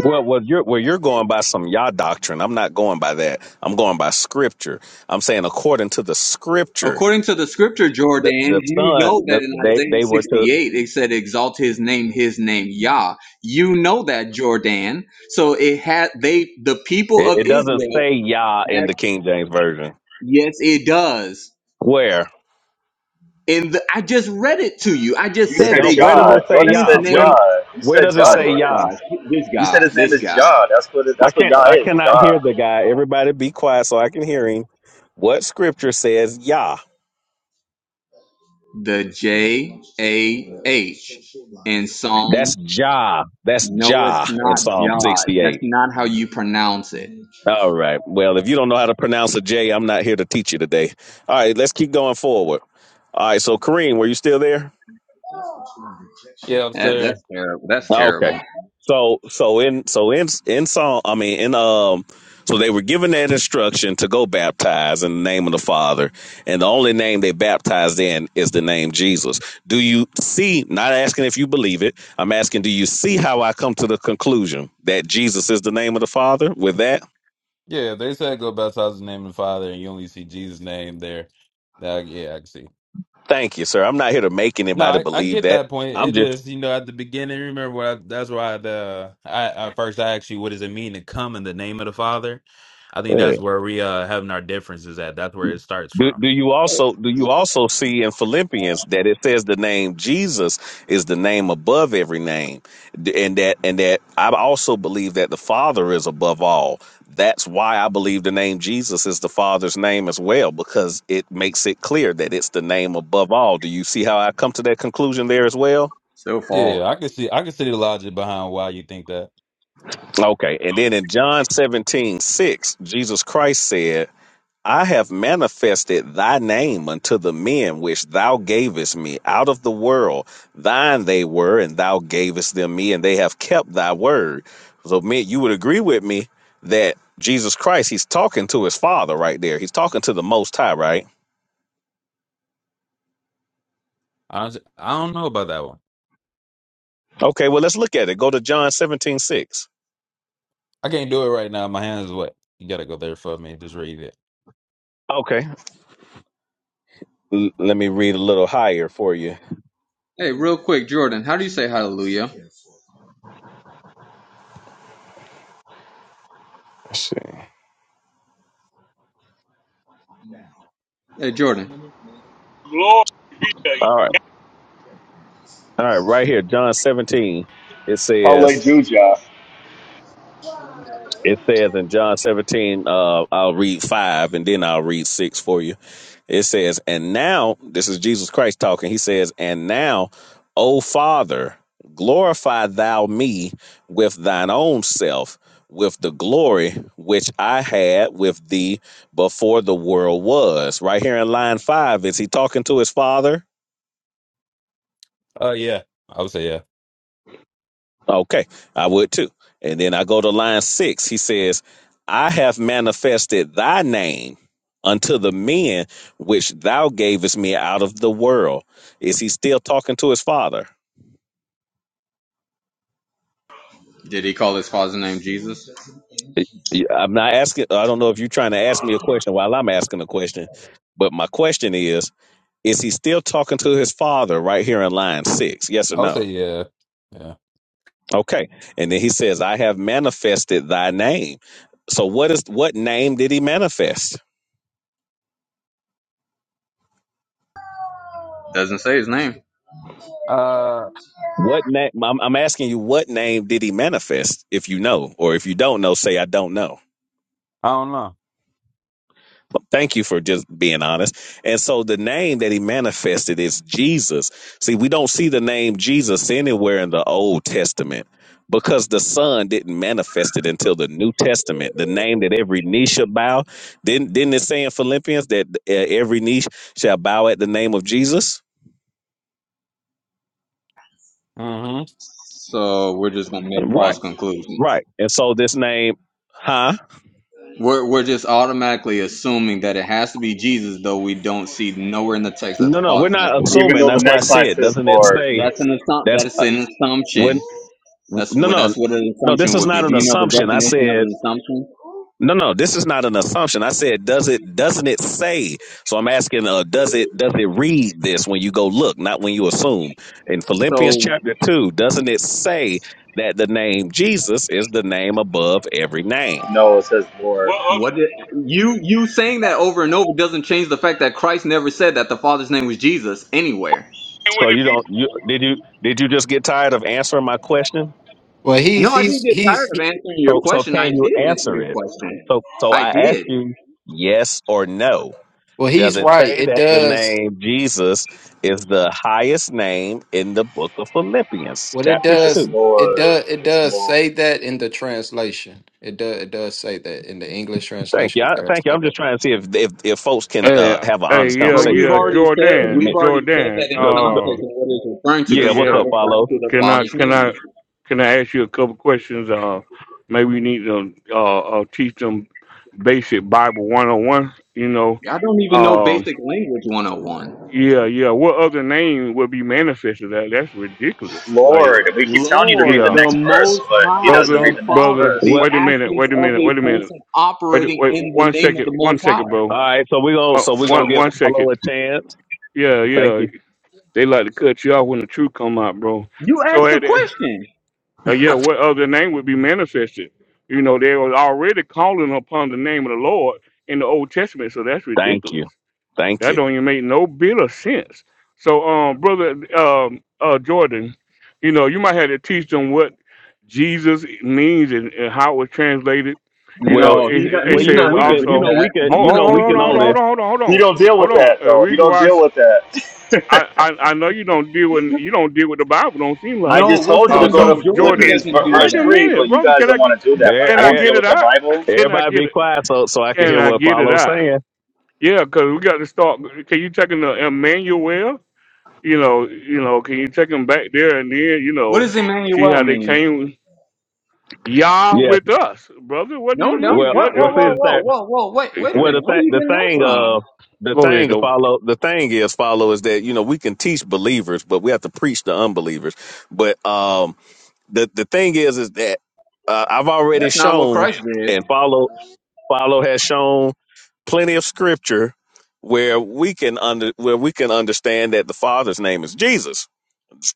Well, well, you're where you're going by some Yah doctrine. I'm not going by that. I'm going by scripture. I'm saying according to the scripture, According to the scripture, the the Jordan, you son, know that the, in they Isaiah they were to 68 it said, Exalt his name, his name Yah. You know that, Jordan. So it had they the people It, of it doesn't Israel say Yah had in the King James version. yes, it does. Where And the, I just read it to you. I just You it said said they don't? Where does Jah. it exalt say Jordan his Yah? said Where name. Jah. You Where said does it Jah, Oh say Jordan. my Yah? gosh. This You said guy, his name this is guy. Jah. That's what it, I that's what can't. Yah I is, cannot Jah. hear the guy. Everybody, be quiet so I can hear him. What scripture says Yah? The J A H in Psalm. That's Jah. That's No, it's Jah in not Psalm Jah. That's sixty-eight. not how you pronounce it. All right. Well, if you don't know how to pronounce a J, I'm not here to teach you today. All right. Let's keep going forward. All right. So, Kareem, were you still there? Yeah, I'm still That, that's terrible. That's Okay. terrible. So so in so in in Psalm I mean in um so they were given that instruction to go baptize in the name of the Father, and the only name they baptized in is the name Jesus. Do you see? Not asking if you believe it. I'm asking, do you see how I come to the conclusion that Jesus is the name of the Father? With that, Yeah, they said go baptize in the name of the Father, and you only see Jesus' name there. That, yeah, I can see. thank you, sir. I'm not here to make No, anybody I, I believe get that. that point. It I'm just just, you know, at the beginning, remember what I, that's why the I, I first I asked you, what does it mean to come in the name of the Father? I think that's where we uh having our differences at. That's where it starts Do, from. do you also do you also see in Philippians that it says the name Jesus is the name above every name, D- and that and that I also believe that the Father is above all. That's why I believe the name Jesus is the Father's name as well, because it makes it clear that it's the name above all. Do you see how I come to that conclusion there as well? So Yeah, far. I can see I can see the logic behind why you think that. Okay, and then in John seventeen six, Jesus Christ said. I have manifested thy name unto the men which thou gavest me out of the world. Thine they were, and thou gavest them me, and they have kept thy word. So, man, you would agree with me that Jesus Christ, he's talking to his father right there. He's talking to the Most High, right? I don't, I don't know about that one. Okay, well, let's look at it. Go to John seventeen six. I can't do it right now. My hands is wet. You gotta go there for me. Just read it. Okay. L- let me read a little higher for you. Hey, real quick, Jordan, how do you say hallelujah? Let's see. Hey, Jordan. glory be to you. All right. All right, right here, John 17. It says, Hallelujah. It says in John 17, uh, I'll read five and then I'll read six for you. It says, And now, this is Jesus Christ talking. He says, And now, O Father, glorify thou me with thine own self, with the glory which I had with thee before the world was. Right here in line five, is he talking to his father? Uh, yeah. I would say yeah. Okay, I would too. And then I go to line six. He says, I have manifested thy name unto the men which thou gavest me out of the world. Is he still talking to his father? Did he call his father's name Jesus? Yeah, I'm not asking, I don't know if you're trying to ask me a question while I'm asking a question, but my question is, is he still talking to his father right here in line six? Yes or I would say no? yeah. Yeah. Okay. And then he says, I have manifested thy name. So what is what name did he manifest? Doesn't say his name. Uh, What name? I'm, I'm asking you, what name did he manifest? If you know, or if you don't know, say I don't know. I don't know. Thank you for just being honest. And so the name that he manifested is Jesus. See, we don't see the name Jesus anywhere in the Old Testament because the Son didn't manifest it until the New Testament. The name that every knee shall bow. Didn't didn't it say in Philippians that uh, every knee shall bow at the name of Jesus? hmm So we're just gonna make false Right, conclusions. right. And so this name, huh? We're we're just automatically assuming that it has to be Jesus, though we don't see nowhere in the text that No, the no, we're father's never not named. Even assuming. though the him. That's why I next line said, says doesn't it Lord. say That's an assumption. that's That is uh, an assumption. when? w- That's No, what no, that's what an no. This assumption is would be. not Do an you know the assumption. I definition of said, an assumption? no, no. This is not an assumption. I said, does it? Doesn't it say? So I'm asking, uh, does it? Does it read this when you go look, not when you assume? In Philippians So chapter two, doesn't it say that the name Jesus is the name above every name? No, it says Lord. What other What did, you you saying that over and over doesn't change the fact that Christ never said that the Father's name was Jesus anywhere. thing So would you it be? don't. You did you did you just get tired of answering my question? Well, No, he's I didn't he's get tired he's of answering your So so question. I can you did answer answer your it? question. So so I I ask did, you yes or no. well, Does he's it right. say It that the does. name Jesus is the highest name in the book of Philippians, Well, it chapter It's does. two? It Lord. does. It It's does Lord. say that in the translation. It does. It does say that in the English Thank you. translation. It I, does. thank you. I'm Okay. just trying to see if if, if folks can uh, Hey, have an hey, honest yeah, but we've conversation yeah, here already said and we've Jordan, admit. already said Jordan. that in The, the, Uh context of what it's referring to yeah, because it's what's not yeah, up, referring Follow? to the can I Father's can name. I can I ask you a couple questions? Uh maybe you need to uh, uh teach them basic Bible one on one, you know. I don't even know basic language 101. Yeah, yeah. What other name would be manifested? That that's ridiculous. Like, Lord, we keep telling you to read Lord, the yeah, the next verse, Most but he High, doesn't the brother, read the next Father, brother. verse. the Well, Wait a minute. actions Wait a of minute. a Wait a minute. person Wait, operating wait. in the One name of second. the One Most High. second, all bro. right. So we're gonna One, so we're one, gonna give one Follow a second. chance. Yeah, Thank yeah. you. They like to cut you off when the truth come out, bro. You So asked the at the- question. uh, yeah, what other name would be manifested? You know, they were already calling upon the name of the Lord in the Old Testament, so that's Thank ridiculous. you. Thank That you. don't even make no bit of sense. So, um, brother, um, uh, Jordan, you know, you might have to teach them what Jesus means and, and how it was translated. You know, Well, No, it, he it do- it well, he's you know says not we going to can. You do know also. that. we can. He's Oh, You not oh, know going we to hold can do on, hold on, only. hold that. on, hold on, hold He on, don't deal with hold on. that Uh, though. He reason don't why I, deal s- with I, that. I I know you don't deal with you don't deal with the Bible. Don't seem (laughs) I like. No, just we're told you Uh, to telling go you, to so Jordan Jordan, Philippians doesn't do verse wait a three, that. minute, but you brother. guys Can I don't get want to do that. But I can I don't get deal it with the out? (laughs) Bible. Can I Everybody get be it? quiet so so I can Can hear I what get it Follow out? saying. Yeah, because we got to start. Can you take him to Emmanuel? You know, you know. Can you take him back there and then you What know, does see Emmanuel how they mean? came Yah Yes. with us, brother? What do No, you no. Well, mean? What? What- Whoa, well, what- see whoa, what- the whoa, thing. whoa, whoa. Wait, wait a (laughs) Well, the minute. Where are thing, you the getting that thing, from? uh, the Go ahead, thing though. follow. The thing is follow is that you know we can teach believers, but we have to preach to unbelievers. But um, the the thing is is that uh, I've already That's not what shown Christ did. and follow follow has shown plenty of scripture where we can under where we can understand that the Father's name is Jesus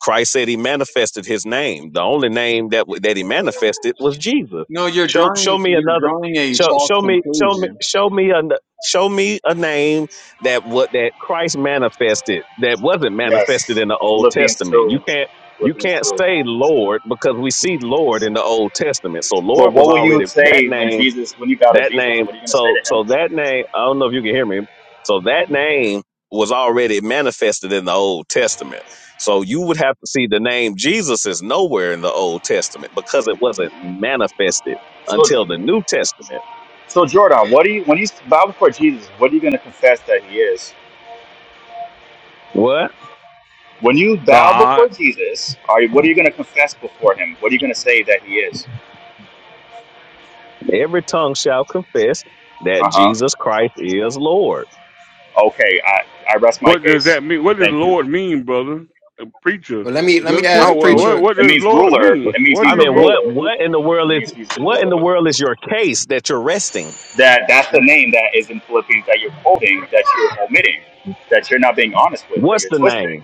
Christ said he manifested his name. The only name that w- that he manifested was Jesus. No, you're Show drawing show me you're another drawing a show false show me show me conclusion. show me a show me a name that what that Christ manifested that wasn't manifested Yes, in the Old Philippians Testament. You two, can't you Philippians can't two. say Lord because we see Lord in the Old Testament. So But Lord what was will you already that say when name Jesus, when you bow to that Jesus? name What are you going to say so to him? so that name i don't know if you can hear me so that name was already manifested in the old testament so you would have to see the name jesus is nowhere in the old testament because it wasn't manifested So, until the new testament so Jordan, what do you when you bow before Jesus? What are you going to confess that he is? what When you bow God, before Jesus, are you, what are you going to confess before him? What are you going to say that he is? every tongue shall confess that Uh huh. jesus christ is lord Okay, I, I rest my what does case. that mean? What does Thank you. Lord mean, brother? A preacher. Well, let me let me Good Oh ask well, What- question. what, preacher. what It does means Lord ruler. what- It mean? means What he's i the does mean he? what ruler. wh- what in the It world is means he's the what in ruler. the What? world is your case that you're resting That that's the Let me, name that is in Philippians that you're quoting, that you're omitting, that you're not being honest with, that what's you're the name twisting.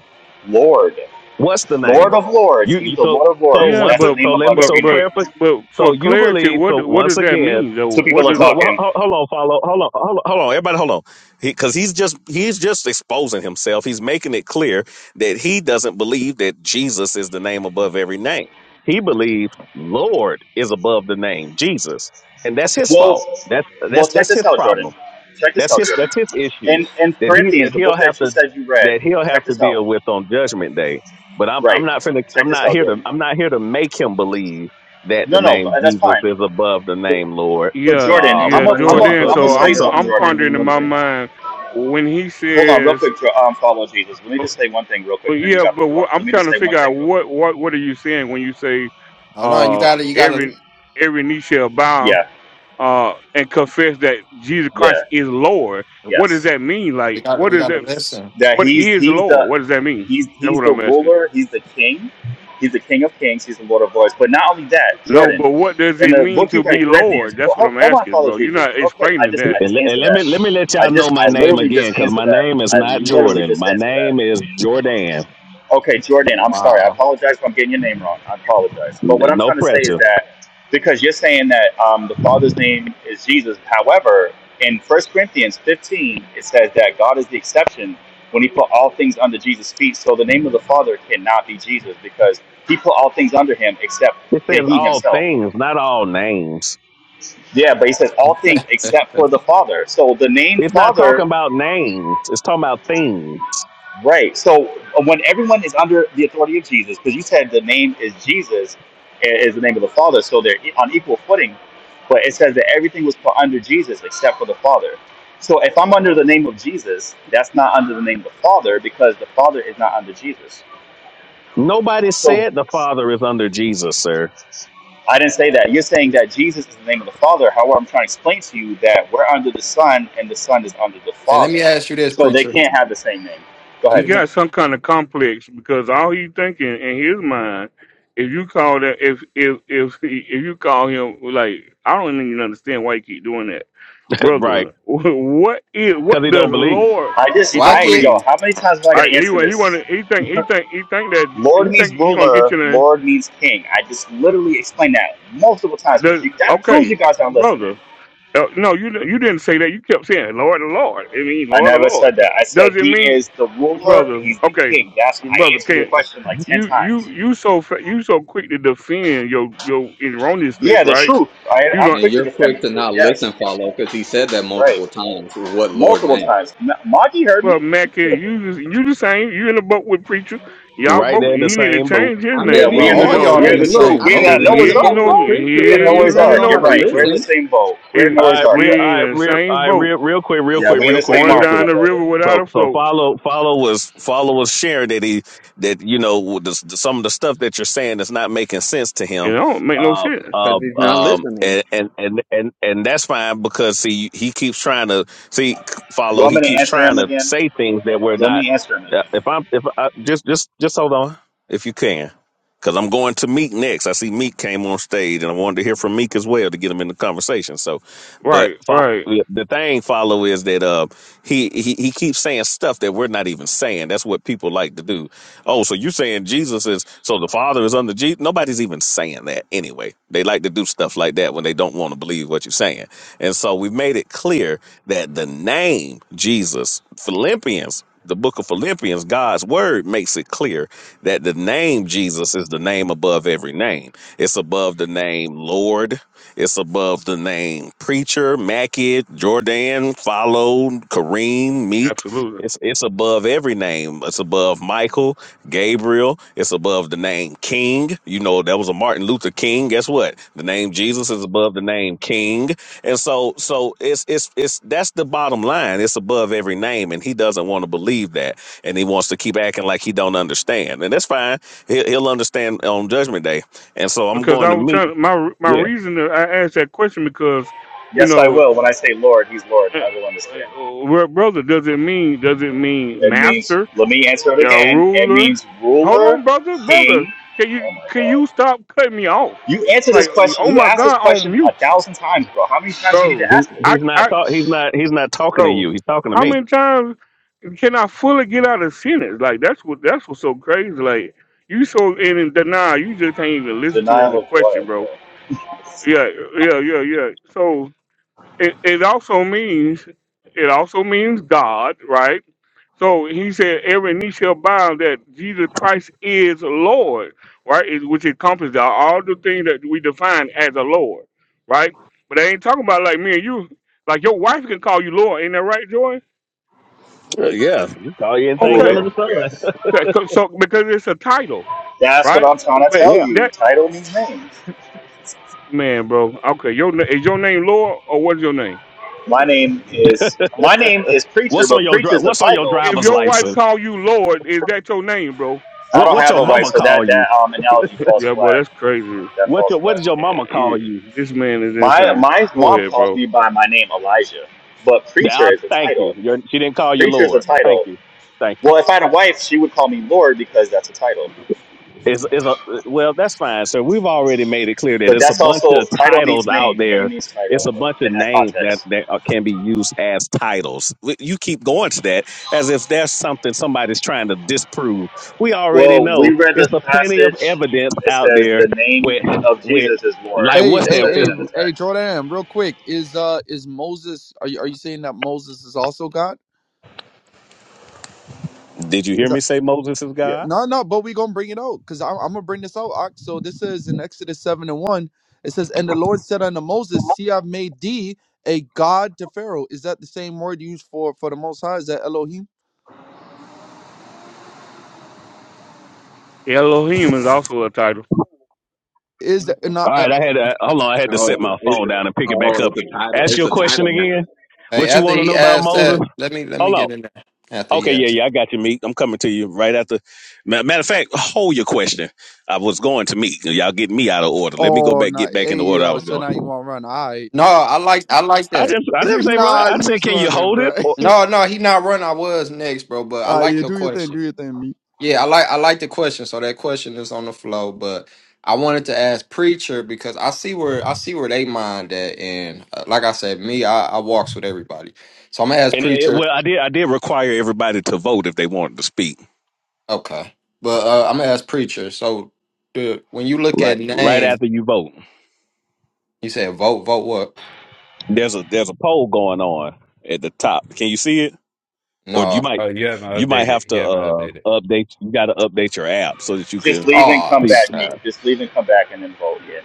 Lord, What's the Lord name? of Lords. You, He's you the so Lord of so Lords. Yeah, once That's a- the but name so let me above but so every but name. clarify. but for So you clarity, believe so what what once does that again. mean though? Two people What are is Well, well talking. ho- hold on, follow. Hold on, hold on, hold on. Everybody, hold on. Because he's just he's just exposing himself. He's making it clear that he doesn't believe that Jesus is the name above every name. He believes Lord is above the name Jesus, and that's his Well, fault. That's well, that's check that's his this out, problem. Jordan. Check this That's out, his Jordan. that's his issue In in that he Corinthians, that the he'll book have that you to said you read, that he'll check have to this out. deal with on Judgment Day. But I'm I'm Right. not finna Check I'm this not out, here to Jordan. I'm not here to make him believe that the No, no, name but that's Jesus fine. is above the But, name Lord. but Yeah, Jordan, Uh, I'm yeah, a, Everybody I'm has so to a, Jordan. so put I'm gonna So show you somebody I'm else so in something, the I'm Jordan, pondering in real my quick. condemnation, mind when he Hold on, real says, quick. Jo- Um, follow Jesus. Let me uh, just say one thing, real uh, quick, and then you "Yeah," got the but floor. what, Let I'm me trying just to say one figure out thing, real quick. what what what are you saying when you say, hold on. You "Uh, gotta. You gotta. every every knee shall bow, Yeah, uh, and confess that Jesus yeah, Christ is Lord." What does yes. that mean? We Like, gotta. what We is gotta that? listen. that What he's is he's Lord? What the does that mean? he's That's he's what the I'm asking. ruler, he's the king, he's the king of kings, he's the Lord of lords. But not only that, No, Jordan, but what does in it the mean book you to read, be Corinthians. Lord? Well, That's what hold, I'm hold on, asking, follow bro. You're Jesus, not real quick. I explaining just that. I and, just le- and answered let that. me let me let I y'all know just my I name literally again just because answered my that. name is I not literally Jordan. just My answered that. name is Jordan. Okay, Jordan, I'm sorry. I Wow. apologize if I'm getting your name wrong. I apologize. But what I'm No trying to say is pressure. that because you're saying that um, the Father's name is Jesus, however, in First Corinthians 15, it says that God is the exception when he put all things under Jesus' feet. So the name of the Father cannot be Jesus because he put all things under him except It says he all himself. things, not all names. Yeah, but he says (laughs) all things hey, except for let the Father. So the name It's not Father talking about names. It's talking about things. Right. So uh, when everyone is under the authority of Jesus, because you said the name is Jesus, i- is the name of the Father, so they're e- on equal footing. But it says that everything was put under Jesus except for the Father. So if I'm under the name of Jesus, that's not under the name of the Father because the Father is not under Jesus. Nobody So said the Father is under Jesus, sir. I didn't say that. You're saying that Jesus is the name of the Father. However, I'm trying to explain to you that we're under the Son and the Son is under the me Father. ask you this, So they preacher. can't have the same name. Go Let He ahead, me. Meek. got some kind of complex because all he thinking in his mind, if you call that, if if if he, if you call him like, I don't even understand why you keep doing that, (laughs) right. brother. (laughs) What is Because what he does don't the believe. Lord? I just, He Well, I don't I, get. yo, believe, how many times am I going right? to He answer wa- he this? want he think he think he think that Lord he think means he gonna get ruler, you the Lord means king. I just literally explained that multiple times, but the you, that proves you okay, guys aren't listening. brother. Uh, no, you you didn't say that. You kept saying Lord, the Lord. I mean, I Lord, the never Lord. said that. I said Does it he mean? is the ruler, brother. he's the Okay, king. That's I brother, answered can your not question like ten you you times. you so fa- you so quick to defend your your Yeah, erroneousness, the right? truth. I, You I'm don't. and quick to you're defend the quick to truth. not listen, Yes, follow, because he said that multiple right, times. What Lord multiple man? times. M- Monty heard Well, me. Mac, here, you just you the same. You in the boat with preacher. Y'all Right both. there in the He need to same boat. change his I may Yeah, name. be Well, we in in the You the all boat. know, he y'all we're in Hey, in the the need, look, truth. same I We're may boat, not cause be in he Noah's really. the ain't boat Ark, no with he bro. preacher, We but in at ain't least Noah's I really Ark. know no You're how to right. We're in preacher. the listen same boat. We're in It All Noah's right, He, Ark, real, all buddy. he right, in the real, all same right, boat real, real quick, real Yeah, quick, we in real the quick, same going real ark, quick. my down the river brother. without So a so float. follow follow with follow with sharing that he that you know with the, the- some of the stuff that you're saying is not making sense to And him. that don't make no Uh, sense. because uh, he's not um, listening. and, and and and and that's fine because see he keeps trying to see You follow want he me to keeps answer trying him to again? say things that we're Let not. me answer him Uh, again. if I'm if I, just just just hold on if you can Cause I'm going to Meek next. I see Meek came on stage, and I wanted to hear from Meek as well to get him in the conversation. So, but Right, fo- right, yeah, the thing follow is that uh he, he he keeps saying stuff that we're not even saying. That's what people like to do. Oh, so you're saying Jesus is so the Father is under Jesus? Nobody's even saying that anyway. They like to do stuff like that when they don't want to believe what you're saying. And so we've made it clear that the name Jesus, Philippians the book of Philippians, God's word makes it clear that the name Jesus is the name above every name. It's above the name Lord. It's above the name preacher, Mackie Jordan, Follow, Kareem, Meek. absolutely. It's it's above every name. It's above Michael, Gabriel. It's above the name King. You know that was a Martin Luther King. Guess what? The name Jesus is above the name King. And so so it's it's it's that's the bottom line. It's above every name, and he doesn't want to believe that, and he wants to keep acting like he don't understand, and that's fine. He'll, he'll understand on Judgment Day. And so I'm because going I to was meet. trying my my Yeah, reason that I asked that question because you Yes, I know, will. When I say Lord, he's Lord. eh, I will eh, understand. well, brother, does it mean does it mean It means, master, let me answer it uh, again. It ruler? means Hold on, ruler, brother, brother, king. can you Oh my can you God. stop cutting me off? You answer this Like, question, oh you my asked this God, on question a mute, thousand times, bro. How many times do you need to bro. he ask it? I he's not I talk. He's not he's not talking to bro, you. He's talking to how me. many times can I fully get out of sentence? Like that's what that's what's so crazy. Like you so in denial, you just can't even listen to Denial the of question, what, bro bro? yeah, yeah, yeah, yeah. So it, it also means it also means God, right? So he said every knee shall bow that Jesus Christ is Lord, right? It, which encompasses all all the things that we define as a Lord, right? But they ain't talking about like me and you. Like your wife can call you Lord, ain't that right, Joy? Uh, yeah, you call you anything Okay. under Ruler, the sun. yes. So, so because it's a title, That's what right? I'm trying to But tell Yeah. you. that Title means name. (laughs) man, bro. Okay, your na- is your name Lord or what's your name? My name is my name is preacher, What's on but your dri- preacher's a What's on your title. If driver's your wife license? call you Lord, is that your name, bro? I What don't What have your a wife, mama so call that you? that um analogy (laughs) falls yeah, bro, flat. that's crazy. That What falls your What flat. did your Yeah, mama yeah, call you? this man is My insane. my Go mom ahead, calls bro. me by my name Elijah, but The- preacher I, is a thank title. you. Your, she didn't call you Preacher is a Lord. Thank title. you. Thank you. Well, if I had a wife, she would call me Lord because that's a title. Is is a well, that's fine. So we've already made it clear that But it's a that's bunch also of title titles means out name. Name there. means It's title a bunch of in that names that context. that are- can be used as titles. We- You keep going to that as if that's something somebody's trying to disprove. We already Well, we know read the it's a plenty of passage. evidence It out says there the name with of with Jesus is Lord. like Hey, what's It hey, that? says it Is, hey, in the hey, text. Jordan, real quick. Is uh is Moses are you are you saying that Moses is also God? did you hear Cuz I me say Moses is yeah, God? no, no, but we going to bring it out cuz I am I'm going to bring this out. Ak. So this is in Exodus 7 and 1. It says, "And the Lord said unto Moses, see I've made thee a god to Pharaoh." Is that the same word used for for the most high? Is that Elohim? Elohim is also a title. Is that not All uh, right, I had to, hold on. I had to Oh, set it's a, my it's phone down and pick a, it back oh, up. it's a title. Ask It's your a question title now. again. Hey, What you after want to he know about asked that, Moses? let me let me Hold on. get in there. After he Okay, yeah, asked. yeah, I got you, Meek. I'm coming to you right after. ma- Matter of fact, hold your question. I was going to Meek. Y'all get me out of order. Let me go oh, back, not get back in hey, the order I yo, was so now going. you want to run. All right. No, I like I like I that. just, (laughs) I didn't say nah, run. I said, you's can you running, hold bro. it? Or, (laughs) No, no, he not run. I was next, bro. But I All right, like yeah, your do your thing, do question. your thing, me. Yeah, I like I like the question. So that question is on the flow. But I wanted to ask preacher because I see where I see where they mind at, and uh, like I said, me I, I walks with everybody. So I'm gonna ask and it, preacher. well, I did, I did require everybody to vote if they wanted to speak. Okay, but uh, I'm gonna ask preacher. So the when you look Right, at right name, after you vote, you said vote vote what? there's a there's a poll going on at the top. Can you see it? Or you No. might Uh, you haven't you might have updated. You to haven't uh updated. update. You got to update your app so that you Just can leave and Oh come see back, Meek. snap. Just leave and come back and then vote. Yeah.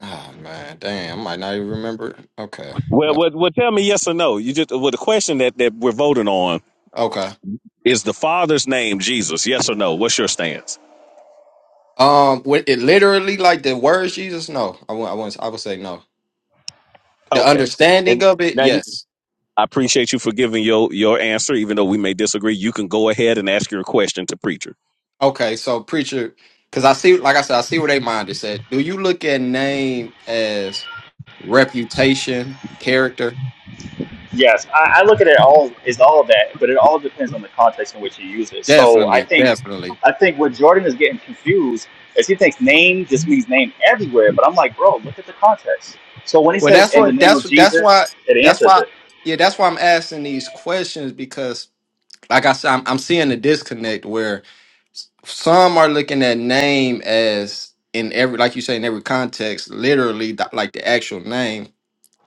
Oh man, damn. I might not even remember. Okay. Well, Uh, well, well, tell me yes or no. You just well, the question that that we're voting on Okay. is the Father's name Jesus. Yes or no? What's your stance? Um, with it literally like the words Jesus? No, I won't. I won't. I would say no. The Okay. understanding And of it, now you, yes. I appreciate you for giving your your answer, even though we may disagree. You can go ahead and ask your question to preacher. Okay, so preacher, because I see, like I said, I see where they mind is at. Do you look at name as reputation, character? Yes, I, I look at it all is all of that, but it all depends on the context in which you use it. So I Definitely, think, definitely. I think what Jordan is getting confused is he thinks name just means name everywhere, but I'm like, bro, look at the context. So when he Well, says that's in the what name that's of that's Jesus, why it that's answers why it. yeah that's why I'm asking these questions because like I said, I'm, I'm seeing the disconnect where s- some are looking at name as in every, like you say, in every context, literally th- like the actual name.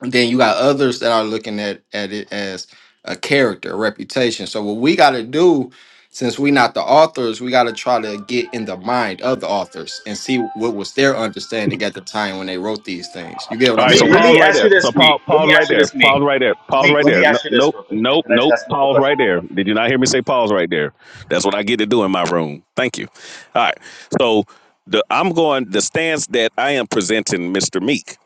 And then you got others that are looking at at it as a character, a reputation. So what we got to do, since we not the authors, we got to try to get in the mind of the authors and see what was their understanding at the time when they wrote these things. You get what All I'm right. Meek, So saying? let pause me right ask you there. So this, Meek. pause, Let pause me right ask you there. this, Meek. Pause right there. Pause Meek, right let me there. No, ask you this nope, real quick. nope, Can I just nope. ask him a quick Pause question? right there. Did you not hear me say pause right there? That's what I get to do in my room. Thank you. All right. So the I'm going the stance that I am presenting, Mr. Meek.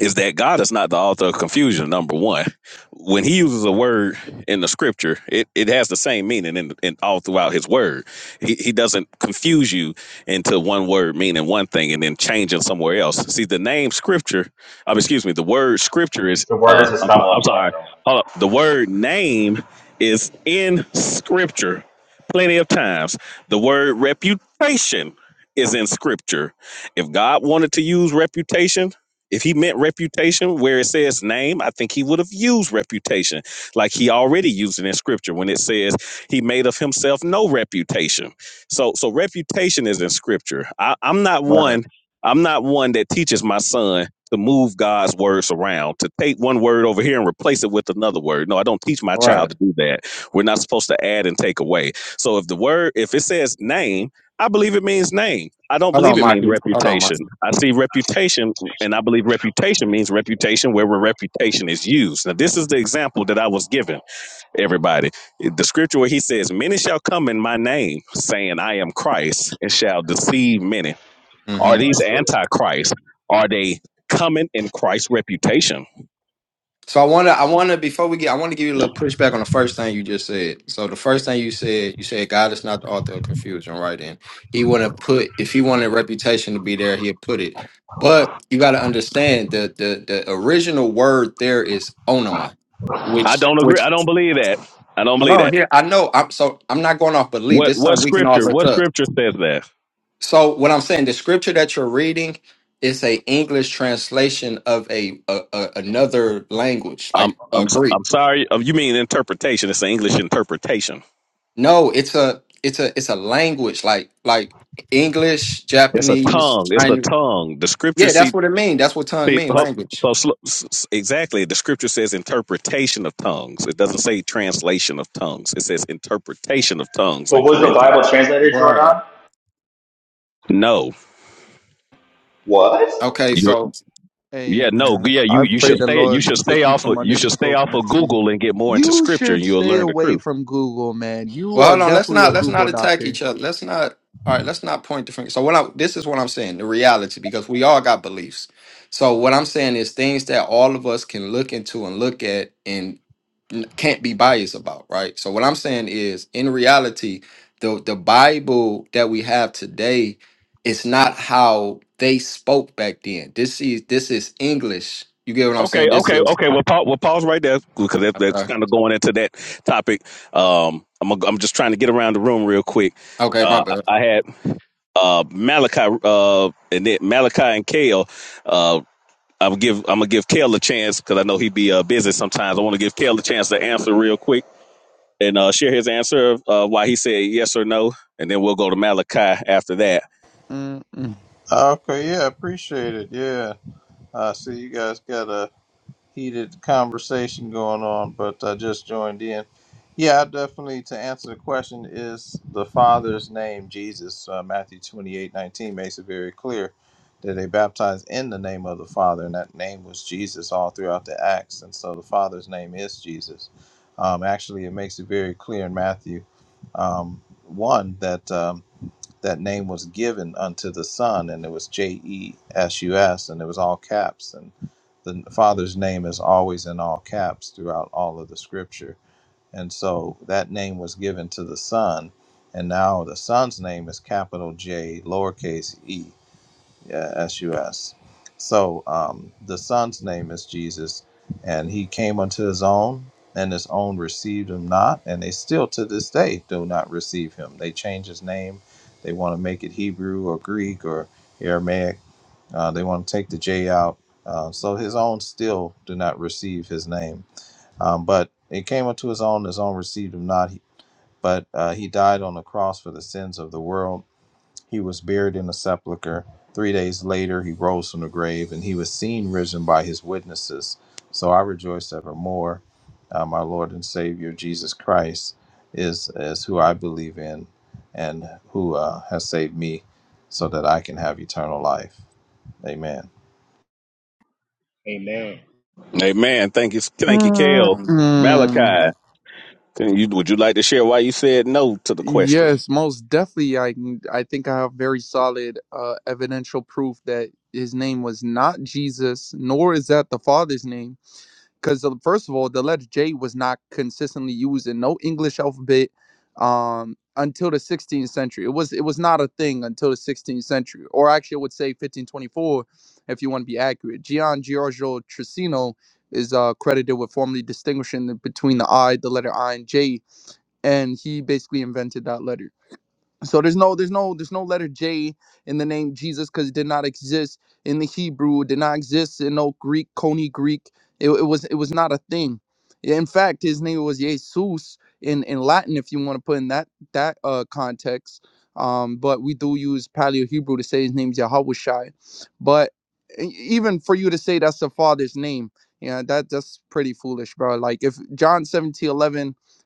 is that God is not the author of confusion. Number one, when He uses a word in the Scripture, it, it has the same meaning in, in all throughout His Word. He, he doesn't confuse you into one word meaning one thing and then changing somewhere else. See, the name Scripture, um, excuse me, the word Scripture is. The word Uh, is a I'm, so- stumbling I'm block, sorry. though. Hold up. The word name is in Scripture plenty of times. The word reputation is in Scripture. If God wanted to use reputation if he meant reputation where it says name, I think he would have used reputation like he already used it in scripture when it says he made of himself no reputation. So so reputation is in scripture. I, I'm not Right. one, I'm not one that teaches my son to move God's words around, to take one word over here and replace it with another word. No, I don't teach my child Right. to do that. We're not supposed to add and take away. So if the word, if it says name, I believe it means name. I don't Hold believe on, it means Mikey. Hold on, reputation. I see reputation and I believe reputation means reputation where reputation is used. Now, this is the example that I was given, everybody. The scripture where he says, Many shall come in my name, saying, I am Christ, and shall deceive many. Mikey. Are these Anointed. antichrists? Are they coming in Christ's reputation? So I wanna I wanna before we get I wanna give you a little pushback on the first thing you just said. So the first thing you said, you said God is not the author of confusion, right? And he wouldn't put if he wanted reputation to be there, he'd put it. But you gotta understand the the the original word there is onoma, I which don't agree. which I don't believe that. I don't hold believe on that. here. I know I'm so I'm not going off belief. This What is what something we can all scripture? look What up. scripture says that? So what I'm saying, the scripture that you're reading is a English translation of a, a, a another language, I'm like uh, I'm so- Greek. I'm sorry. Oh, You mean interpretation? It's an English interpretation. No, it's a it's a it's a language like like English, It's a Japanese, tongue. It's a Chinese. tongue. The scripture Yeah, that's what it means. That's what tongue See, mean, ho- language. so sl- s- s- exactly, the scripture says interpretation of tongues. It doesn't say translation of tongues. It says interpretation of tongues But in was the Bible Corinthians. translated, Right. Jordan? No, What? Okay, you're, so yeah, no, Amen. yeah, you I you pray should the stay you Lord should take stay you off from of you under should this stay off coconut of tree. Google and get more into You scripture, and should you'll stay learn the away truth. from Google, man. You well are hold on, let's definitely not a let's not Google attack doctor. each other. Let's not all right, let's not point the finger. So what I this is what I'm saying, the reality, because we all got beliefs. So what I'm saying is things that all of us can look into and look at And. n- can't be biased about, right? So what I'm saying is, in reality, the the Bible that we have today is not how they spoke back then. This is this is English. You get what I'm saying? Okay, This okay, is okay. We'll pause. We'll pause right there because that, that's okay. kind of going into that topic. Um, I'm a, I'm just trying to get around the room real quick. Okay, my Uh, bad. I had uh Malachi uh and then Malachi and Kale. Uh, I'm give I'm gonna give Kale a chance because I know he be uh, busy sometimes. I want to give Kale a chance to answer real quick and uh, share his answer of uh, why he said yes or no, and then we'll go to Malachi after that. Mm-mm. Okay, yeah, appreciate it. Yeah, I see you guys got a heated conversation going on, but I just joined in. Yeah, I definitely to answer the question is the Father's name Jesus. Uh, Matthew twenty eight nineteen makes it very clear that they baptized in the name of the Father, and that name was Jesus all throughout the Acts, and so the Father's name is Jesus. Um, actually, it makes it very clear in Matthew um, one that. Um, that name was given unto the son and it was j-e-s-u-s and it was all caps and the father's name is always in all caps throughout all of the scripture and so that name was given to the son and now the son's name is capital j lowercase e yeah, S-U-S. So um, the son's name is Jesus, and he came unto his own, and his own received him not, and they still to this day do not receive him. They change his name. They want to make it Hebrew or Greek or Aramaic. Uh, they want to take the J out. Uh, so his own still do not receive his name. Um, but it came unto his own, his own received him not. He- But uh, he died on the cross for the sins of the world he was buried in a sepulchre. Three days later, he rose from the grave, and he was seen risen by his witnesses. So I rejoice evermore. Uh, my Lord and Savior Jesus Christ is is who I believe in, and who uh, has saved me, so that I can have eternal life. Amen. Amen. Amen. Thank you, thank you, Kale. Mm-mm. Malachi, can you, would you like to share why you said no to the question? Yes, most definitely. I can- I think I have very solid uh, evidential proof that his name was not Jesus, nor is that the Father's name. because first of all, the letter J was not consistently used in no English alphabet um, until the 16th century. It was it was not a thing until the 16th century, or actually, I would say 1524, if you want to be accurate. Gian Giorgio Trissino is uh, credited with formally distinguishing the- between the I, the letter I, and J, and he basically invented that letter. So there's no there's no there's no letter J in the name Jesus because it did not exist in the Hebrew, it did not exist in no Greek, Coney Greek. It, it was it was not a thing. Yeah, In fact, his name was Jesus in, in Latin, if you want to put in that that uh context. Um, but we do use Paleo Hebrew to say his name's Yahawashi. But e- even for you to say that's the father's name, yeah, that that's pretty foolish, bro. Like if John 17:11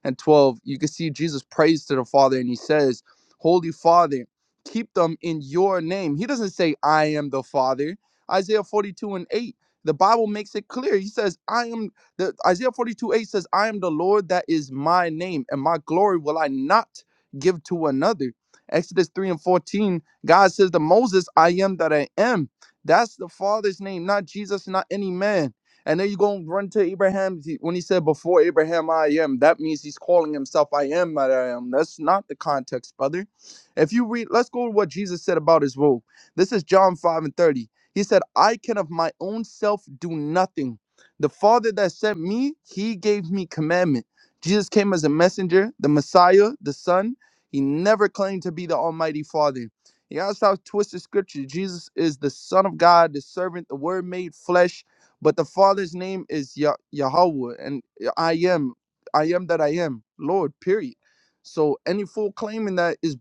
and 12, you can see Jesus prays to the Father and he says Holy Father, keep them in your name. He doesn't say, I am the Father. Isaiah 42 and 8. The Bible makes it clear. He says, I am the Isaiah 42 8 says, I am the Lord that is my name, and my glory will I not give to another. Exodus 3 and 14, God says to Moses, I am that I am. That's the Father's name, not Jesus, not any man. And then you go and run to Abraham he- when he said, Before Abraham, I am. That means he's calling himself, I am that I am. That's not the context, brother if you read, let's go to what Jesus said about his robe. This is John 5 and 30. He said, I can of my own self do nothing. The Father that sent me, he gave me commandment. Jesus came as a messenger, the Messiah, the Son. He never claimed to be the Almighty Father. You gotta stop twisting scripture. Jesus is the Son of God, the servant, the Word made flesh. But the Father's name is Yah- Yahweh, and I am, I am that I am, Lord, period. So any fool claiming that is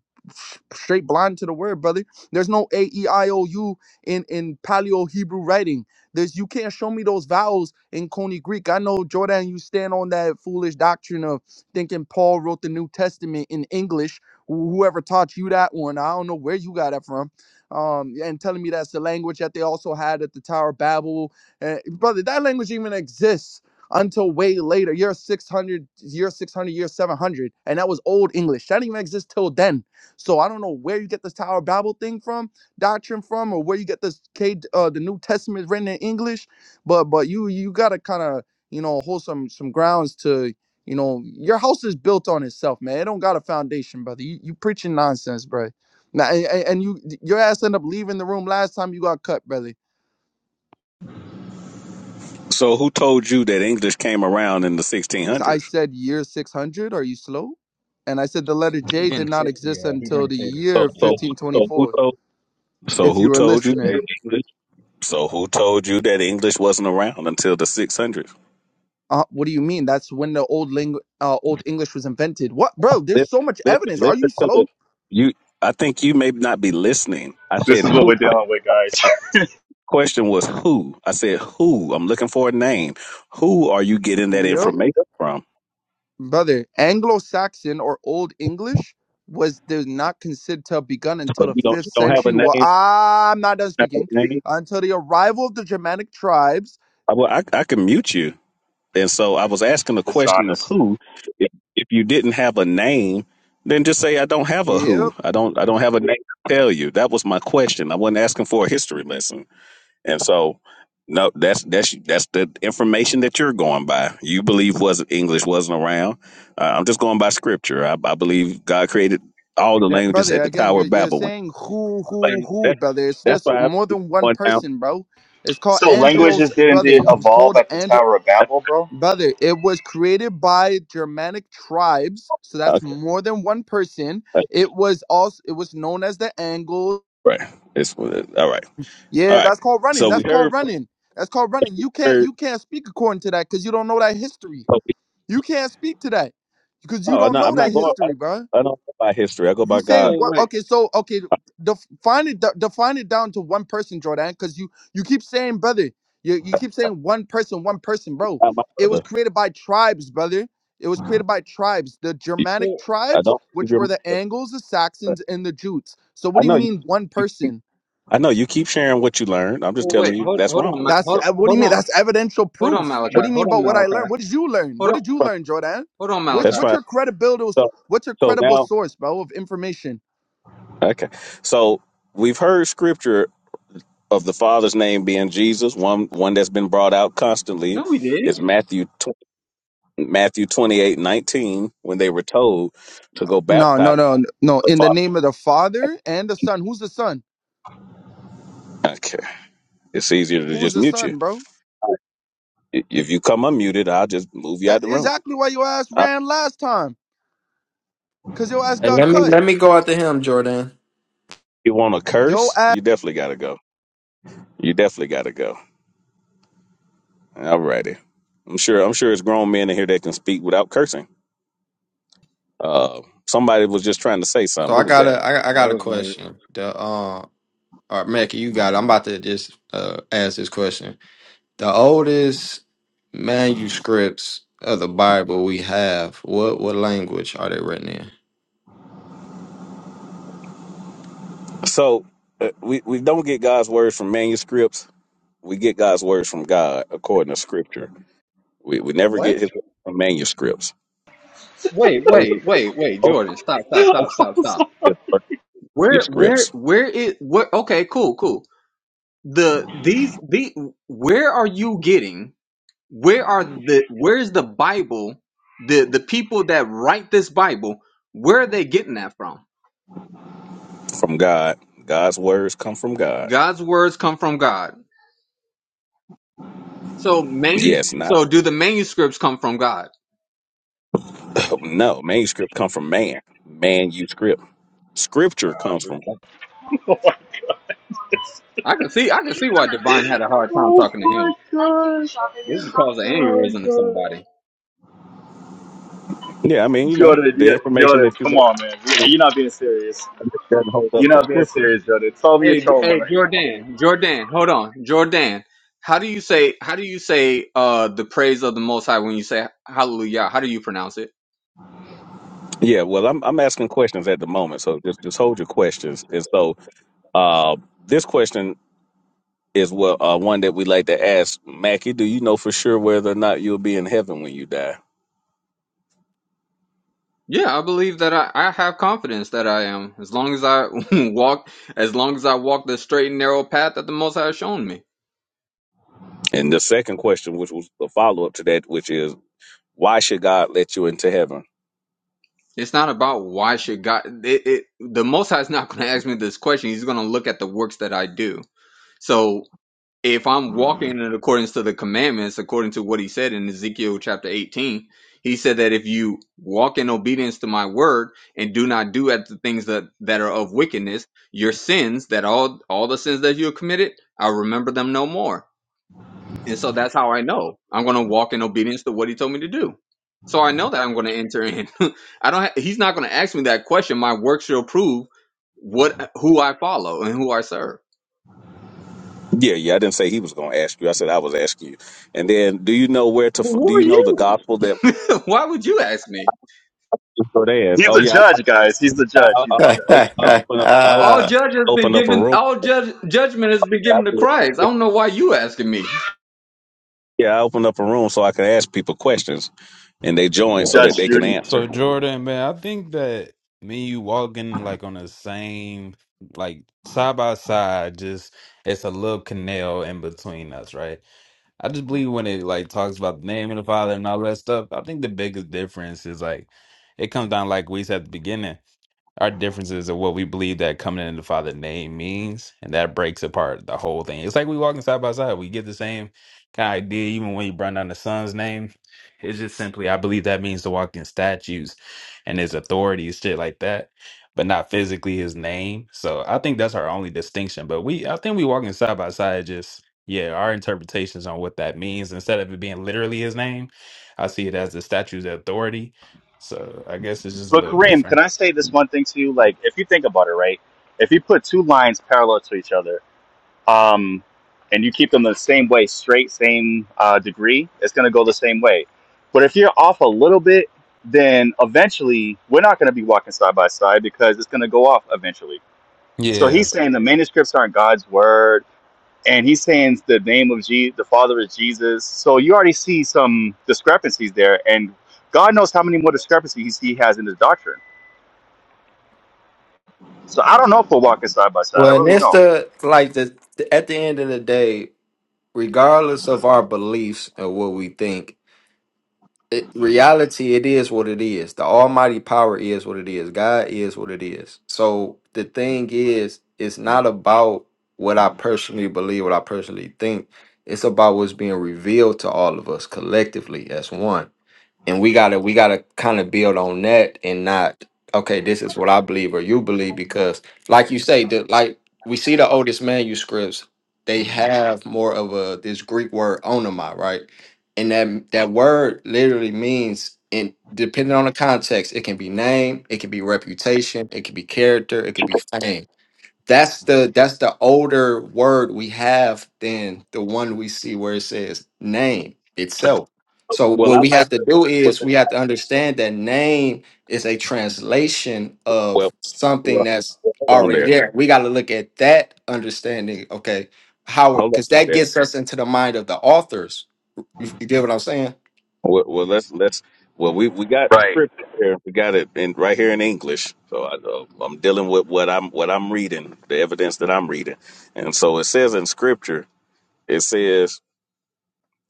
straight blind to the word, brother. There's no A E I O U in in Paleo Hebrew writing. There's you can't show me those vowels in Coney Greek. I know Jordan, you stand on that foolish doctrine of thinking Paul wrote the New Testament in English. Wh- Whoever taught you that one, I don't know where you got that from. Um, and telling me that's the language that they also had at the Tower of Babel, uh, brother. That language even exists until way later. Year 600, year 600, year 700, and that was Old English. That didn't even exist till then so I don't know where you get this Tower of Babel thing from, doctrine from, or where you get this K, uh, the New Testament written in English, but but you you gotta kind of you know hold some some grounds to you know your house is built on itself, man. It don't got a foundation, brother. You you preaching nonsense, bro. Now and, and and you your ass end up leaving the room last time you got cut, brother. So who told you that English came around in the It's- I 1600s? said year six hundred. Are you slow? And I said the letter He J did didn't say. not exist until the So year so fifteen twenty so who four. told? So If you who were told you listening. that English? So who told you that English wasn't around until the 600s? Uh, what do you mean? That's when the old ling- uh, old English was invented. What, bro? There's Listen, so much listen, evidence. Are you listen to slow? the. You, I think you may not be listening. I This said is what who? we're dealing with, guys. Question was who? I said who? I'm looking for a name. Who are you getting that Yep, information from? brother. Anglo-Saxon or Old English was did not considered to have begun So until the you don't fifth you don't have a century. Well, name? I'm not done Have a speaking. name? Until the arrival of the Germanic tribes. I, well, I I can mute you. And so I was asking the (laughs) question of Dishonest. who. If, if you didn't have a name, then just say I don't have a Yep, who. I don't I don't have a name to tell you. That was my question. I wasn't asking for a history lesson. And so, no, that's that's that's the information that you're going by. You believe wasn't English wasn't around. Uh, I'm just going by scripture. I, I believe God created all the That- languages brother. at the Again, Tower you're of you're Babel. When saying who who Can, who, that, brother? It's that's just why I more than one went down. person, bro. It's called So (laughs) languages Angelo's didn't brother. It was evolve called at the Angelo. Tower of Babel, bro? Brother, it was created by Germanic tribes, so that's Okay, more than one person. that's It was also it was known as the angle. right. It's all right. All Yeah, right. that's called running. So we That's called heard. running. That's called running. You can't heard you can't speak according to that because you don't know that history. oh, You can't speak to that because you no, I'm don't not, know I'm not that going. I don't, history, bro. I don't go by history. I go You by saying God. so what? wait, Okay, so okay, def- define it. de- Define it down to one person, Jordan, because you you keep saying, brother, you you keep saying one person, one person, bro. Not my It was brother. created by tribes, brother. It was created by tribes, the Germanic well, I tribes, don't. believe which you're my were the Angles, the brother. Saxons, and the Jutes. So what I do you know you. mean one you. person? I know you keep sharing what you learned. I'm just well, wait, telling you hold, that's hold on, wrong. Ma- That's hold, That's uh, what do hold you mean? on, That's evidential hold on, proof. Malachi, What do that's you mean hold on, about what I learned? Malachi, What did you learn? hold What on, did you fine. learn, Jordan? hold on, What's That's Malachi. what's fine. your credibility? So, what's your so credible now, source, bro, of information? okay. So we've heard scripture of the Father's name being Jesus. One one that's been brought out constantly No, we didn't. is Matthew tw- Matthew 28 19. when they were told to go No, no, baptize no, no. the In the Father. name of the Father and the Son. Who's the Son? Okay, it's easier to Who's just the mute you. Son, bro? I- If you come unmuted, I'll just move you That out the room. exactly why your ass I, ran last time. Cause your ass Hey, got let me cut. let me go after him, Jordan. you want to Yo curse? You definitely got to go. You definitely got to go. Alrighty. I'm sure. I'm sure it's grown men in here that can speak without cursing. Uh, somebody was just trying to say something. So I Who was got that? a I, I That got a was me. question. The uh, or Mackey, you got. It. I'm about to just uh ask this question. The oldest manuscripts of the Bible we have, what what language are they written in? So uh, we we don't get God's words from manuscripts. We get God's words from God according to Scripture. We we never What? get His words from manuscripts. Wait, Moses- wait, wait, wait, Jordan, stop, stop, stop, Moses stop, stop. gets Where, where, Manuscripts where is? Where? Okay, cool, cool. The these the where are you getting? where are the where is the bible the the people that write this bible where are they getting that from from God. God's words come from God. god's words come from god so manu- Yes, not so do the manuscripts come from god (coughs) (clears throat) no manuscripts come from man. Man, you script. Scripture comes from God. i can see i can see why divine had a hard time talking to him this would cause an aneurysm to somebody Yeah, I mean, you know, Jordan, the yeah, information Jordan, that you come know. on, man. You- You're not being serious. doesn't hold up You're for not being scripture. serious, Jordan. Tell me you're hey J- trolling hey right now. jordan jordan hold on jordan how do you say how do you say uh the praise of the most high when you say hallelujah how do you pronounce it Yeah, well, I'm I'm asking questions at the moment, so just just hold your questions. And so, uh, this question is what uh, one that we like to ask Mackie. Do you know for sure whether or not you'll be in heaven when you die? Yeah, I believe that I, I have confidence that I am, as long as I (laughs) walk, as long as I walk the straight and narrow path that the Most High has shown me. And the second question, which was the follow up to that, which is why should God let you into heaven? It's not about why should God. It, it, the Most High is not going to (laughs) ask me this question. He's going to look at the works that I do. So if I'm walking in accordance to the commandments, according to what he said in Ezekiel chapter 18, he said that if you walk in obedience to my word and do not do at the things that, that are of wickedness, your sins, that all all the sins that you have committed, I'll remember them no more. And so that's how I know I'm going to walk in obedience to what he told me to do. So I know that I'm going to enter in. (laughs) I don't. Ha- he's not going to ask me that question. My works shall prove what who I follow and who I serve. Yeah, yeah, I didn't say He was going to ask you. I said I was asking you. And then, do you know where to? Well, f- Do who are you know the you? gospel that? (laughs) Why would you ask me? So there. He's Oh the yeah, judge, guys. He's the I, judge. He's I, (laughs) the I, judge. I opened up I All uh, judge has been opened up a given. room. All judge judgment has been Yeah, I given to did. Christ. I don't know why you asking me. Yeah, I opened up a room so I could ask people questions, and they joined so that Judge they can Judy. So answer. Jordan, man, I think that me and you walking like on the same, like side by side, just it's a little canal in between us, right? I just believe when it like talks about the name of the Father and all that stuff. I think the biggest difference is like it comes down like we said at the beginning. our differences of what we believe that coming in the Father name means, and that breaks apart the whole thing. It's like we walking side by side. We get the same kind of idea, even when you bring down the Son's name. It's just simply, I believe that means to walk in statues and his authority and shit like that, but not physically his name. So I think that's our only distinction. But we, I think we walking side by side, just, yeah, our interpretations on what that means. Instead of it being literally his name, I see it as the statue's authority. So I guess it's just a But little Kareem, different. can I say this one thing to you? Like, if you think about it, right? If you put two lines parallel to each other, um, and you keep them the same way, straight, same uh, degree, it's going to go the same way. But if you're off a little bit, then eventually we're not going to be walking side by side because it's going to go off eventually. So Yeah, he's saying the manuscripts aren't God's word, and he's saying the name of Jesus, the Father is Jesus. So you already see some discrepancies there, and God knows how many more discrepancies he has in his doctrine. So I don't know if we're walking side by side. I well, and really it's don't. the like the at the end of the day, regardless of our beliefs and what we think, it, reality it is what it is. The Almighty power is what it is. God is what it is. So the thing is, it's not about what I personally believe, what I personally think. It's about what's being revealed to all of us collectively as one. and we gotta we gotta kind of build on that and not okay this is what i believe or you believe because like you say the like we see the oldest manuscripts they have more of a this greek word onoma right and that that word literally means in depending on the context it can be name it can be reputation it can be character it could be fame that's the that's the older word we have than the one we see where it says name itself. So Well, what I we like. have to do Well, is we have to understand that name is a translation of well, something well that's hold on already there. there. We got to look at that understanding, okay? How Hold because on that there. gets us into the mind of the authors. You, you get what I'm saying? Well, well, let's let's. Well, we we got Right. script here. We got it in right here in English. So I, uh, I'm dealing with what I'm what I'm reading, the evidence that I'm reading, and so it says in scripture. It says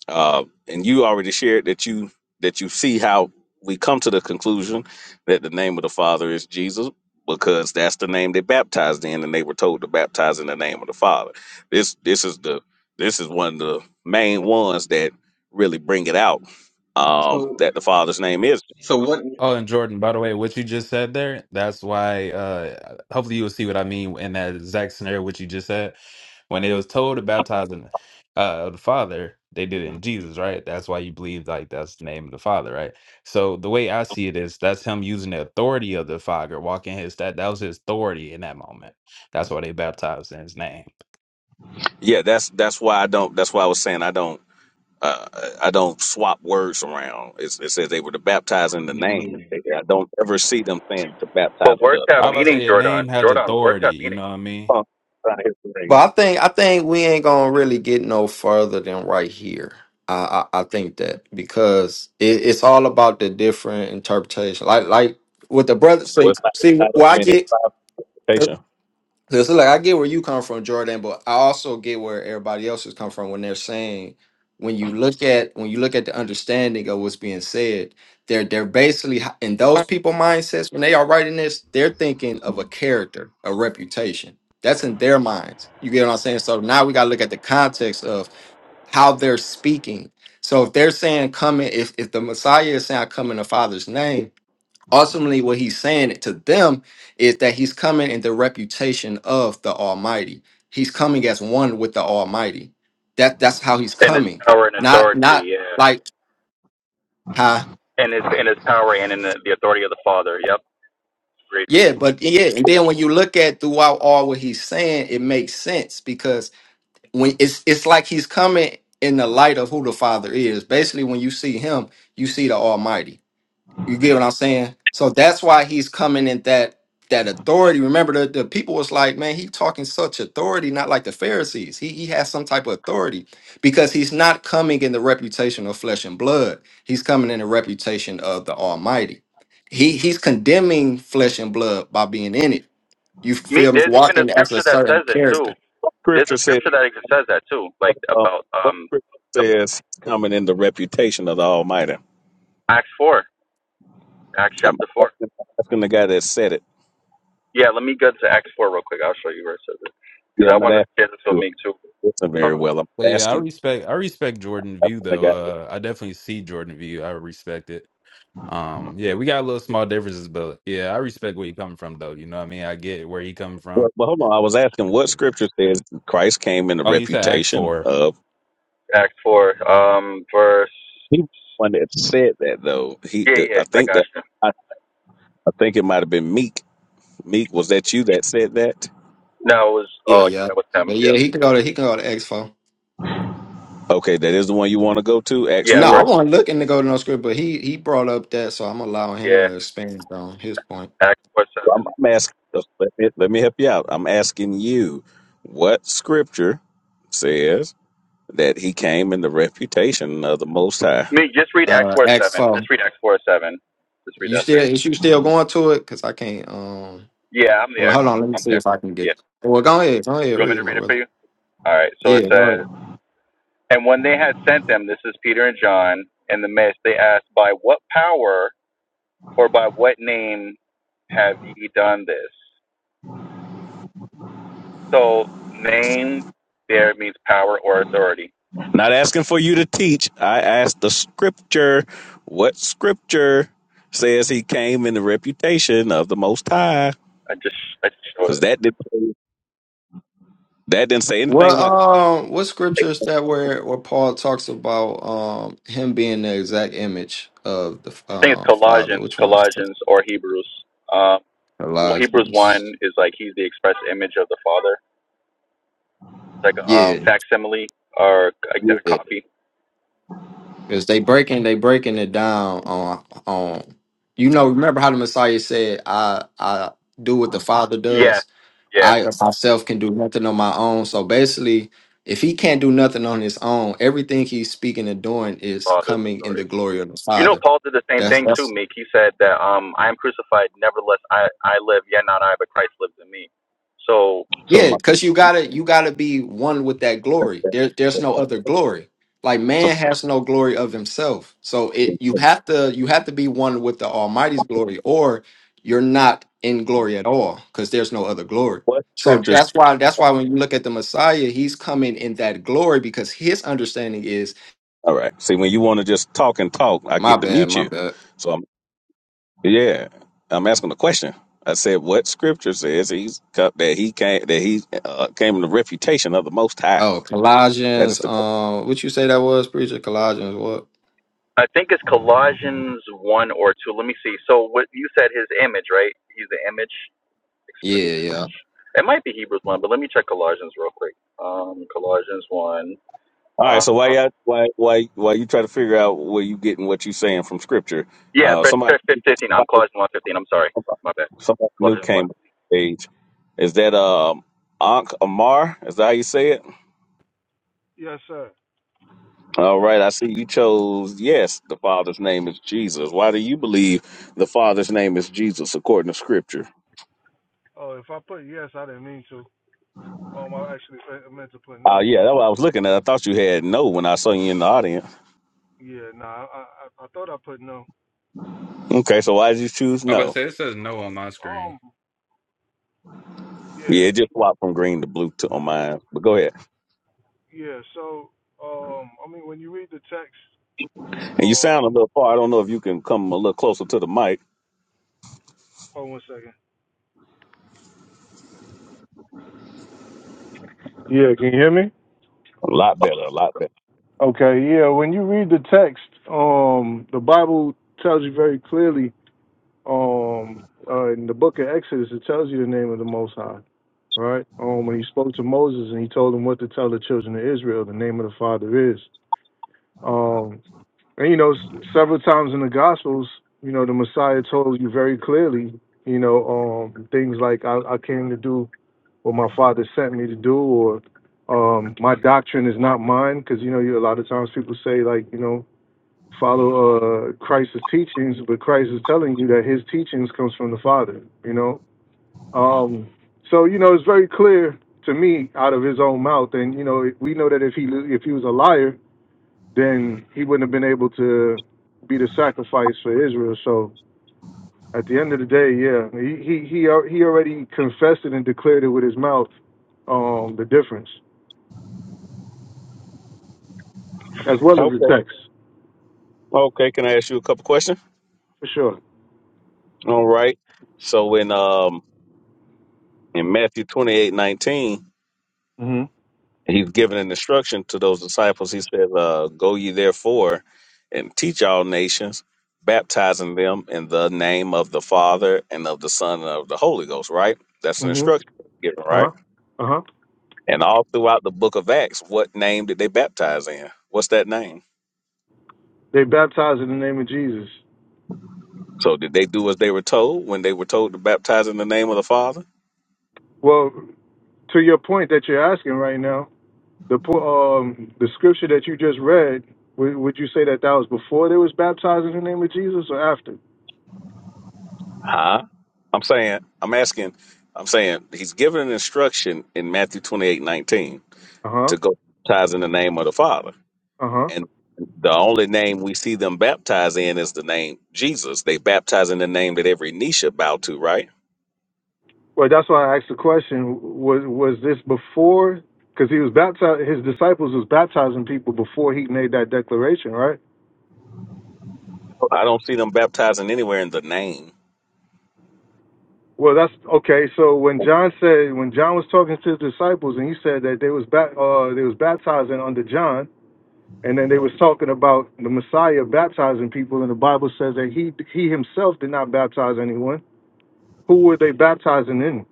uh, and you already shared that you that you see how we come to the conclusion that the name of the Father is Jesus because that's the name they baptized in, and they were told to baptize in the name of the Father. This this is the this is one of the main ones that really bring it out um, that the Father's name is. So what? Oh, and Jordan, by the way, what you just said there, that's why uh hopefully you'll see what I mean in that exact scenario what you just said. When it was told to baptize in uh the Father, they did it in Jesus, right? That's why you believe like that's the name of the Father, right? So the way I see it is that's him using the authority of the Father, walking his that that was his authority in that moment. That's why they baptized in his name. Yeah, that's that's why I don't. That's why I was saying I don't. Uh, I don't swap words around. It's, it says they were to baptize in the name. I don't ever see them saying to baptize in the authority. I about to say a name has authority, you know what I mean? Huh, trying to hit the But ring. I think I think we ain't gonna really get no further than right here. I I, I think that because it, it's all about the different interpretation. Like like with the brother. See Well, not, see not where I open a get. clarification. So it's like I get where you come from, Jordan, but I also get where everybody else has come from when they're saying when you look at when you look at the understanding of what's being said, they're they're basically h- in those people mindsets when they are writing this, they're thinking of a character, a reputation. That's in their minds. You get what I'm saying? So now we gotta look at the context of how they're speaking. So if they're saying coming, if if the Messiah is saying I come in the Father's name, ultimately what he's saying to them is that he's coming in the reputation of the almighty he's coming as one with the almighty that that's how he's And his coming power and not authority. not Yeah. like huh and his in his power and in the, the authority of the Father. Yep, great. yeah but yeah and then when you look at throughout all what he's saying it makes sense because when it's it's like he's coming in the light of who the father is basically when you see him you see the almighty You get what I'm saying? So that's why he's coming in that that authority. Remember the, the people was like, man, he talking such authority, not like the Pharisees. He he has some type of authority because he's not coming in the reputation of flesh and blood. He's coming in the reputation of the Almighty. He he's condemning flesh and blood by being in it. You Meek, feel me? there's even a Walking as a scripture that certain says it too. character. There's a Scripture says, scripture that even says that too, like um, about what um scripture the says coming in the reputation of the Almighty? Acts four, Acts I'm chapter four. asking, I'm asking the guy that said it. Yeah, let me go to Acts four real quick. I'll show you where it says it Yeah, because I'm I not want to asking share this with you to Meek too. listen Uh, very well. I'm But yeah, I asking, respect I respect Jordan view asking the though. guy. Uh I definitely see Jordan view. I respect it. Um, yeah, we got a little small differences, but yeah, I respect where you coming from though. You know what I mean? I get where you coming from. Well, well, hold on. I was asking what Yeah. scripture says Christ came in the Oh, you said Acts reputation four. of. Acts four, um, verse. He was the one that said that though. He, Yeah, that yeah, I I think got that you. I, I think it might have been Meek. Meek, was that you that said that? No, it was Yeah, oh, yeah. that was him. But yeah, Yeah, he can go to he can go to Expo. Okay, that is the one you want to go to. Acts yeah, No, I four. verse. wasn't looking to go to no script, but he he brought up that, so I'm allowing him Yeah, to expand on his point. Acts four I'm, seven. I'm asking. Let me, let me help you out. I'm asking you, what scripture says that he came in the reputation of the Most High? Meek, just read Acts Uh, four seven. Expo, Just read Acts four seven. Just read you that for still him. is you still going to it? Cause I can't. Um, Yeah, I'm well, there. hold on. Let me I'm see there. if I can Yeah. get. Well, go ahead. Go ahead. You want me Read it, to my read it for brother. you? All right. So it Yeah, all right. says, And when they had sent them, this is Peter and John, in the midst, they asked, By what power or by what name have ye done this? So name there means power or authority. Not asking for you to teach. I asked the scripture. What scripture says he came in the reputation of the Most High? I just I just showed Because it. that didn't that didn't say Well, anything about. um, what scripture is that where where Paul talks about um him being the exact image of the I think it's um Father? Colossians, Which one is that? Colossians or Hebrews. Um, well, Hebrews one Colossians. is like he's the express image of the Father, like a uh, Yeah, facsimile or exact yeah. copy. Because they breaking they breaking it down on on. You know, remember how the Messiah said, "I I do what the Father Yeah, does. yeah. I of myself can do nothing on my own." So basically, if he can't do nothing on his own, everything he's speaking and doing is Paul does the coming in story. the glory of the You know, Father. Paul did the same That's thing too, that's Meek. He said that um, I am crucified, nevertheless I, I live, yet not I, but Christ lives in me. So So yeah, my because you gotta you gotta be one with that glory. There there's no other glory. Like so man has no glory of himself. So it you have to you have to be one with the Almighty's glory, or you're not in glory at all, because there's no other glory. what So yeah. scriptures? that's why that's why when you look at the Messiah, he's coming in that glory because his understanding is All right. See, when you want to just talk and talk, I my get to bad, mute my you. bad. So I'm Yeah, I'm asking a question. I said, what scripture says he's co- that he came that he uh, came in the reputation of the Most High. Oh, That is Colossians, the. qu- um, what you say that was, preacher? Colossians, what? I think it's Colossians one or two. Let me see. So what you said, his image, right? He's the image, express Yeah, image. It might be Hebrews one, but let me check Colossians real quick. Um, Colossians one. All right, Uh, so why y'all, why why why you try to figure out where you getting what you saying from scripture? yeah, Uh, 1st somebody first fifteen. I'm somebody, Colossians one fifteen. I'm sorry, my bad. somebody new Colossians one. came on stage. Is that um Ankh Amar? Is that how you say it? Yes, sir. All right, I see you chose yes. The Father's name is Jesus. Why do you believe the Father's name is Jesus according to scripture? Oh, if I put yes, I didn't mean to. Um, I actually fe- meant to put Oh no. yeah, that's what I was looking at. I thought you had no when I saw you in the audience. Yeah, nah, I, I I thought I put no. Okay, so why did you choose I was about to no? say it says no on my screen. Um, yeah, Yeah, it just swapped from green to blue to on mine. But go ahead. yeah. So, um, I mean, when you read the text, And you sound a um, little far. I don't know if you can come a little closer to the mic. hold one second. Yeah, can you hear me? A lot better, a lot better. Okay, yeah. When you read the text, um, the Bible tells you very clearly. Um, uh, in the book of Exodus, it tells you the name of the Most High. Right. Um, when he spoke to Moses and he told him what to tell the children of Israel, the name of the Father is. Um, and you know, s- several times in the Gospels, you know, the Messiah told you very clearly, you know, um, things like I, I came to do what my Father sent me to do, or um, my doctrine is not mine, because you know, you, a lot of times people say like, you know, follow uh, Christ's teachings, but Christ is telling you that His teachings comes from the Father. You know, um, so you know, it's very clear to me out of His own mouth, and you know, we know that if he if he was a liar then he wouldn't have been able to be the sacrifice for Israel. So at the end of the day, yeah, he he he, he already confessed it and declared it with his mouth, um, the difference as well as the Okay. text Okay, can I ask you a couple questions? for sure. All right. So in um in Matthew twenty eight nineteen. Mhm. he's giving an instruction to those disciples. He says, uh, Go ye therefore and teach all nations, baptizing them in the name of the Father and of the Son and of the Holy Ghost, right? That's an Mhm. instruction given, Uh right? huh. Uh huh. And all throughout the book of Acts, what name did they baptize in? What's that name? They baptized in the name of Jesus. So did they do as they were told when they were told to baptize in the name of the Father? Well, to your point that you're asking right now, the po- um the scripture that you just read, would, would you say that that was before they was baptized in the name of Jesus or after? Huh? I'm saying, I'm asking, I'm saying he's given an instruction in Matthew 28 19 Uh huh. to go baptize in the name of the Father. Uh huh. And the only name we see them baptized in is the name Jesus. They baptize in the name that every knee should bow to, right? Well, that's why I asked the question: Was was this before? Because he was baptized, his disciples was baptizing people before he made that declaration, right? I don't see them baptizing anywhere in the name. Well, that's okay. So when John said, when John was talking to his disciples, and he said that they was bat, uh, they was baptizing under John, and then they was talking about the Messiah baptizing people, and the Bible says that he he himself did not baptize anyone. Who were they baptizing in?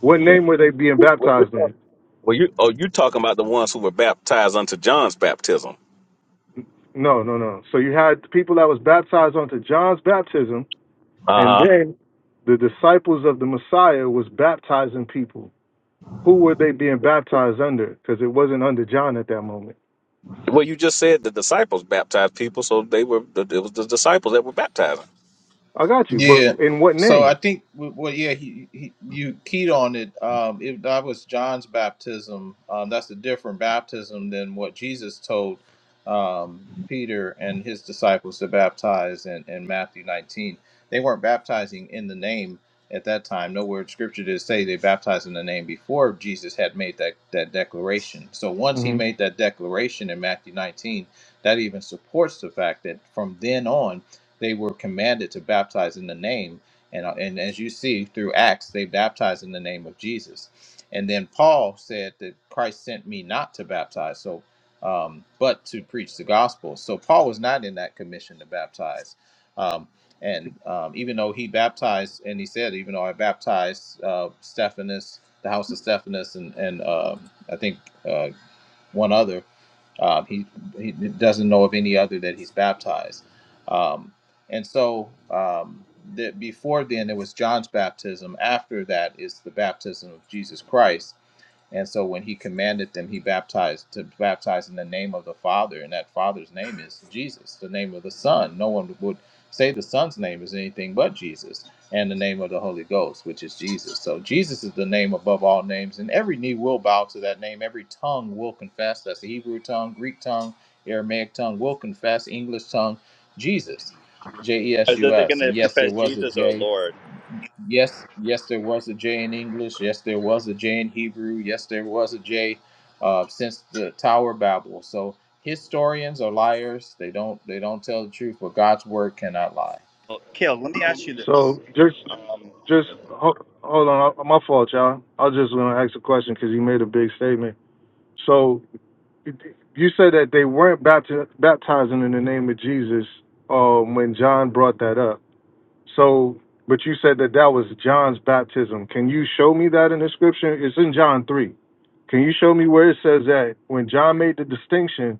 What name were they being Well, you're baptized talk- in? well, you oh, you talking about the ones who were baptized unto John's baptism? No, no, no. So you had people that was baptized onto John's baptism And Uh huh. then the disciples of the Messiah was baptizing people. Who were they being baptized under? Because it wasn't under John at that moment. Well, you just said the disciples baptized people, so they were it was the disciples that were baptizing. I got you, Yeah. but in what So I name? think w- well, yeah, he, he you keyed on it. Um, if that was John's baptism, um, that's a different baptism than what Jesus told um, Peter and his disciples to baptize in, in Matthew 19. They weren't baptizing in the name at that time. Nowhere in Scripture did it say they baptized in the name before Jesus had made that that declaration. So once he hmm made that declaration in Matthew 19, that even supports the fact that from then on they were commanded to baptize in the name. And, uh, and as you see through Acts, they baptized in the name of Jesus. And then Paul said that Christ sent me not to baptize, so um, but to preach the gospel. So Paul was not in that commission to baptize. Um, and um, even though he baptized, and he said, even though I baptized uh, Stephanus, the house of Stephanus, and, and um I think uh, one other. Um, he he doesn't know of any other that he's baptized. Um, and so um, that before then it was John's baptism. After that is the baptism of Jesus Christ. And so when he commanded them, he baptized to baptize in the name of the Father, and that Father's name is Jesus. The name of the Son, no one would say the Son's name is anything but Jesus, and the name of the Holy Ghost, which is Jesus. So Jesus is the name above all names, and every knee will bow to that name. Every tongue will confess. That's the Hebrew tongue, Greek tongue, Aramaic tongue will confess. English tongue, Jesus, J E S Is U that they're going S. to And yes, there confess was a Jesus or J. Lord? Yes, yes, there was a J in English. Yes, there was a J in Hebrew. Yes, there was a J uh, since the Tower of Babel. So historians are liars. They don't they don't tell the truth, but God's word cannot lie. Well, Kale, let me ask you this. So just, just ho- hold on. I- My fault, y'all. I was just going to ask a question because he made a big statement. So you said that they weren't bapti- baptizing in the name of Jesus um, when John brought that up. So, but you said that that was John's baptism. Can you show me that in the scripture? It's in John 3. Can you show me where it says that when John made the distinction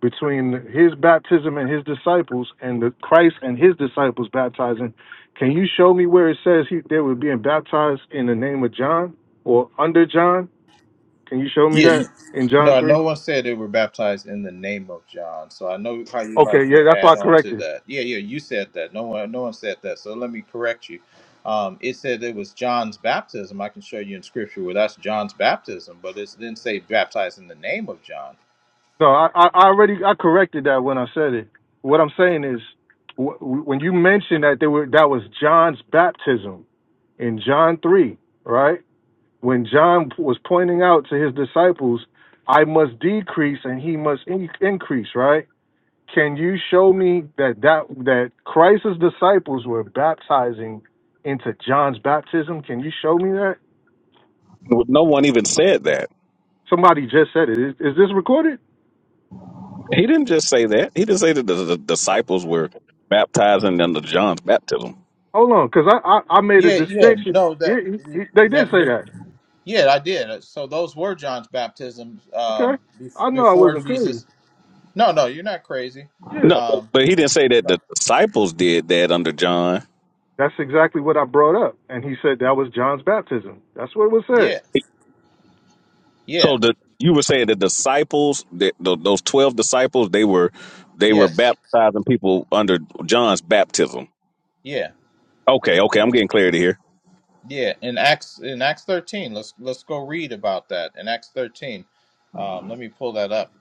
between his baptism and his disciples and the Christ and his disciples baptizing, can you show me where it says he, they were being baptized in the name of John or under John? Can you show me Yeah, n- that in John no, 3? no one said they were baptized in the name of John. So I know how you Okay, like yeah, to that's why I add on to corrected. that. Yeah, yeah, you said that. No one, no one said that. So let me correct you. Um, it said it was John's baptism. I can show you in scripture where that's John's baptism, but it didn't say baptized in the name of John. No, I, I I already I corrected that when I said it. What I'm saying is, wh- when you mentioned that they were that was John's baptism in John three, right? When John was pointing out to his disciples, I must decrease and he must in- increase, right? Can you show me that that that Christ's disciples were baptizing into John's baptism? Can you show me that? Well, No one even said that. Somebody just said it. Is, is this recorded? He didn't just say that. He didn't say that the, the disciples were baptizing under John's baptism. Hold on, because I, I I made a Yeah, yeah, distinction. no, Yeah, that he- he- they did say that that. yeah, I did. So those were John's baptisms um, Okay, be- I know I before wasn't crazy. Jesus. No, no, you're not crazy. Yeah, No, but, Um, but he didn't say that no, the disciples did that under John. that's exactly what I brought up, and he said that was John's baptism. That's what was yeah, said. yeah, So the you were saying the disciples, the, the, those twelve disciples, they were they were yes, baptizing people under John's baptism. yeah, Okay, okay, I'm getting clarity here. yeah. In Acts in Acts 13, let's let's go read about that in Acts 13. Um, let me pull that up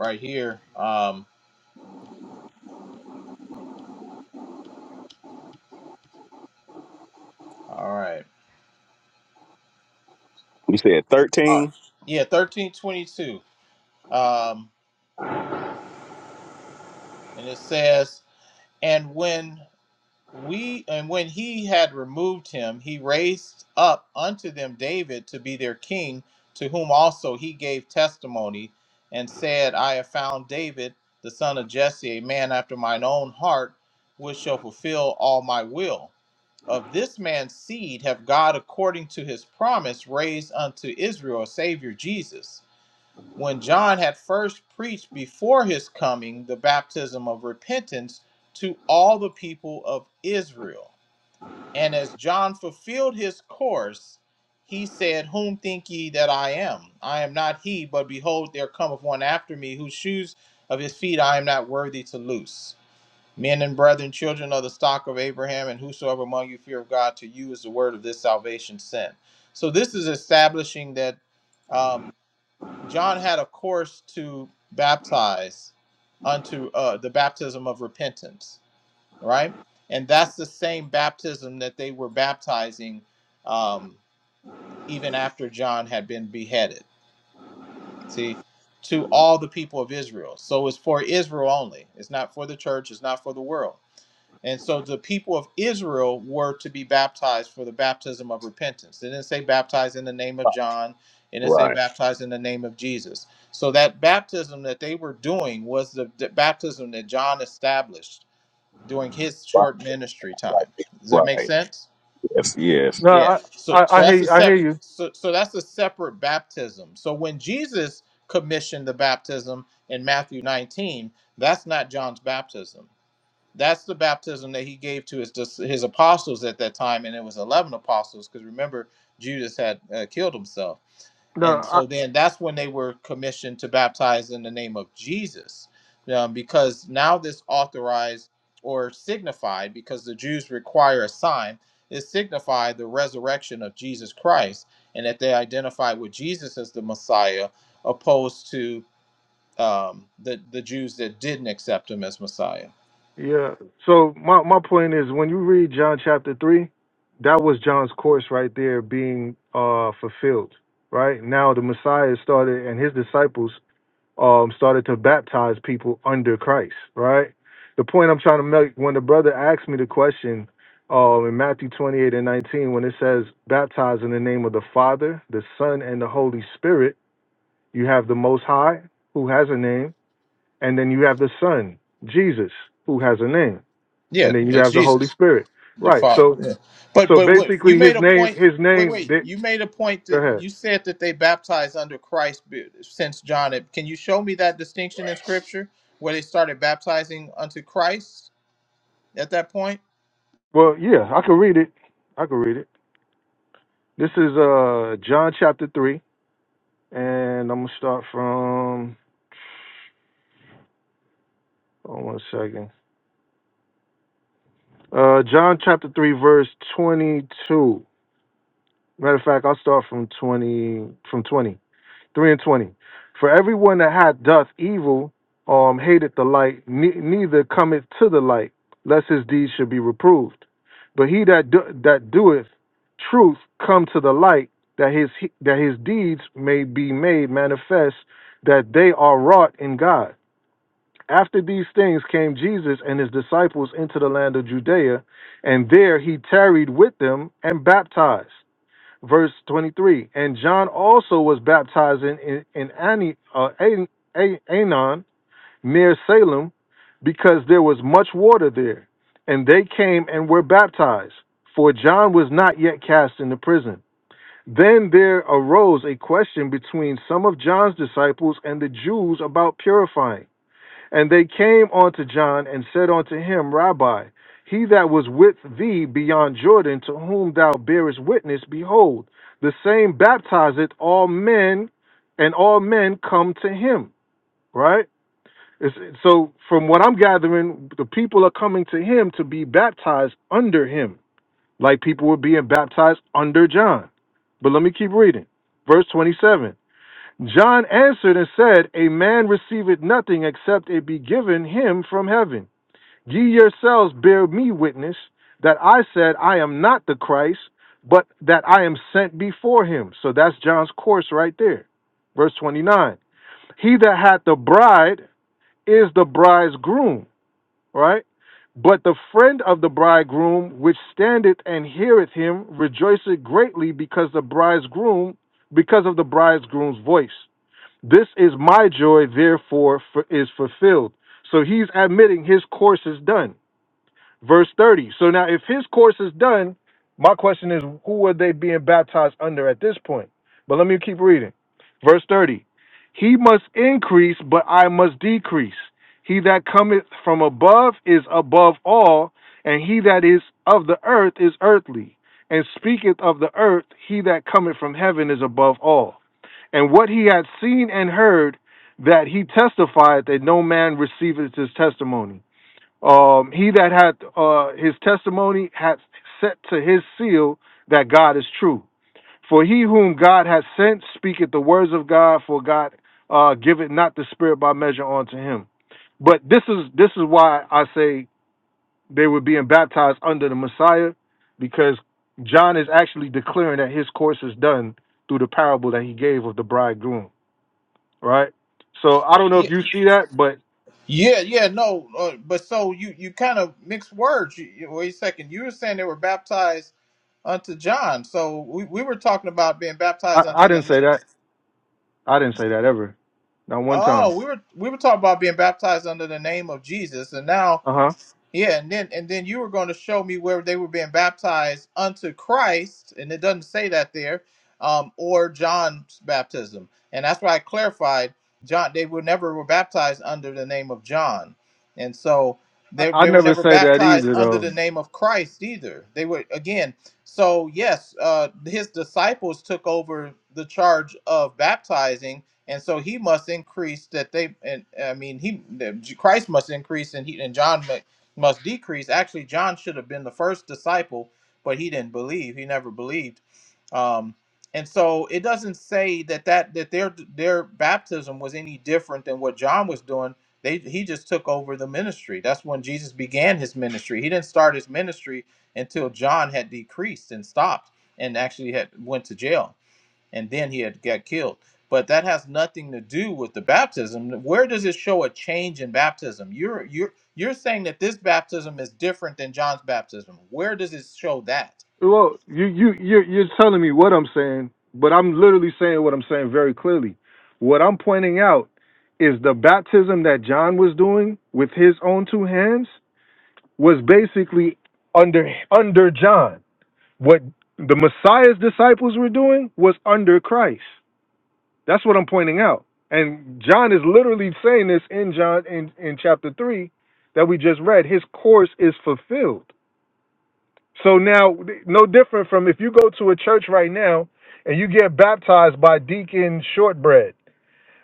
right here. Um, all right, You said all right, thirteen, yeah, 13:22, um, and it says, and when we and when he had removed him he raised up unto them david to be their king to whom also he gave testimony and said i have found david the son of jesse a man after mine own heart which shall fulfill all my will of this man's seed have god according to his promise raised unto israel a savior jesus when John had first preached before his coming the baptism of repentance to all the people of Israel. And as John fulfilled his course, he said, Whom think ye that I am? I am not he, but behold, there cometh one after me, whose shoes of his feet I am not worthy to loose. Men and brethren, children of the stock of Abraham, and whosoever among you fear of God, to you is the word of this salvation sent. So this is establishing that um, John had a course to baptize unto uh, the baptism of repentance, right? And that's the same baptism that they were baptizing um, even after John had been beheaded. See, to all the people of Israel. So it's for Israel only. It's not for the church. It's not for the world. And so the people of Israel were to be baptized for the baptism of repentance. It didn't say baptized in the name of John. It didn't say right? baptized in the name of Jesus. So that baptism that they were doing was the, the baptism that John established during his Right. short ministry time. Does that make right. sense? Yes. Yes. No, Yeah. I So I, so I that's hear a I hear sep- you. so, so that's a separate baptism. So when Jesus commissioned the baptism in Matthew 19, that's not John's baptism. That's the baptism that he gave to his his apostles at that time, and it was eleven apostles because remember Judas had uh, killed himself, No, and I, so then that's when they were commissioned to baptize in the name of Jesus, um, because now this authorized or signified because the Jews require a sign it signified the resurrection of Jesus Christ, and that they identified with Jesus as the Messiah, opposed to um, the the Jews that didn't accept him as Messiah. yeah. So my my point is, when you read John chapter three, that was John's course right there being uh fulfilled. Right now, the Messiah started, and his disciples um, started to baptize people under Christ, right? The point I'm trying to make when the brother asked me the question um, in Matthew 28 and 19, when it says, baptize in the name of the Father, the Son, and the Holy Spirit, you have the Most High, who has a name, and then you have the Son, Jesus, who has a name, and Yeah, then you it's have the Holy Jesus, Spirit, the right? Father. So, Yeah. But so but what, you basically, his made a name, point. his Wait, name, wait. they, You made a point go that ahead. you said that they baptized under Christ be- since John. Can you show me that distinction in Scripture where they started baptizing unto Christ at that point? Well, yeah, I can read it. I can read it. This is uh, John chapter 3 And I'm gonna start from hold on one second. Uh John chapter three verse twenty two. Matter of fact, I'll start from twenty from twenty, three and twenty. For everyone that hath doth evil um hateth the light, ne- neither cometh to the light, lest his deeds should be reproved. But he that do- that doeth truth come to the light, that his that his deeds may be made manifest, that they are wrought in God. After these things came Jesus and his disciples into the land of Judea, and there he tarried with them and baptized. Verse 23 And John also was baptized in, in, in Ani, uh, An- A- Anon near Salem, because there was much water there. And they came and were baptized, for John was not yet cast into prison. Then there arose a question between some of John's disciples and the Jews about purifying. And they came unto John and said unto him, Rabbi, he that was with thee beyond Jordan, to whom thou bearest witness, behold, the same baptizeth all men, and all men come to him. Right? It's- so, from what I'm gathering, the people are coming to him to be baptized under him, like people were being baptized under John. But let me keep reading. Verse 27. John answered and said, A man receiveth nothing except it be given him from heaven. Ye yourselves bear me witness that I said, I am not the Christ, but that I am sent before him. So that's John's course right there. Verse 29 He that hath the bride is the bridegroom, right? But the friend of the bridegroom, which standeth and heareth him, rejoiceth greatly because the bridegroom, because of the bridegroom's voice. This is my joy, therefore, fu- is fulfilled. So he's admitting his course is done verse 30. So now, if his course is done, my question is, who are they being baptized under at this point? But let me keep reading. Verse 30. He must increase, but I must decrease. He that cometh from above is above all, and he that is of the earth is earthly, and speaketh of the earth. He that cometh from heaven is above all. And what he had seen and heard, that he testified that no man receiveth his testimony. Um, he that hath uh, his testimony hath set to his seal that God is true. For he whom God hath sent speaketh the words of God, for God uh, giveth not the Spirit by measure unto him. But this is this is why I say they were being baptized under the Messiah, because John is actually declaring that his course is done through the parable that he gave of the bridegroom. Right. So I don't know if Yeah, you see that, but yeah, yeah. No, uh, but so you you kind of mixed words. You, you- wait a second. You were saying they were baptized unto John. So we, we were talking about being baptized I, I unto didn't the say that. I didn't say that ever. Not one time. Oh, we were we were talking about being baptized under the name of Jesus, and now Uh huh. yeah, and then and then you were going to show me where they were being baptized unto Christ, and it doesn't say that there, um, or John's baptism, and that's why I clarified John. They were never were baptized under the name of John, and so they I, I they were never never said that baptized either, under the though. name of Christ either. They were again. So yes, uh, his disciples took over the charge of baptizing, and so he must increase that they and I mean he Christ must increase and he and John must decrease. Actually, John should have been the first disciple, but he didn't believe. He never believed. Um, and so it doesn't say that that that their their baptism was any different than what John was doing. They he just took over the ministry. That's when Jesus began his ministry. He didn't start his ministry until John had decreased and stopped and actually had went to jail and then he had got killed. But that has nothing to do with the baptism. Where does it show a change in baptism? You're you're you're saying that this baptism is different than John's baptism. Where does it show that? Well, you you you you're telling me what I'm saying, but I'm literally saying what I'm saying very clearly. What I'm pointing out is the baptism that John was doing with his own two hands was basically under under John. What the Messiah's disciples were doing was under Christ. That's what I'm pointing out. And John is literally saying this in John in, in chapter three that we just read. His course is fulfilled. So now, no different from if you go to a church right now and you get baptized by Deacon Shortbread,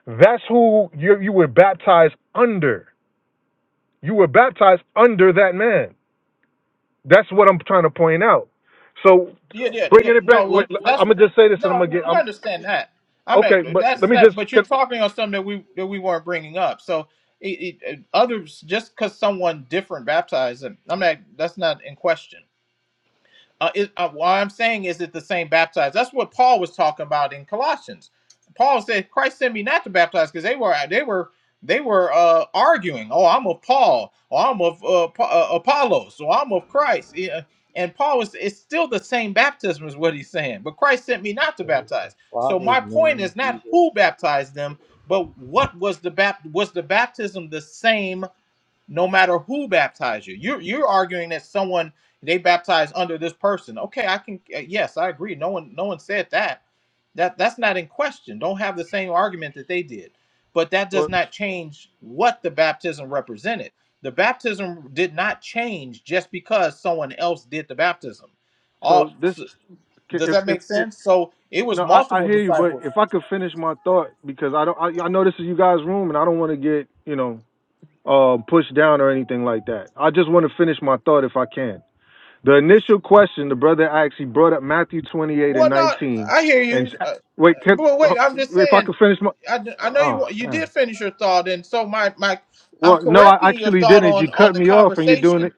that's who you, you were baptized under. You were baptized under that man. That's what I'm trying to point out. So Yeah, yeah, yeah. bringing it back, No, wait, what that's I'm gonna what just say this, and I'm gonna no, get. we I'm understand that. I'm okay, not but that's let me that just. but you're Can, talking on something that we that we weren't bringing up. So it, it, others just because someone different baptized I'm not that's not in question. Uh, it, uh, what I'm saying is it the same baptized? That's what Paul was talking about in Colossians. Paul said, "Christ sent me not to baptize," because they were they were they were uh, arguing. Oh, I'm of Paul. Oh, I'm of uh, Pa- uh, Apollos. Oh, I'm of Christ. Yeah. And Paul was it's still the same baptism is what he's saying. But Christ sent me not to baptize. So my point is not who baptized them, but what was the bap- was the baptism the same no matter who baptized you. You're you're arguing that someone they baptized under this person. Okay, I can uh, yes, I agree. No one no one said that. That that's not in question. Don't have the same argument that they did. But that does Well, not change what the baptism represented. The baptism did not change just because someone else did the baptism. All so this, s- does if that if, make if sense? So it was no, I, I multiple hear you, but disciples. if I could finish my thought because I don't, I, I know this is you guys' room, and I don't want to get, you know. uh, pushed down or anything like that. I just want to finish my thought if I can. The initial question the brother asked, he brought up Matthew 28 and Well, no, 19. I hear And you. Uh, wait, can, but wait, I'm just if I saying. could finish my. I, uh, I know you Oh, want- you man. did finish your thought, and so my my I'm Well, no, I correcting your actually thought didn't. You on on cut the me off and you're doing it. conversation.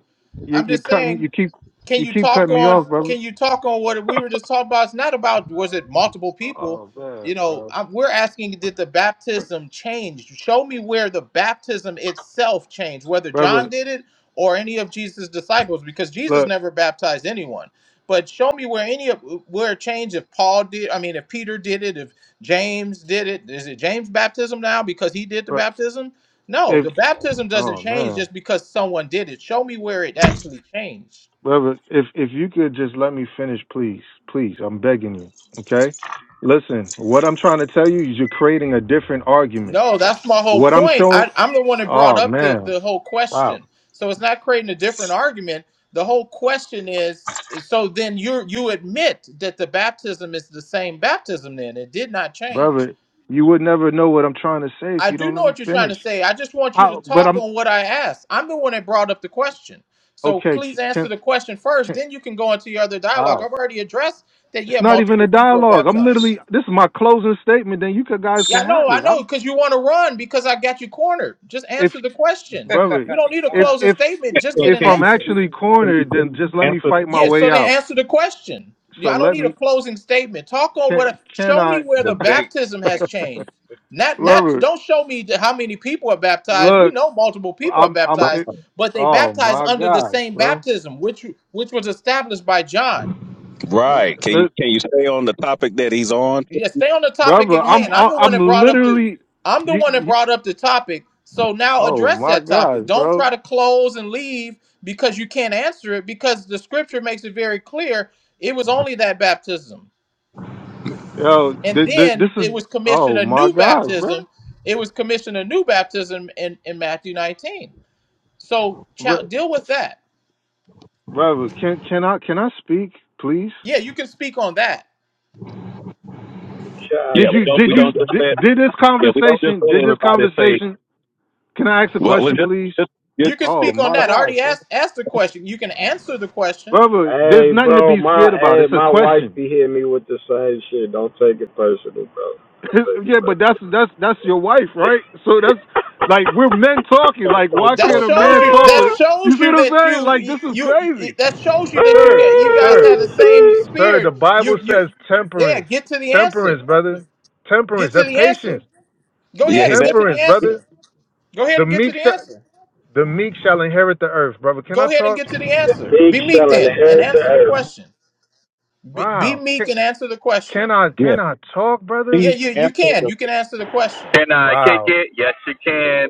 You, I'm you're just cutting, saying you keep, can you you keep talk cutting me on off, brother. can you talk on what we were (laughs) just talking about it's not about was it multiple people oh, you man, know bro. I, we're asking did the baptism change show me where the baptism itself changed whether john Brother, did it or any of jesus disciples because jesus look, never baptized anyone but show me where any of where it changed if paul did i mean if peter did it if james did it is it james baptism now because he did the look, baptism no if, the baptism doesn't oh, change man. just because someone did it show me where it actually changed brother, if if you could just let me finish, please, please, I'm begging you. Okay. Listen, what I'm trying to tell you is you're creating a different argument. No, that's my whole What I'm point. showing, I, I'm the one that brought oh up the, man, the whole wow, question. So it's not creating a different argument. The whole question is is so then you you admit that the baptism is the same baptism then. It did not change. brother, you would never know what I'm trying to say if I you do don't know let me what you're trying finish. to say. I just want you to How? But talk I'm on what I asked. I'm the one that brought up the question. So okay. please c- answer Can the question first, can then you can go into your other dialogue. wow. I've already addressed that It's yeah, not even multiple a people are dialogue. I'm baptized. literally this is my closing statement. Then you could, guys can Yeah, no, have I it. know, I'm, because you want to run because I got you cornered. Just if answer the question. brother, We don't need a if closing if statement. Yeah, Just so get if an can I'm you, answer. actually can you cornered, please then just let answer me the fight my Yes, way so then out. answer the question. So Yeah, I don't let need me. a closing statement. Talk on Can what. can Show I, me where the baptism (laughs) has changed. Not, not. Robert? Don't show me the- how many people are baptized. We Look, know multiple people are I'm I'm. baptized, It, but they oh baptized my under the gosh, same bro. baptism, which which was established by John. Right. Can you Look, can you stay on the topic that he's on? Yeah, stay on the topic brother, at I'm hand. I'm the one that I'm brought up the literally. I'm the You, one that you, brought up the topic. So now oh address my that gosh, topic. Don't bro. try to close and leave because you can't answer it because the scripture makes it very clear it was only that baptism. Yo, And th- th- this then is. it was commissioned Oh a my new gosh, bro. baptism. It was commissioned a new baptism in, in Matthew 19. So cha- Bro- deal with that. Brother, can can I can I speak, please? Yeah, you can speak on that. Yeah, Did we you don't yeah. did we you don't just did, let did this yeah we don't just conversation? let Did this everybody say conversation? Can I ask a well we question, just please? just, You can Oh speak just on my that. I gosh, already bro. asked asked the question. You can answer the question brother. There's Hey, nothing to bro, be my scared about. hey, It's a my wife question. be hitting me with the same shit. Don't take it personal, bro. (laughs) Don't take it yeah, but personal. that's that's that's your wife, right? So that's like we're men talking. So, Like, so, why (laughs) That so, can't a shows man you. talk with? That it? You shows see you what I'm that saying? Like, you this is you. crazy, That shows you that you sir, you guys sir, had oh, the same shit. sir. The spirit. Bible You you. says Yeah, temperance, get to the temperance, answer. brother, Get temperance. to That's the answer. patience, Go Yeah, ahead he's and at. get to the temperance, brother. answer. Go ahead The and get to meek the shall answer. the meek shall inherit the earth, brother. Can I Go ahead and talk? get to the answer. Big Be meek shall then and inherit the answer the earth. question. Be, be Wow. Can, meek and answer the can question. I yeah, can I talk, brother? Yeah, please you you answer can. the You can answer the question. Can I kick Wow. it? Yes, you can.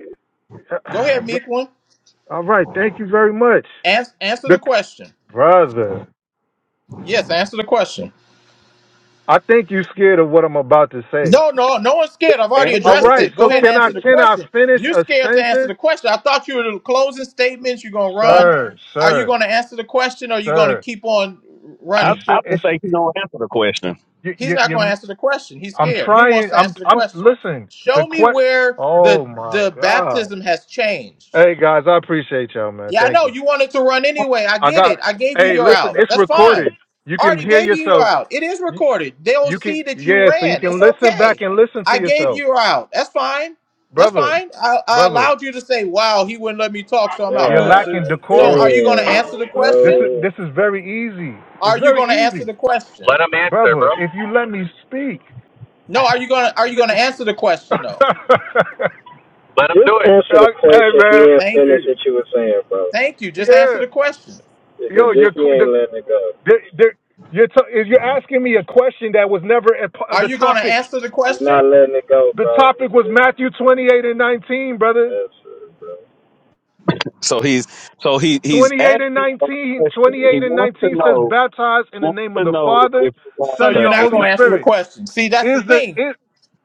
Go ahead, (clears throat) meek one. All right, thank you very much. Ans- answer the The question. brother, Yes, answer the question. I think you scared of what I'm about to say. No, no, no one's scared. I've already answer All the addressed right, it. Go so ahead and can I answer the question. can I question. finish You're a scared to answer sentence, the question. I thought you were the closing statements. You're gonna I, run. sir, Are you sir, gonna answer the question or are you gonna sir? keep on I This running? I should it would should think he don't answer the question. you He's you, not gonna you answer the question. He's I'm scared. Who wants trying. to I'm answer the I'm question? listen. The Show me que where the Oh my the god. baptism has changed. Hey guys, I appreciate y'all, man. Yeah, I Thank know you. you wanted to run anyway. I I get got. it. I gave you Hey, your listen, out. it's That's recorded. fine. You I can already hear gave you your yourself. out. It is You, recorded. They'll you can see that you yeah, so you ran. can It's listen back okay. and listen to I gave yourself. you your out. That's fine. That's brother, fine. I, I brother, allowed you to say, "Wow, he wouldn't let me talk, so I'm out." you're Good. So, lacking God so are decorum. you going to answer the damn, This is question? bro. this is very easy. Are It's you very going to answer easy, the question? Let him answer, brother. bro. If you let me speak, No. Are you going to Are (laughs) you going to hey answer the question? though? Let him Just do it answer the question, man, being Thank finished you. what you were saying, bro. Thank you. Just answer yeah, the question. yo, Because this you're he qu- the, ain't letting it go. the, the, you're t- you're asking me a question that was never a p Are the you going to topic. answer the He's not question? letting it go, The bro. topic was Just Matthew 28 and 19, brother. answer, it, bro. So he's so he he's 28 and Asking a 19, question, he 28 and wants to 19 says, know baptize in the wants name of to the know Father, if you want So Son, and you're the to not Holy answer. going to answer the Spirit. question. See, that's Is the the thing is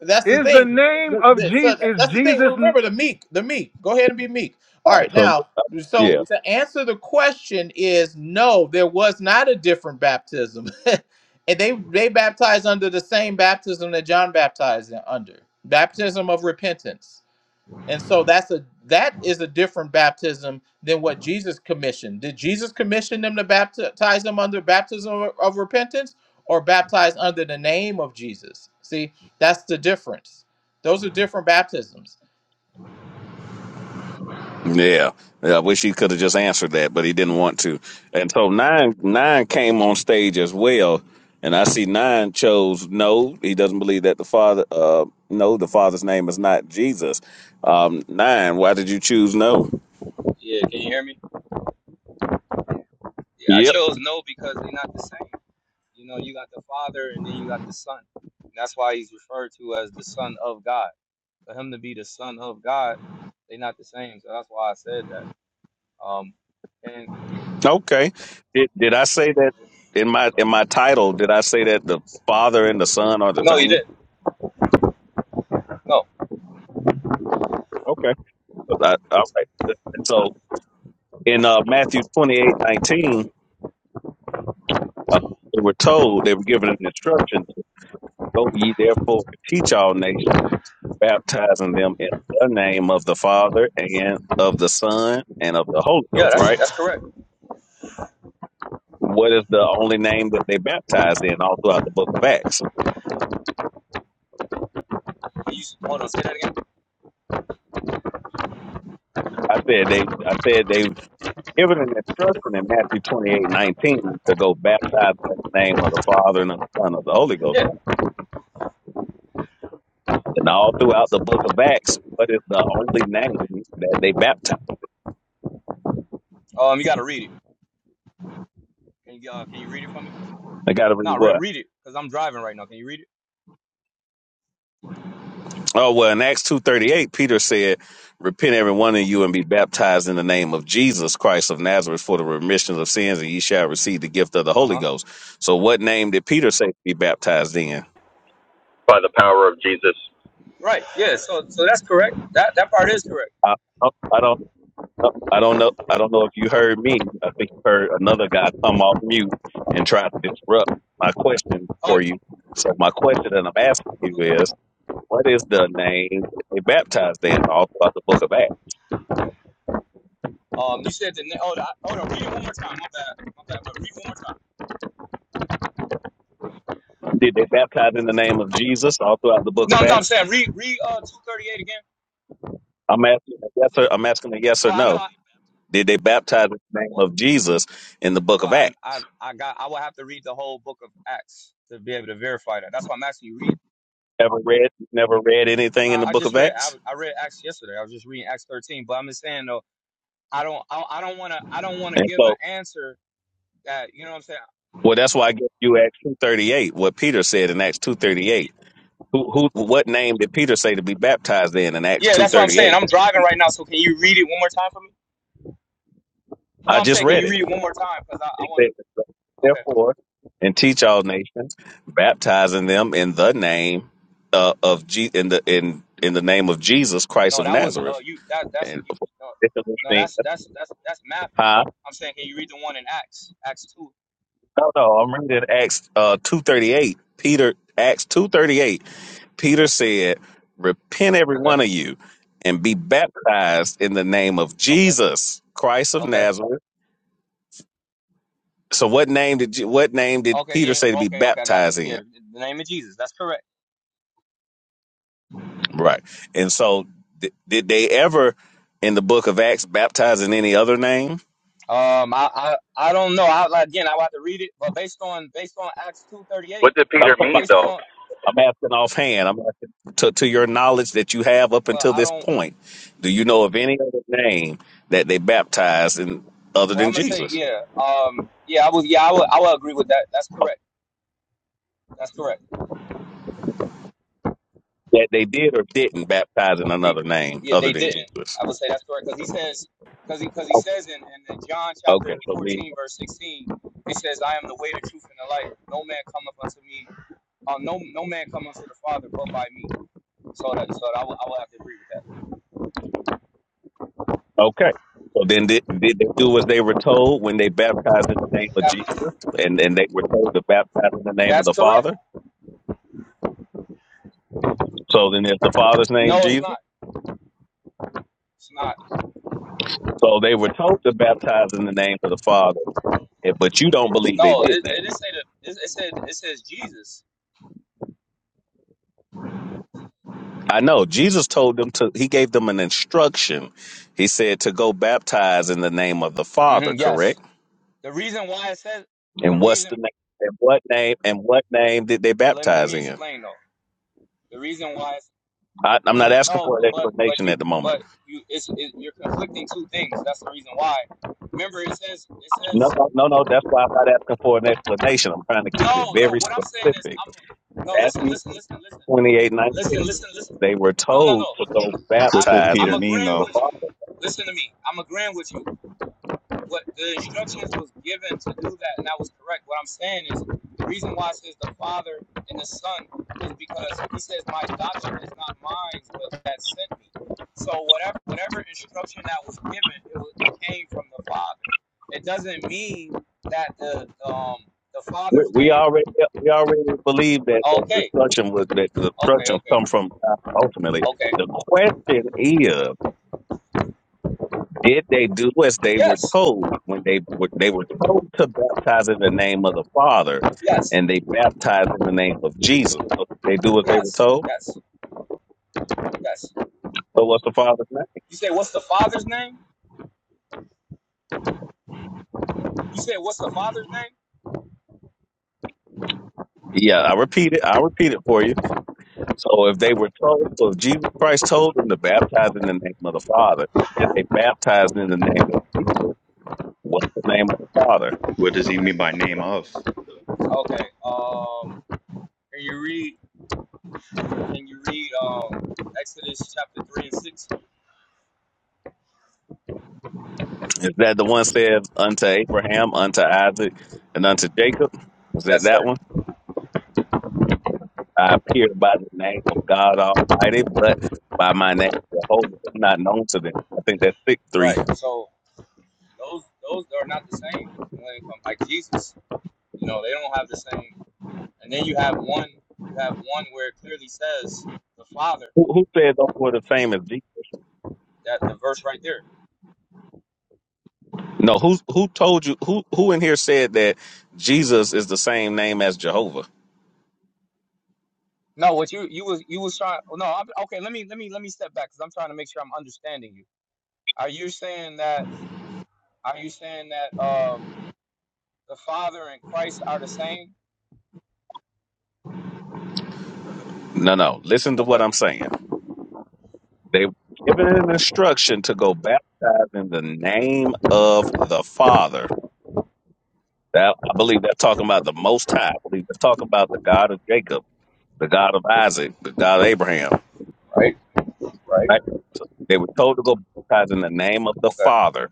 That's the Is the thing. name The- of the- so Jesus? that- Is that's the thing. Well, Jesus Remember the meek, the meek. Go ahead and be meek. All All right, right, so. now, yeah. so to answer the question is no, there was not a different baptism, (laughs) and they they baptized under the same baptism that John baptized in- under, baptism of repentance. And so that's a that is a different baptism than what Jesus commissioned. Did Jesus commission them to baptize them under baptism of of repentance or baptize under the name of Jesus? See, that's the difference. Those are different baptisms. Yeah, Yeah, I wish he could have just answered that, but he didn't want to. And so nine nine came on stage as well, and I see nine chose no. He doesn't believe that the father. Uh, no, the father's name is not Jesus. Um, nine, why did you choose no? Yeah, can you hear me? Yeah, I Yep. chose no because they're not the same. You know, you got the Father and then you got the Son. That's why he's referred to as the Son of God. For him to be the Son of God, they're not the same. So that's why I said that. Um, and Okay. Did did I say that in my in my title? Did I say that the father and the son are the no, you same? didn't. No, Okay. I- all right. So in uh, Matthew twenty eight nineteen, uh, they were told they were given an instruction. Go ye therefore and teach all nations, baptizing them in the name of the Father and of the Son and of the Holy yeah, Ghost, that's right? that's correct. What is the only name that they baptized in all throughout the book of Acts? Can you hold on? Say that again. I said they I said they given an instruction in Matthew twenty eight nineteen to go baptize in the name of the Father and of the Son and of the Holy Ghost, Yeah. right? And all throughout the book of Acts, what is the only name that they baptized? Um, you got to read it. Can you uh, can you read it for me? They gotta read No, what? re- read it because I'm driving right now. Can you read it? Oh well, in Acts two thirty eight, Peter Okay. said, "Repent every one of you and be baptized in the name of Jesus Christ of Nazareth for the remission of sins, and ye shall receive the gift of the Uh Holy huh. Ghost." So, what name did Peter say to be baptized in? by the power of Jesus. Right. Yeah. So so that's correct. That that part is correct. I, I don't, I don't know. I don't know if you heard me. I think you heard another guy come off mute and try to disrupt my question Oh, for you. So, my question that I'm asking you okay. is, what is the name that they baptized in all throughout the Book of Acts? Um, you said the name. Oh, the, oh, no, read it one more time. My bad. My bad. But read one more time. Did they baptize in the name of Jesus all throughout the Book of No, no, Acts? I'm saying read read uh two thirty eight again. I'm asking a yes or I'm asking a yes or Well, I know. no. I, Did they baptize in the name well, of Jesus in the book well, of I, Acts? I I got. I will have to read the whole book of Acts to be able to verify that. That's why I'm asking you. Read. Never read never read anything in Nah, the I book just of read. I, Acts? I read Acts yesterday. I was just reading Acts thirteen. But I'm just saying though, I don't. I, I don't want to. I don't want to And give an so answer that you know what I'm saying. well that's why I guess you Acts two thirty eight, what Peter said in Acts two thirty eight. Y- Who who what name did Peter say to be baptized in in Acts Yeah, two that's what I'm thirty saying. eight? I'm driving right now, so can you read it one more time for me? No, I I'm just saying, can read you it. read it one more time? Cause I, I It want says to. therefore and teach all nations, baptizing them in the name uh, of Je- in the in in the name of Jesus Christ No, of that was uh Nazareth. you that that's And you, no, no that's that's that's that's Matthew. Huh? I'm saying can you read the one in Acts? Acts two. No, no, I'm reading Acts uh, 238. Peter, Acts 238. Peter Okay, said, repent every okay, one of you and be baptized in the name of okay, Jesus, Christ of okay, Nazareth. So what name did you, what name did okay, Peter yeah, say to be okay, okay, I got baptized you. Yeah, in? the, the name of Jesus, that's correct. Right. And so th- did they ever in the book of Acts baptize in any other name? Um I I, I don't know. I like again I would have to read it, but based on based on Acts two thirty eight, What did Peter mean, based though? on I'm asking offhand. I'm asking to, to your knowledge that you have up well until I this don't point. Do you know of any other name that they baptized in other well I'm than gonna say Jesus? yeah. Um yeah I was yeah I would I would agree with that. That's correct. That's correct. That they did or didn't baptize in They another name yeah, other they than didn't. Jesus? I would say that's correct because he says because he because he Okay. says in, in John Okay. chapter So we fourteen verse sixteen, he says, "I am the way, the truth, and the life. No man cometh unto me, uh, no no man cometh to the Father but by me." So that so that I will I will have to agree with okay. So then did, did they do as they were told when they baptized in the name of that. Jesus That and, and they were told to baptize in the name of that's the correct. Father? So then is the Father's name No, it's Jesus? not. It's not. So they were told to baptize in the name of the Father, eh, but you don't believe they No, did it, that. it didn't say that. It, it said it says Jesus. I know Jesus told them to, he gave them an instruction. He said to go baptize in the name of the Father, hmm yes. correct? The reason why it says the And what's reason. the name? And what name? And what name did they Oh, let, let baptize me in? explain though. The reason why. it's, I, I'm not asking No, for an but but, explanation you at the moment. but you it's it, you're conflicting two things. That's the reason why. Remember, it says it No, says no, no, no. That's why I'm not asking for an explanation. I'm trying to keep it no no. very What I'm saying is specific. I'm no listen Matthew listen listen listen 28 listen 19. listen listen. They were No no told to no. go What I'm did baptize I'm Peter in mean, agreeing though? the with Father. you. Listen to me. I'm agreeing with you. what the instructions was given to do that, and that was correct. What I'm saying is the reason why it says the Father and the Son is because he says my doctrine is not mine, but that sent me. So whatever whatever instruction that was given, it, was, it came from the Father. It doesn't mean that the um the We, Father's we name. already we already believe that the Okay, destruction was that the okay, destruction okay, come from God ultimately. okay. The question is, did they do as they were Yes, told when they were they were told to baptize in the name of the Father, yes, and they baptized in the name of Jesus? So they do what they were yes, told. yes, yes. So what's the Father's name? You say what's the Father's name? You say what's the Father's name? Yeah, I repeat it. I repeat it for you. So if they were told, so if Jesus Christ told them to baptize in the name of the Father, and they baptized in the name of Jesus, what's the name of the Father? What does he mean by name of? Okay. Um, can you read? Can you read um, Exodus chapter three and six? Is that the one said unto Abraham, unto Isaac, and unto Jacob? Was Yes, that that sir. one? I appear by the name of God Almighty, but by my name Jehovah, i not known to them. I think that's six three. Right. So those those are not the same when it comes like Jesus. You know, they don't have the same. And then you have one. You have one where it clearly says the Father. Who, who said those were the same as Jesus? That the verse right there. No, who who told you? Who who in here said that Jesus is the same name as Jehovah? No, what you you was you was trying. oh, No, I'm, okay. Let me let me let me step back because I'm trying to make sure I'm understanding you. Are you saying that? Are you saying that um, the Father and Christ are the same? No, no. Listen to Okay. what I'm saying. They were given an instruction to go baptize in the name of the Father That I believe they're talking about the Most High. I believe they're talking about the God of Jacob, the God of Isaac, the God of Abraham. Right. Right. Right? So they were told to go baptize in the name of the Okay. Father.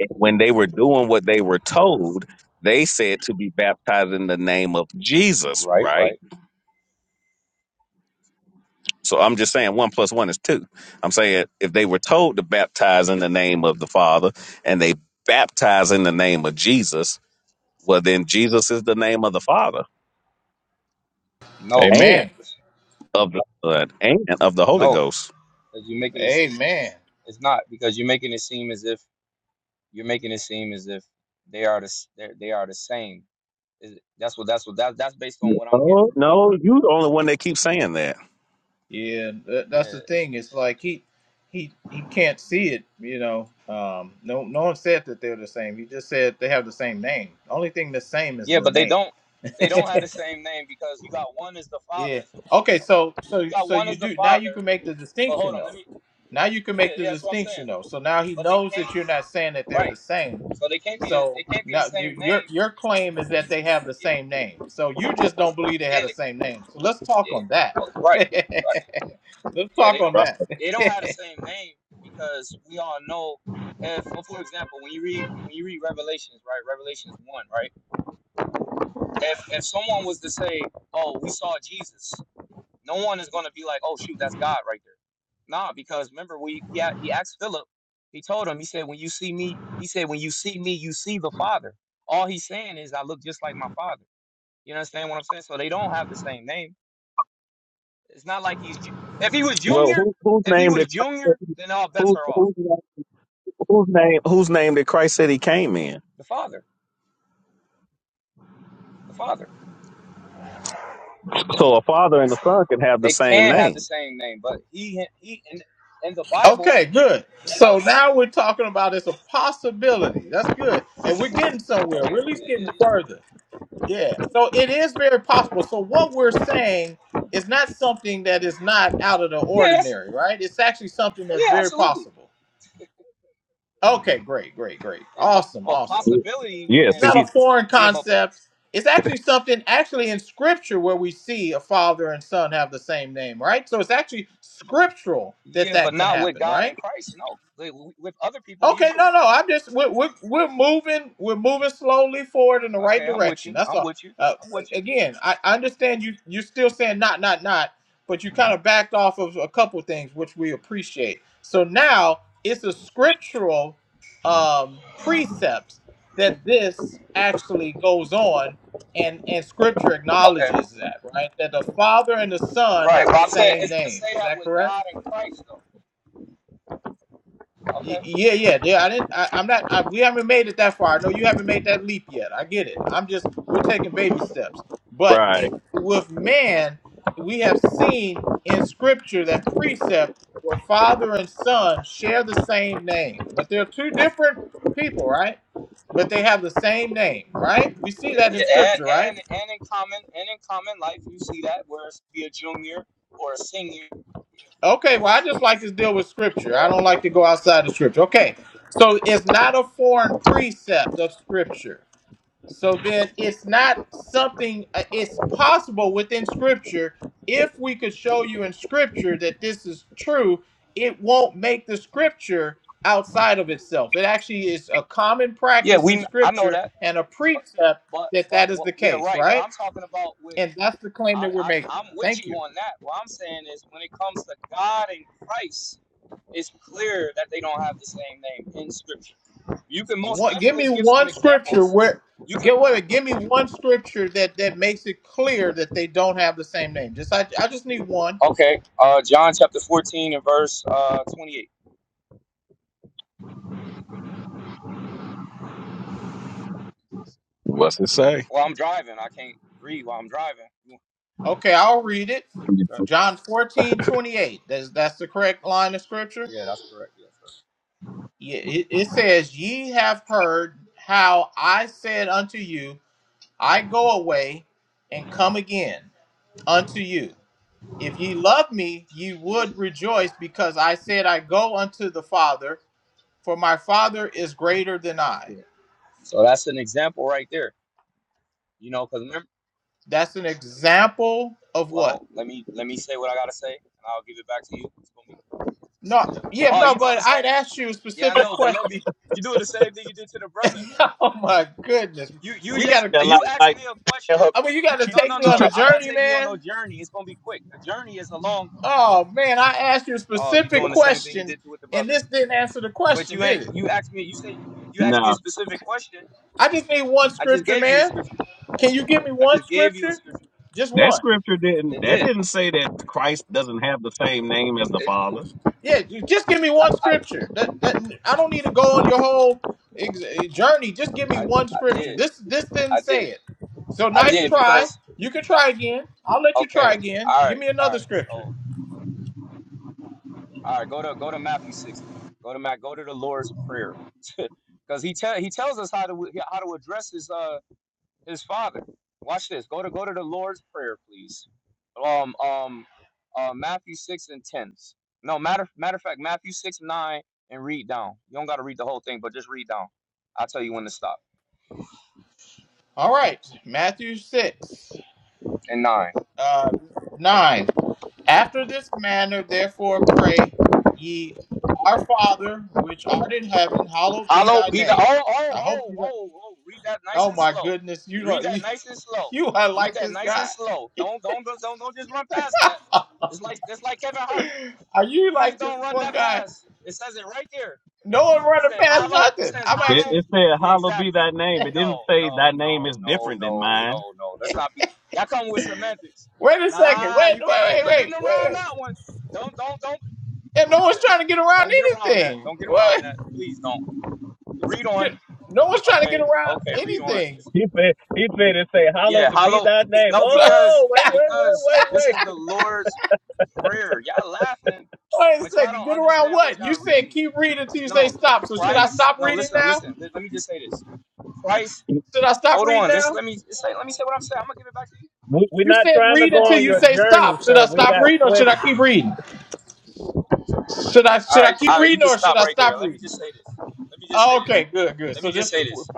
And when they were doing what they were told, they said to be baptized in the name of Jesus. Right, Right? right. So I'm just saying one plus one is two. I'm saying if they were told to baptize in the name of the Father and they baptize in the name of Jesus, well then Jesus is the name of the Father No. Amen. of the Son and of the Holy No, Ghost. because you're making it seem Amen. it's not because you're making it seem as if you're making it seem as if they are the s- they're- they are the same. Is it- That's what that's what that that's based on what I'm getting Oh from you. no, you the only one that keeps saying that. Yeah, that, that's Yeah, the it's- thing. It's like he he he can't see it, you know. Um no no one said that they're the same. He just said they have the same name. The only thing the same is yeah, the but they name. don't they don't (laughs) have the same name because you got one as the Yeah. father, Okay. So you so got so one you as the do now. You father. can make the But hold distinction on, though. let me. Now you can Yeah, make the yeah, that's what I'm distinction saying. though. So now he But they knows that can't you're not saying that they're the right, same. so they can't be the, So they can't be the now same y- your name. your claim is that they have the Yeah, same name. So you just don't believe they had yeah, the they- same name. So let's talk yeah. on that. Okay, (laughs) right, right. let's Yeah, talk they don't on Right. that. they don't (laughs) have the same name because we all know if well, for example when you read when you read Revelations, right? Revelations one, right? If if someone was to say, Oh, we saw Jesus, no one is gonna be like, Oh shoot, that's God right there. Nah, because remember we he, a- he asked Philip, he told him, he said, When you see me, he said, When you see me, you see the Father. All he's saying is I look just like my father. You understand what I'm saying? So they don't have the same name. It's not like he's Ju- if he was Well, junior, who, whose if he name was did junior, then all bets whose are off. whose name whose name whose name did Christ said he came in? the Father, the Father. So a father and a son can have the They same can have name. the same name, but he he in, in the Bible Okay, good. he So doesn't. now we're talking about it's a possibility. That's good. And we're getting somewhere. Okay, We're at least yeah, yeah, getting yeah, further. Yeah. So it is very possible. So what we're saying is not something that is not out of the yeah, that's, ordinary, right? It's actually something that's yeah, very absolutely. possible. Okay, great, great, great. Yeah, but Awesome, but awesome. Ye- possibility Yes, It's yeah, and not see, he a foreign yeah, but concept. It's actually something actually in scripture where we see a father and son have the same name, right? So it's actually scriptural that yeah, but that can not with happen, God right? and Christ. No, Like, with other people you Okay, do. no, no. I'm just we're, we're we're moving we're moving slowly forward in the right Okay, I'm with direction. you. That's I'm all. with you. Uh, I'm with you. again, I, I understand you you're still saying not not not, but you kind of backed off of a couple things which we appreciate. So now it's a scriptural um, precept that this actually goes on, and and Scripture Okay, acknowledges that right that the Father and the Son right. have But the I'm saying same it's to say name. Is that that with correct? God and Christ though. Okay. Y- Yeah, yeah, yeah. I didn't. I, I'm not. I, we haven't made it that far. I know you haven't made that leap yet. I get it. I'm just. We're taking baby steps. But it, right. with man, we have seen in Scripture that precept where father and son share the same name, but they're two different people, right? But they have the same name, right? We see Yeah, that in yeah, and Scripture, right? and and in common and in common life you see that where it's be a junior or a senior Okay. Well, I just like to deal with Yeah, Scripture. I don't like to go yeah, me outside of too. Scripture. Okay. So it's not a foreign precept of Scripture. So then it's not something, uh, it's possible within scripture. If we could show you in scripture that this is true, it won't make the scripture outside of itself. It actually is a common Yeah, practice in we. I know scripture that, and a but precept but, that that but is well, the yeah, case, right. But right? I'm talking about with. And that's the claim I, that we're I making. I'm with Thank you you. on that. What I'm saying is, when it comes to God and Christ, it's clear that they don't have the same name in Scripture. You can most One, give me definitely give some one scripture examples. where You can. get what give me one scripture that that makes it clear that they don't have the same name. Just I, I just need one. Okay. Uh, John chapter 14 and verse uh 28. What's it say? Well, I'm driving. I can't read while I'm driving. Okay, I'll read it. Okay. John 14 28. That's, that's the correct line of scripture. Yeah, that's correct. Yes, sir. Ye- It it says, Ye have heard how I said unto you, I go away and come again unto you. If ye love me, ye would rejoice because I said, I go unto the Father, for my Father is greater than I. So that's an example right there. You know, because That's an example of what? Well, let me let me say what I gotta say, and I'll give it back to you. It's gonna be- No, yeah, Oh, no, you doing but the I'd same? ask you a Yeah, I specific know, but let question. me. You doing the same thing you did to the brother? (laughs) Oh You my goodness. you you We just gotta Yeah, t- like, you asked like me a yeah, question. her, I mean you gotta she, No, take no, me she no. on a tried. I'm not journey, taking you on no man. journey. It's gonna be quick. A journey is a long. Oh man, I asked you a Oh, you specific doing the same thing you question did to with the and brother? this didn't answer the But question, you did ain't. it? You asked me. You said you asked me a No, specific question. I just need one I just scripture, gave you a man. scripture. Can you give me I one just gave you a scripture? scripture. Just that one. scripture didn't. It That did. didn't say that Christ doesn't have the same name as the It, it- Father. Yeah, you just give me I, one I, scripture. That that I don't need to go on your whole ex- eh, journey. Just give me I, one I scripture. did. This this didn't I say did. it. So I nice did try. because You can try again. I'll let you Okay. try again. All Give right. me All another right. So, scripture. all right. Go to go to Matthew six then. Go to Matt. Go to the Lord's prayer, (laughs) because he tell he tells us how to how to address his uh his father. Watch this. Go to go to the Lord's prayer, please. Um um uh Matthew six and ten. No matter matter of fact Matthew six nine and read down. You don't got to read the whole thing, but just read down. I'll tell you when to stop. All right, Matthew 6, And nine. uh, 9. After this manner, therefore, pray ye, Our Father, which art in heaven, hallowed be Hollow thy be the name. oh oh I hope oh you don't. oh oh. Read that nice Oh and my slow. goodness, you lo- Read that you, nice and slow. (laughs) you are Read like that this nice and guy. slow. Don't don't don't don't, don't just run past that. It's like it's like Kevin (laughs) Hart. Are you Please like this don't run one that guy? pass. It says it right there. No one It running says past hollow. It nothing. says I'm It, actually. hollow. it said, Yeah, "Hallowed be exactly. thy name." It didn't No say thy no name no is no different than no mine. no no. Let's not be. Y'all come with semantics. Wait a second. Nah, Wait, you wait, can't. Ain't wait, no getting wait, wait, around wait. that one. Don't don't don't. Yeah, no one's Yeah. trying to get around Don't get around that. anything. Don't get around What? that. Please don't. Read (laughs) on. Get- No one's trying to get Okay, around okay, read on. anything. He said, he said, it say, Yeah, hallowed to be hollow. thy name. No, (laughs) So. because Oh, wait, wait, wait, because wait, this is wait. the Lord's prayer. Y'all laughing, Wait a but y'all second. don't Good around understand what what? You y'all said reading. keep reading until you say No, stop. So should I Christ. stop No, reading listen, now? listen. Let, let me just say this. Christ. Should I stop Hold reading on. This now? let me say. Let me say what I'm saying. I'm gonna give it back to you. We, we're You not said trying to read go until Oh on you your man. say journey, stop. Should sir. I We stop got reading or should questions. I keep reading? Should I All should I right, keep all right. You reading can or should stop I right there. stop Let me reading? just say this. Let me just Oh, say this. Okay, good, good. Let me So just just say this.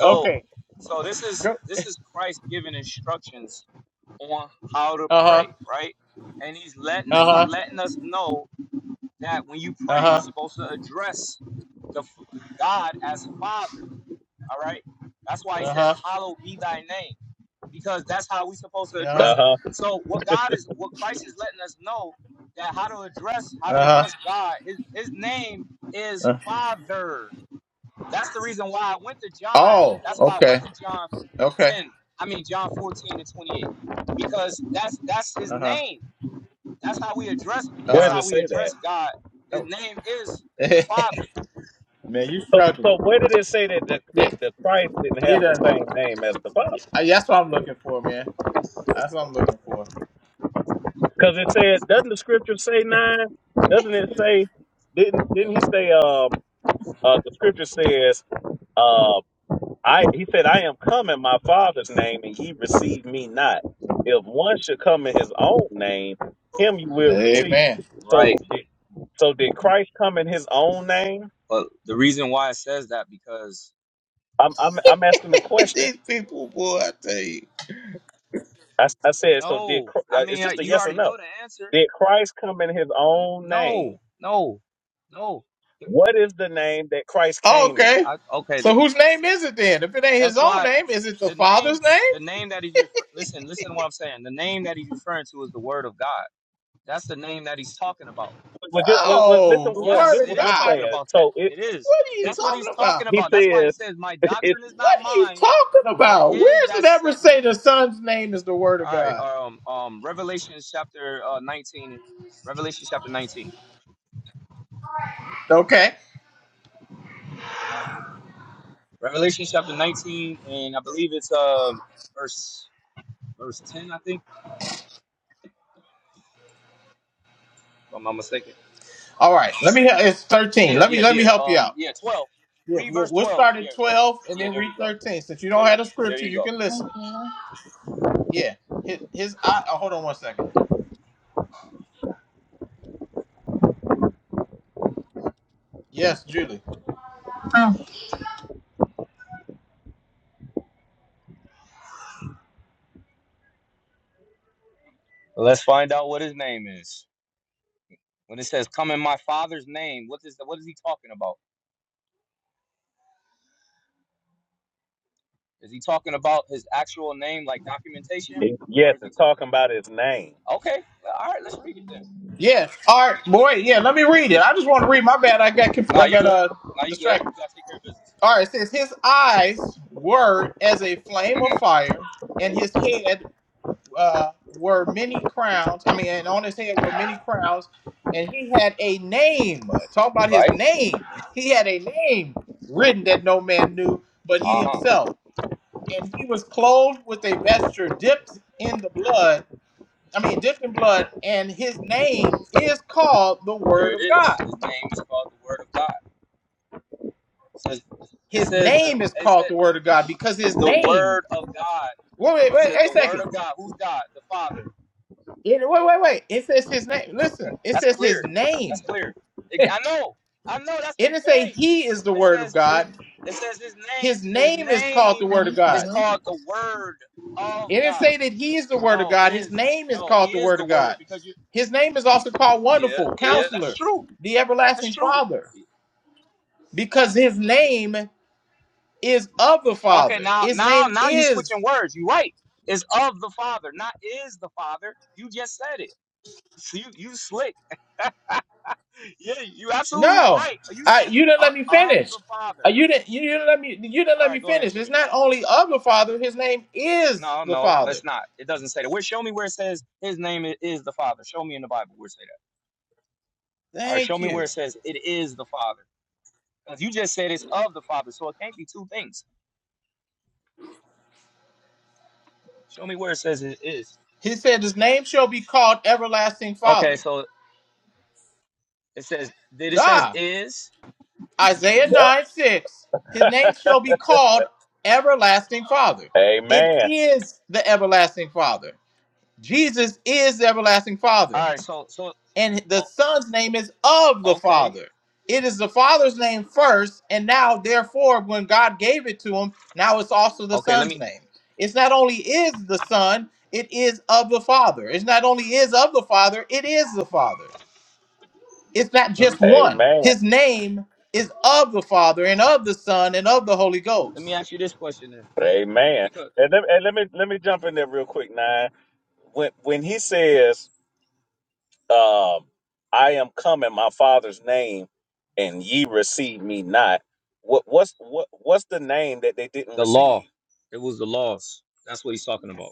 okay. so this is Go. this is Christ giving instructions on how to Uh huh. pray, right? And he's letting Uh he's huh. letting us know that when you Uh pray, you're huh. supposed to address the God as Father. All right, that's why he Uh says, huh. "Hallowed be Thy name," because that's how we're supposed to Uh Uh address huh. Him. So what God is, what Christ is letting us know that how to address how to huh. address God. His His name is Uh huh. Father. That's the reason why I went to John. Oh. That's why I went Okay. to John Okay. 10. I mean John 14 and 28. Because that's that's his Uh huh. name. That's how we address Uh that's Where huh. how does it we say that? address God. His Oh. name is the (laughs) Father. man, you So, struggling? so where did it say that the, Yeah. that the Christ didn't have It. the Uh, same name as the Father? yeah, that's what I'm looking for, man. That's what I'm looking for. Because it said, doesn't the Scripture say nine? Doesn't it say? Didn't didn't he say? Um, uh, the Scripture says, uh, I he said, I am come in my father's name, and ye receive me not. If one should come in his own name, him you will receive. Amen. So Right. did so did Christ come in his own name? But the reason why it says that because I'm I'm I'm asking the (laughs) question. These people, boy, I tell you. I, s- I said, so did no. Chr- I uh, it's mean uh, just a you yes or already no. know the answer. Did Christ come in his own name? No. No. No. What is the name that Christ came in? okay. I, okay, So the, whose name is it then? If it ain't his that's own why name, is it the the Father's name name? the name that he's refer- listen, listen to what I'm saying. The name that he's referring to is the word of God. That's the name that he's talking about. Well, well, just well, well No, listen. the Well, this Word Yes, is of it what is I'm God. talking saying. about that. So it It is. What are you he, That's what he's talking talking about? he says about. That's why he says, "My (laughs) it's, doctrine is not What are you mine, talking but about? Where His does that it ever sent me." say the Son's name is the Word of All right. God? Um. Um. Revelation chapter uh, nineteen. Revelation chapter nineteen. Okay. Revelation chapter nineteen, and I believe it's um verse verse ten. I think. If I'm not mistaken. All right. Let me. It's thirteen. Yeah. Let me. Yeah. Let me Yeah. help you Um. out. Yeah. Twelve. Yeah. Read We'll, verse we'll twelve. start at Yeah. twelve and Yeah. then There read you go. thirteen. Since you don't There. have the There scripture, you you go. can listen. Okay. Yeah. His. His. I, oh, hold on one second. Yes, Julie. Let's find out what his name is. When it says come in my father's name, what is what is he talking about? Is he talking about his actual name like documentation? it's Or yes, is he it's talking about his name. Okay, well, all right, let's read it then. Yeah. All right, boy. Yeah. Let me read it. I just want to read. My bad. I got conf- Nah, I you got good. uh Nah, you good. distracted. You gotta take care of business. All right. It says his eyes were as a flame hmm of fire, and his head uh were many crowns. I mean, and on his head were many crowns, and he had a name. Talk about his Right? name. (laughs) He had a name written that no man knew but he Uh-huh. himself. And he was clothed with a vesture dipped in the blood I mean, different blood, and his name is called the There Word it of is. God. His name is called the Word of God. It says it His says name the is it called said the Word of God because it's his the name. Word of God. Wait, wait, It wait, says a the Word second. of God. Who's God? The Father. It- wait, wait, wait. It says his name. Listen, it That's says clear. his That's name. clear. Ex- (laughs) I know. I know. That's It the didn't say point. he is the It Word of says it, God. it says his name His his name is called the name Word of is God. called the Word of It didn't God. say that he is the Word of No, it God. His is name is no. He called the is Word the of Word God. because you. His name is also called Yeah, Wonderful, yeah. That's Counselor, true. the That's Everlasting true. Father, because his name. is of the Okay, Father. now His now name now you is switching words. You right. It's of the Father, not is the Father. You just said it. So you you slick. (laughs) yeah, you absolutely no. right. You I, said you didn't uh, let me of finish. the Uh, Father. you didn't. You didn't let me. You didn't All let right, me go ahead, finish. It's finish. not only of the Father. His name is No, the no, Father. let's not. It doesn't say that. Where show me where it says his name is the Father. Show me in the Bible where it say that. All right, show Thank me where you. it says it is the Father. Because you just said it's of the Father, so it can't be two things. Show me where it says it is. He said, "His name shall be called everlasting Okay, Father." so it says did it says Ah, is? Isaiah Yup. nine six. His (laughs) name shall be called everlasting Father. It Amen. is the everlasting Father. Jesus is the everlasting Father. All right, so so and the o- son's name is of the okay, father. It is the father's name first, and now, therefore, when God gave it to him, now it's also the okay. son's name. It's not only is the son, it is of the father. It's not only is of the father, it is the father. It's not let me just one. Amen. His name is of the father and of the son and of the Holy let me Ghost. ask you this question then, Amen. because And let, and let me let me jump in there real quick, nine. When when he says, um, I am come in my father's name and ye receive me not, what what's what what's the name that they didn't the law, receive? it was the laws. That's what he's talking about.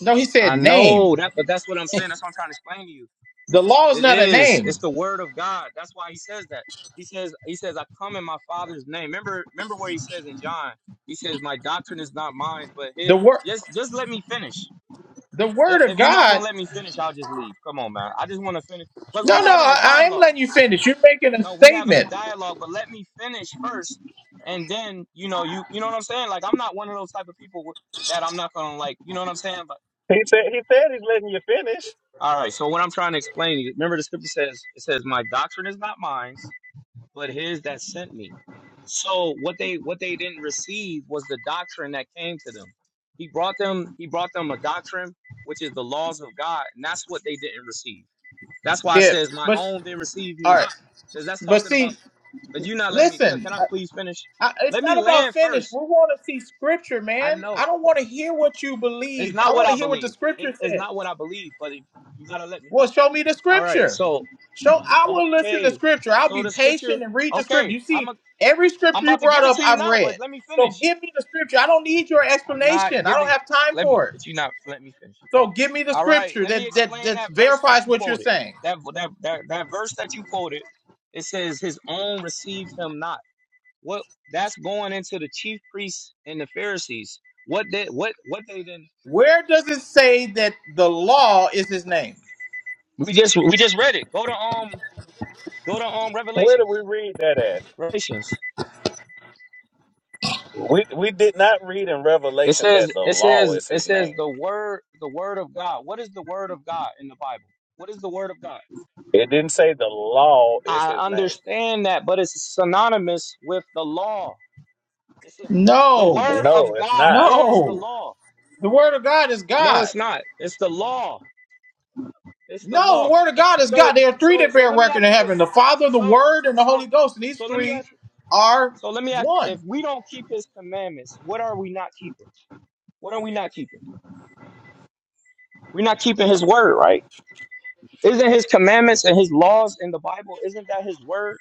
No, he said I know name. that, but that's what I'm saying. That's what I'm trying to explain to you. The law is It not a is. It's name. the word of God. That's why he says that. He says, he says, I come in my father's name. Remember, remember where he says in John, he says, My doctrine is not mine, but it The word, just just let me finish. the word of If you're not God. gonna let me finish, I'll just leave. Come on, man. I just wanna finish. But No, we no, having a I, I am dialogue. letting you finish. You're making a No, we having a statement. dialogue, but let me finish first. And then, you know, you you know what I'm saying? Like I'm not one of those type of people that I'm not gonna like, you know what I'm saying? But He said he said he's letting you finish. all right, so what I'm trying to explain, remember the scripture says it says, My doctrine is not mine but his that sent me. So what they what they didn't receive was the doctrine that came to them. He brought them he brought them a doctrine which is the laws of God, and that's what they didn't receive. That's why it Yeah, says, "My but own they receive me all not," right, because that's but talking see, about. But you not let me. Can listen, can I I, please finish? I, it's Let me not about land finish. first. We want to see scripture, I man. know I don't want to hear what you it's believe. not I what want I to hear what the believe. It's, scripture it's says. not what I believe, but you gotta let me. Well, show me the All right. scripture. So Show. I will listen to okay. scripture. I'll So be the scripture. patient and read the scripture. Okay, You I'm a, see, every I'm scripture you about to brought give it up, to you I've now, but read. let me finish. So give me the scripture. I don't need your I'm not explanation. I don't giving. have time Let me, for it. but you are not let me finish. So give me the All right, scripture let me that that explain that that verse that verifies you what you're quoted. saying. That that that that verse that you quoted. It says, "His own received him not." What? That's going into the chief priests and the Pharisees. What did what what they didn't? Where does it say that the law is his name? We just we just read it. Go to um go to um Where do Revelations. we read that at? Revelations. We we did not read in It Revelation says that the it law says is it his says name. the word the word of God. What is the word of God in the Bible? What is the word of God? It didn't say the law is I his name. understand that, but it's synonymous with the law. It's the the No, word of No, it's God not. is the no. law. The word of God is No, God. it's not. It's the law. It's the No, the law. word of God is God. So, There are three so, that so bear let me record ask in you heaven: this. the Father, the So, Word, and the so, Holy Ghost. And these so let me three ask. are So let me ask. If one. we don't keep His commandments, what are we not keeping? What are we not keeping? We're not keeping His word, right? Isn't His commandments and His laws in the Bible? Isn't that His word?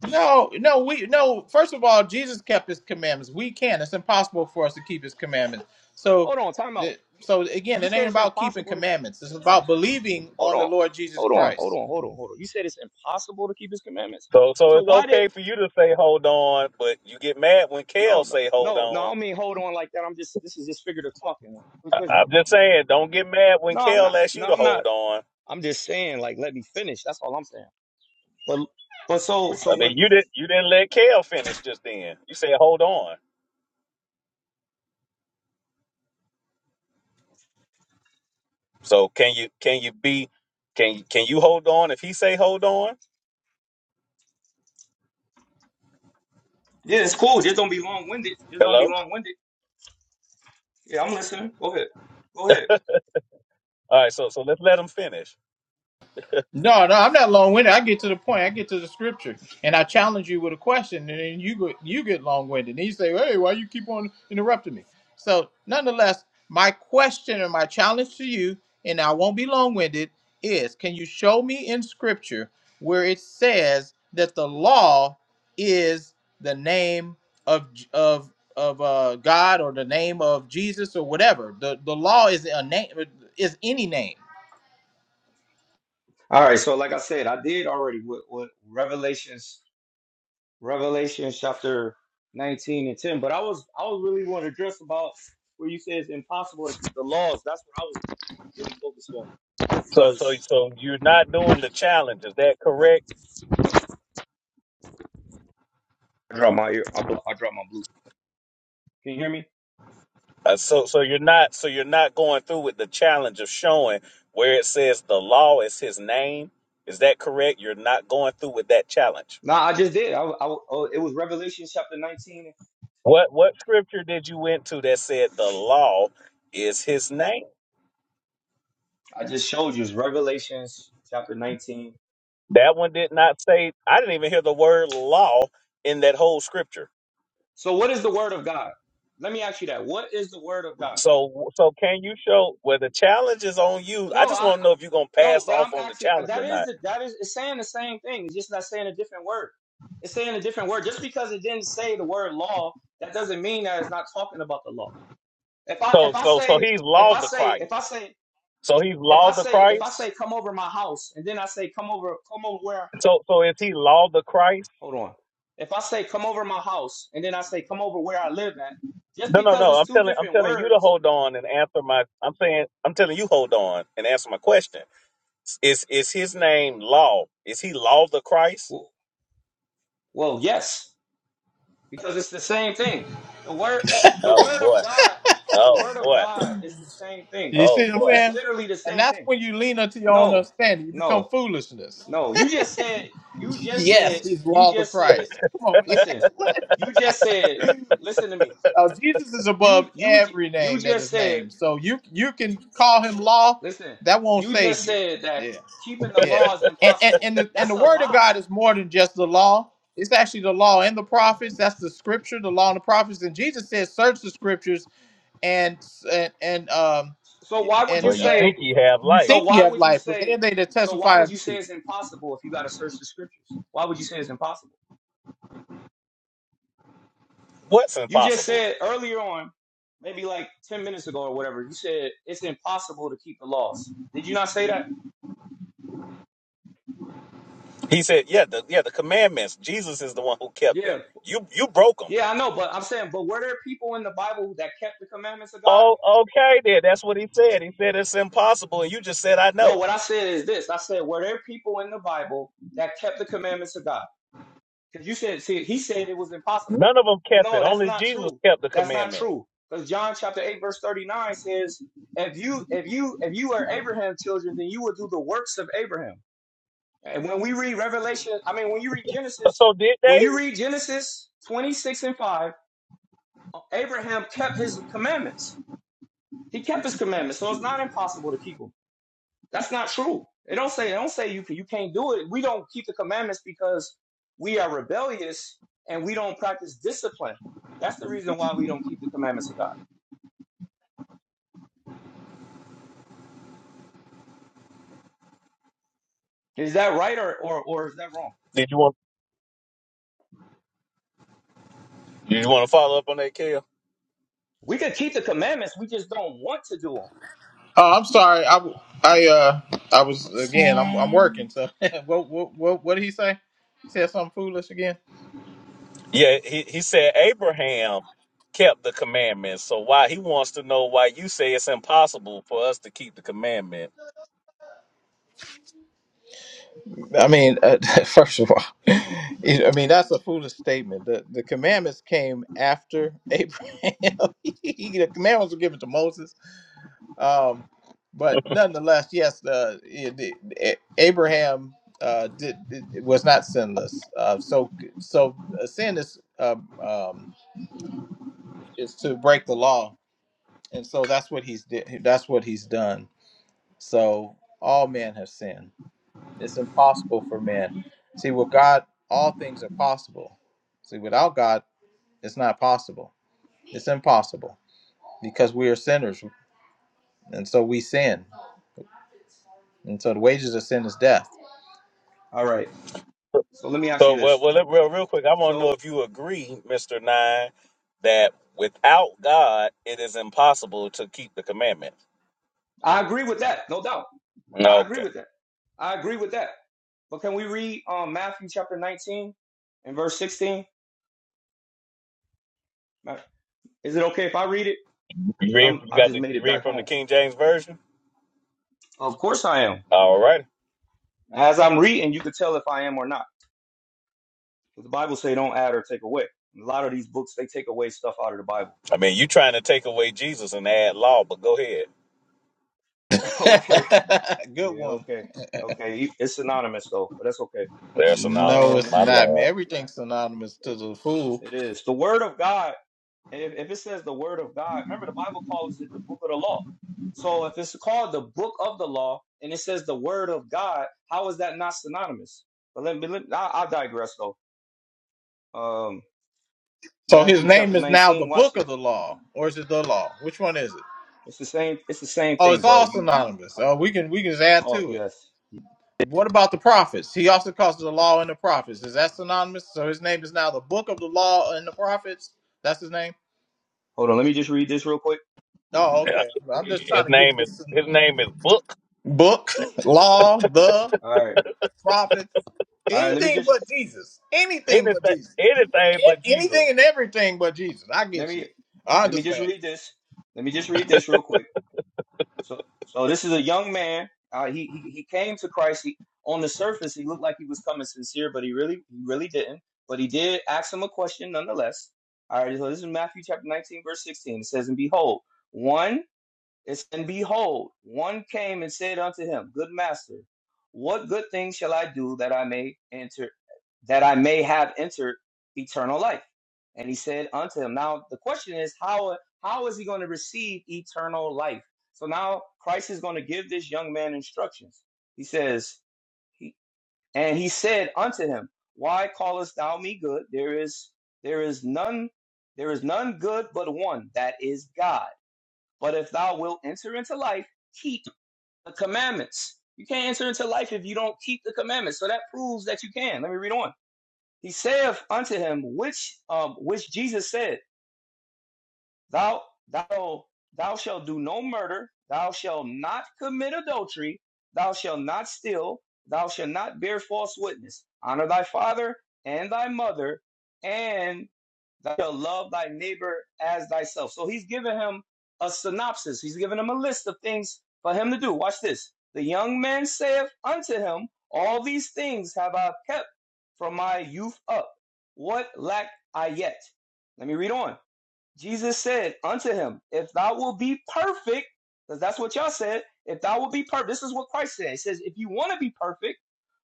No, no, we no. First of all, Jesus kept His commandments. We can't. It's impossible for us to keep His commandments. So, Hold on, time out. the- so again, You it said ain't it's about keeping impossible to keep. commandments. It's about believing Hold on the on. Lord Jesus Hold on. Christ. Hold on. Hold on. Hold on. You said it's impossible to keep his commandments. So Well, so so it's why did okay for you to say hold on, but you get mad when no Kale no say hold no no I on. don't mean hold on like that. I'm just this is just figurative talking. It's I, I'm just saying, don't get mad when No, I'm Kale not asks you no to I'm not hold on. I'm just saying like let me finish. That's all I'm saying. But but so I so when mean, you didn't you didn't let Kale finish just then. You said hold on. So can you can you be can can you hold on if he say hold on? Yeah, it's cool. Just don't be long winded. Just don't be Hello. long winded. Yeah, I'm listening. Go ahead. Go ahead. All right. So so let's let him finish. No, no, I'm not long winded. I get to the point. I get to the scripture, and I challenge you with a question, and then you get you get long winded, and you say, "Hey, why you keep on interrupting me?" So, nonetheless, my question or my challenge to you, and I won't be long winded, is: Can you show me in scripture where it says that the law is the name of J- of of uh, God or the name of Jesus or whatever? The the law is a name is any name. All right, so like I said, I did already with, with Revelations Revelation chapter 19 and 10. But I was I was really want to address about where you say it's impossible to keep the laws. That's what I was really focused on. So so Because so you're not doing the challenge. Is that correct? I dropped my ear. I, blo- I dropped my blue. Can you hear me? Uh, so so you're not so you're not going through with the challenge of showing where it says the law is his name. Is that correct? You're not going through with that challenge. No, I just did. I, I oh, it was Revelation chapter 19. What what scripture did you went to that said the law is his name? I just showed you it's Revelation chapter 19. That one did not say I didn't even hear the word law in that whole scripture. So what is the word of God? Let me ask you that. What is the word of God? So so can you show where the challenge is on you? I No, just I want to know if you're going to no, pass but off I'm on the actually uh, challenge or that is not. that is it's saying the same thing. It's just not saying a different word. It's saying a different word. Just because it didn't say the word law, that doesn't mean that it's not talking about the law. If I So if I so so say he's if law I the say Christ. if I say So he's if I law the say if I Christ. say come over my house and then I say come over come over where So so is he law the Christ? hold on. If I say come over my house and then I say come over where I live at, just No, no, because no. it's I'm two telling I'm different telling you to words, hold on and answer my I'm saying I'm telling you hold on and answer my question. Is is his name law? Is he law the Christ? well, well yes. because it's the same thing. The word, the Oh word boy. of God, the Oh word of boy. God is the same thing. You Oh see what I'm boy. It's saying? literally the And same that's thing. when you lean unto your own No, understanding. You become no, foolishness. no. You just said, you just said, Yes, he's you Lord of just said. Christ. Come on, man. Listen, you just said. Listen to me. Now, Jesus is above You, you, every you name that just is said. named. So you you can call him law. Listen, That won't you just save you. said that Yeah. keeping the Yeah. law is And and, impossible. and the and That's the a word of lie. God is more than just the law. It's actually the law and the prophets. That's the scripture, the law and the prophets. And Jesus says, search the scriptures and and, and um So why would you Well and you uh say? think you have you life. So think you why have would you life, but they are say? they that So why testify would of you say me. it's impossible if you got to search the scriptures? Why would you say it's impossible? What's You just impossible? said earlier on, maybe like ten minutes ago or whatever. You said it's impossible to keep the laws. Did you not say that? He said, Yeah, the yeah, the commandments. Jesus is the one who kept them. Yeah, You you broke them. yeah, I know, but I'm saying, but were there people in the Bible that kept the commandments of God? Oh, okay then. That's what he said. He said it's impossible and you just said I No, know. what I said is this. I said, were there people in the Bible that kept the commandments of God? Because you said, see, he said it was impossible. None of them kept No, it. that's Only not Jesus true. kept the That's not commandments. true. Because John chapter 8, verse 39 says, If you if you if you are Abraham's children, then you will do the works of Abraham. And when we read Revelation, I mean when you read Genesis, So did when they? you read Genesis 26 and 5, Abraham kept his commandments. He kept his commandments, so it's not impossible to keep them. That's not true. It don't say it don't say you can you can't do it. We don't keep the commandments because we are rebellious and we don't practice discipline. That's the reason why we don't keep the commandments of God. Is that right or or, or is that wrong? Did you want did you want to follow up on that, Kale? We can keep the commandments, we just don't want to do them. Oh, I'm sorry. I, w- I, uh, I was again. I'm, I'm working. So, (laughs) what, what, what, what did he say? He said something foolish again. Yeah, he, he said Abraham kept the commandments. So why he wants to know why you say it's impossible for us to keep the commandment. I mean, uh, (laughs) first of all, (laughs) it- I mean that's a foolish statement. The the commandments came after Abraham. (laughs) He- the commandments were given to Moses. Um, but nonetheless, yes, the, the, the Abraham uh did, did was not sinless. Uh, so so uh, sin is um, um is to break the law and so that's what he's did. That's what he's done. So all men have sinned. It's impossible for men. See, with God, all things are possible. See, without God, it's not possible. It's impossible because we are sinners, and so we sin. And so the wages of sin is death. All right. So let me ask you So well, this. well let- real, real quick, I want to know So if you agree, Mister Nine, that without God it is impossible to keep the commandment. I agree with that, no doubt. I agree Okay, with that. I agree with that. But can we read um, Matthew chapter 19 and verse 16? Is it okay if I read it? you Because reading? I'm You I got just the made you it back reading from the home. King James version? Of course I am. All right. As I'm reading, you could tell if I am or not. The Bible say don't add or take away. A lot of these books they take away stuff out of the Bible. I mean, you trying to take away Jesus and add law, but go ahead. (laughs) okay. (laughs) Good Yeah, one. okay. Okay. e, It's synonymous though, but that's okay. They're No, synonymous. Um it's let's My go to not, lord. man. Matt. Everything's synonymous to It, the fool. it is. The word of God. If, if it says the word of God, remember the Bible calls it the book of the law. So if it's called the book of the law and it says the word of God, how is that not synonymous? But let me let, I, I digress though. Um So his Matthew chapter name is now the 19, watch book of this. the law, or is it the law? Which one is it? It's the same. It's the same Oh, it's thing, bro. all You you you synonymous. come. Oh, we can we can just add So to it. yes. What about the prophets? He also calls it the law and the prophets. Is that synonymous? So his name is now the book of the law and the prophets. That's his name. Hold on. Let me just read this real quick. Oh, Yeah. okay. I'm just His trying to get name is this his name is Book. book, (laughs) law, the All right. prophets, All right. Let me anything just but Jesus. Anything but Anything Jesus. A- anything but Jesus. Anything and everything but Jesus. I let get you. me I let me just understand. read this. Let me just read this real quick. So so this is a young man. Uh, he, he he came to Christ. He, on the surface, he looked like he was coming sincere, but he really he really didn't. But he did ask him a question nonetheless. All right. So this is Matthew chapter nineteen, verse sixteen. It says, "And behold, one." It's, and behold, one came and said unto him, Good master, what good thing shall I do that I may enter, that I may have entered eternal life? And he said unto him, Now the question is, how how is he going to receive eternal life? So now Christ is going to give this young man instructions. He says, he, and he said unto him, Why callest thou me good? There is there is none there is none good but one, that is God. But if thou wilt enter into life, keep the commandments. You can't enter into life if you don't keep the commandments. So that proves that you can. Let me read on. He saith unto him, which um, which Jesus said, Thou thou thou shalt do no murder, thou shalt not commit adultery, thou shalt not steal, thou shalt not bear false witness. Honor thy father and thy mother, and Thou shalt love thy neighbor as thyself. So he's giving him a synopsis. He's giving him a list of things for him to do. Watch this. The young man saith unto him, All these things have I kept from my youth up. What lack I yet? Let me read on. Jesus said unto him, If thou wilt be perfect, because that's what y'all said, if thou wilt be perfect, this is what Christ said. He says, If you want to be perfect,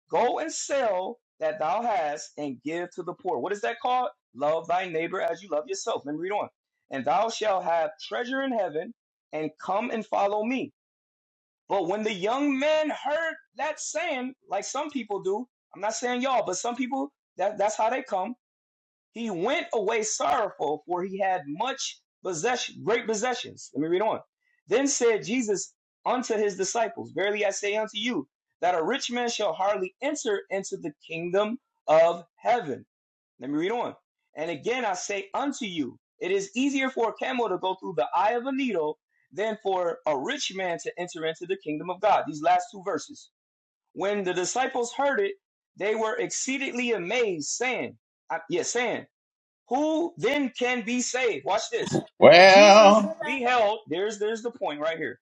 Go and sell that thou hast and give to the poor. What is that called? Love thy neighbor as you love yourself. Let me read on. And thou shalt have treasure in heaven and come and follow me. But when the young man heard that saying, like some people do, I'm not saying y'all, but some people that, that's how they come he went away sorrowful, for he had much possession, great possessions. Let me read on. Then said Jesus unto his disciples, Verily I say unto you, that a rich man shall hardly enter into the kingdom of heaven. Let me read on. And again I say unto you, it is easier for a camel to go through the eye of a needle than for a rich man to enter into the kingdom of God. These last two verses. When the disciples heard it, they were exceedingly amazed, saying, uh, yes, yeah, saying, who then can be saved? Watch this. But Jesus Well, beheld, there's there's the point right here.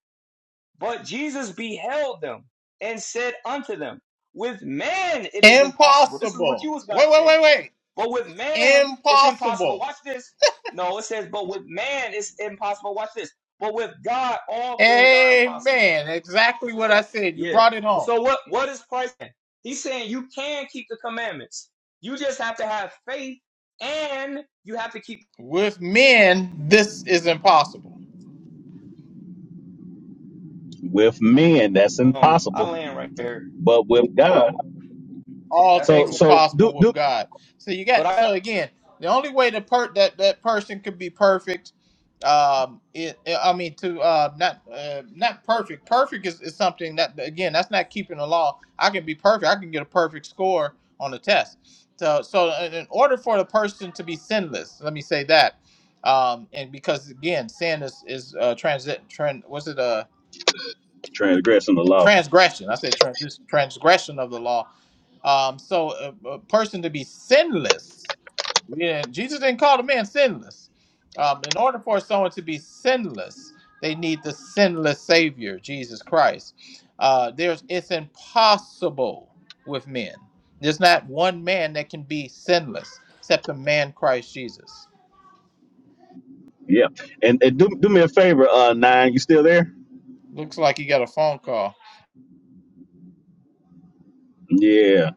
But Jesus beheld them and said unto them, With man it is impossible. This is what impossible. you was guys Wait, wait, saying. wait, wait. But with man it's impossible. Impossible. Watch this. No, it says, but with man it's impossible. Watch this. But with God all things are impossible. Amen. You Exactly see what I that? said. You Yeah. brought it Well, home. so what what is Christ saying? He's saying you can keep the commandments. You just have to have faith and you have to keep With men, this is impossible. With men, that's um, I impossible. land right there. But with God, All That's so things are true. so do possible with do God. So you But got I so again, the only way to per that that person could be perfect, um, it, I mean to uh not uh, not perfect. Perfect is, is something that again that's not keeping the law. I can be perfect. I can get a perfect score on a test. So so in in order for the person to be sinless, let me say that, um, and because again sin is is uh, transit trend was it a transgressing the law. transgression. I said transition, transgression of the law. Um, so a, a person to be sinless, yeah, Jesus didn't call the man sinless. Um, in order for someone to be sinless, they need the sinless Savior, Jesus Christ. Uh, there's it's impossible with men. There's not one man that can be sinless except the man Christ Jesus. Yeah, and, and do do me a favor, uh, nine. You still there? Looks like you got a phone call. Yeah,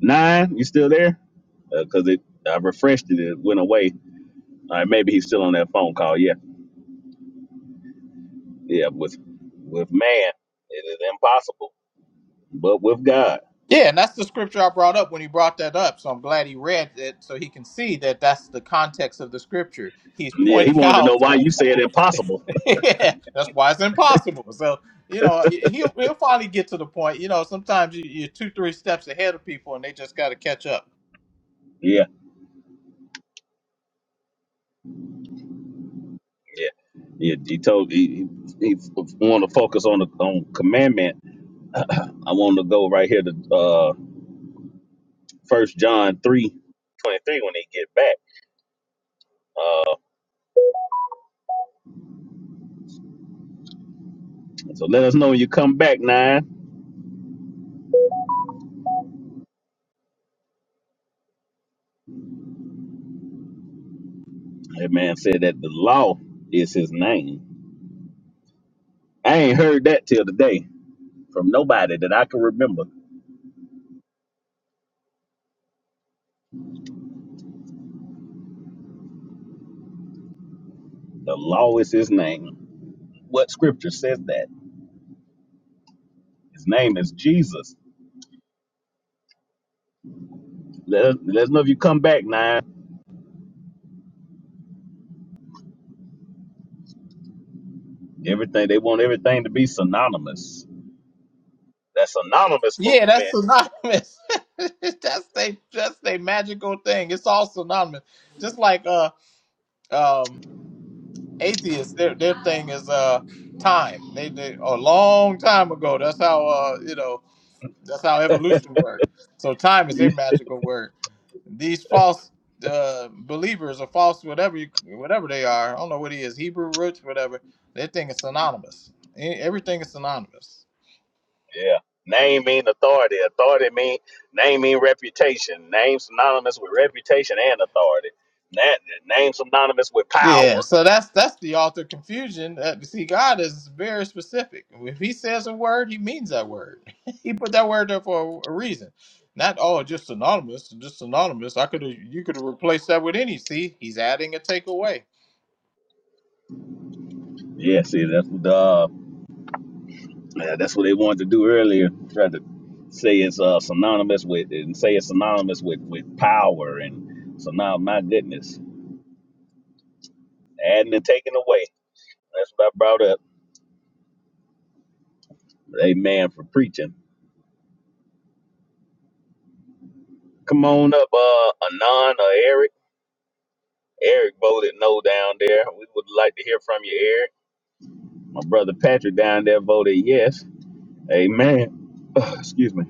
nine. You still there? Because it I refreshed it. It went away. All right, maybe he's still on that phone call. Yeah, yeah. With with man, it is impossible. But with God, Yeah, and that's the scripture I brought up when he brought that up. So I'm glad he read it so he can see that that's the context of the scripture. He's yeah. He pointing wanted to know out why you said impossible. (laughs) yeah, that's why it's impossible. So, you know, he'll, he'll finally get to the point. You know, sometimes you, you're two, three steps ahead of people and they just got to catch up. Yeah. Yeah, yeah. He told he, he, he want to focus on the on commandment. I want to go right here to uh First John three twenty three when they get back. Uh, so let us know when you come back, nine. That man said that the law is his name. I ain't heard that till today from nobody that I can remember. The law is his name. What scripture says that? His name is Jesus. Let us, let us know if you come back, nine. Everything they want everything to be synonymous that synonymous Yeah, movement that's synonymous. (laughs) that's they that's they magical thing. It's all synonymous. Just like uh um atheists, their their thing is uh time. They they a long time ago. That's how uh you know That's how evolution works. So time is a magical word. These false uh, believers or false whatever you whatever they are. I don't know what he is. Hebrew roots, whatever. They think it's synonymous. E- Everything is synonymous. Yeah. Name mean authority. Authority mean name mean reputation. Name synonymous with reputation and authority. That name synonymous with power. Yeah. So that's that's the author confusion. Uh, see, God is very specific. If He says a word, He means that word. (laughs) he put that word there for a reason. Not oh, just synonymous, just synonymous. I could have you could have replaced that with any. See, He's adding a takeaway. Yeah, see that's what uh yeah, that's what they wanted to do earlier. Tried to say it's uh synonymous with and say it's synonymous with with power and so now my goodness. Adding and taking away. That's what I brought up. Amen for preaching. Come on up, uh Anon or Eric. Eric voted no down there. We would like to hear from you, Eric. My brother Patrick down there voted yes. Amen. (sighs) Excuse me.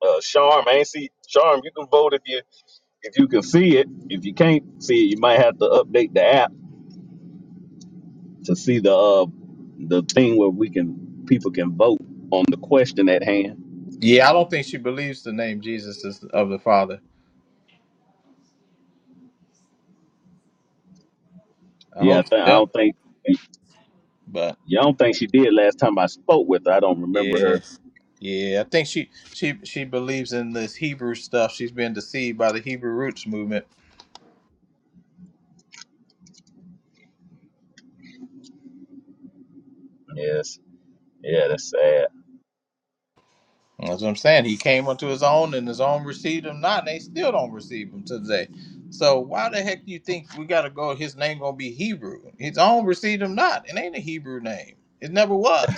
Uh, Charm, I ain't see Charm. You can vote if you if you can see it. If you can't see it, you might have to update the app to see the uh the thing where we can people can vote on the question at hand. Yeah, I don't think she believes the name Jesus is of the Father. I Yeah, I, hope she think I does, don't think but yeah, I don't think she did last time I spoke with her. I don't remember yeah, her. yeah, I think she she she believes in this Hebrew stuff. She's been deceived by the Hebrew roots movement. Yes, yeah, that's sad. That's what I'm saying. He came unto his own, and his own received him not, and they still don't receive him today. So why the heck do you think we got to go? His name gonna be Hebrew. His own received him not. It ain't a Hebrew name. It never was.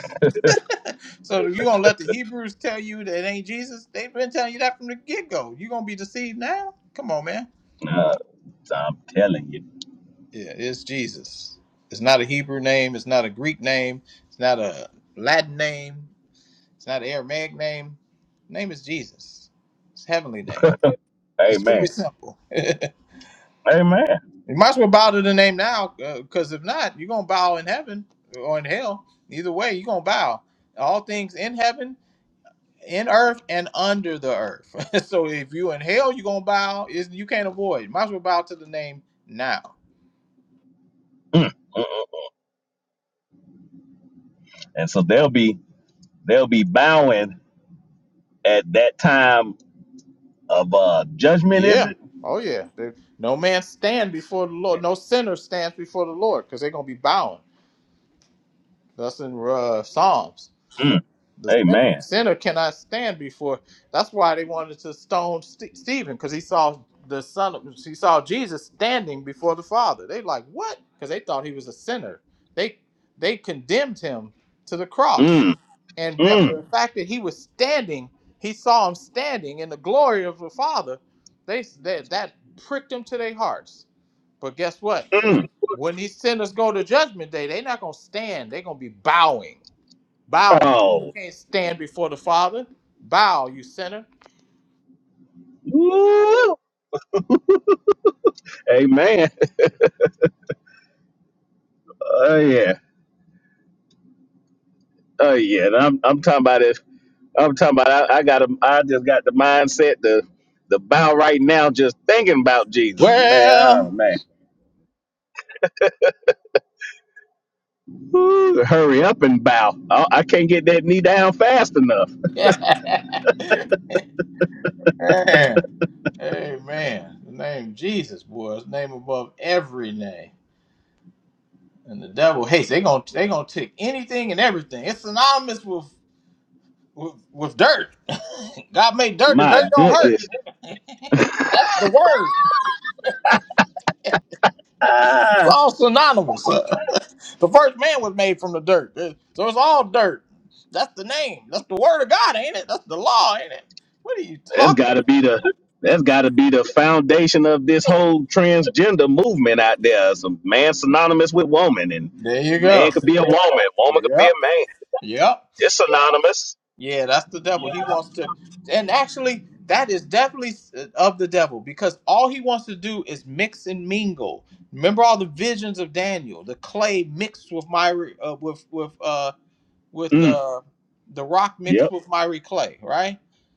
So if you gonna let the Hebrews tell you that it ain't Jesus, they've been telling you that from the get go. You gonna be deceived now? Come on, man. Uh, I'm telling you. Yeah, it's Jesus. It's not a Hebrew name. It's not a Greek name. It's not a Latin name. It's not an Aramaic name. name is Jesus. It's a heavenly name. (laughs) It's really Amen. simple. (laughs) you Amen. might as well bow to the name now, because if not, you're gonna bow in heaven or in hell. Either way, you're gonna bow. All things in heaven in earth and under the earth. (laughs) so if you in hell, you're gonna bow. Is you can't avoid. it. Might as well bow to the name now. Mm, mm, mm. And so they'll be They'll be bowing at that time of uh, judgment, is Yeah. it? Oh yeah. There- no man stand before the Lord. No sinner stands before the Lord because they're gonna be bowing. That's in uh, Psalms. Mm. The sinner Amen. sinner cannot stand before. That's why they wanted to stone Ste Stephen because he saw the son. Of, he saw Jesus standing before the Father. They like what? Because they thought he was a sinner. They they condemned him to the cross, Mm. and be- Mm. the fact that he was standing, he saw him standing in the glory of the Father. They that that pricked them to their hearts. But guess what? Mm. When these sinners go to judgment day, they're not gonna stand. They're gonna be bowing bowing. You who Oh. can't stand before the Father. Bow, you sinner. Woo. Amen. Oh yeah. Oh yeah. And I'm I'm talking about it. I'm talking about I, I got a, I just got the mindset to the bow right now just thinking about Jesus. Man, oh Well, man. Woo, hurry up and bow. I, I can't get that knee down fast enough. (laughs) man. Amen. The name of Jesus, boy, his name above every name. And the devil hates. They're gonna they going to they going to take anything and everything. It's synonymous with with, with dirt. (laughs) God made (laughs) dirt and My dirt don't hurt. goodness. That's the word. It's Ah. all synonymous. (laughs) The first man was made from the dirt. Uh, So it's all dirt. That's the name. That's the word of God, ain't it? That's the law, ain't it? What are you That's talking got about? to be the that's got to be the foundation of this whole transgender movement out there. Some man synonymous with woman, and There you go. man could be a woman, woman could be Yep. a man. Yep. It's synonymous. Yeah, that's the devil. He wants to, and actually, that is definitely uh, of the devil because all he wants to do is mix and mingle. Remember all the visions of Daniel, the clay mixed with my uh, with with uh with Mm. uh the rock mixed Yep, with miry clay, right?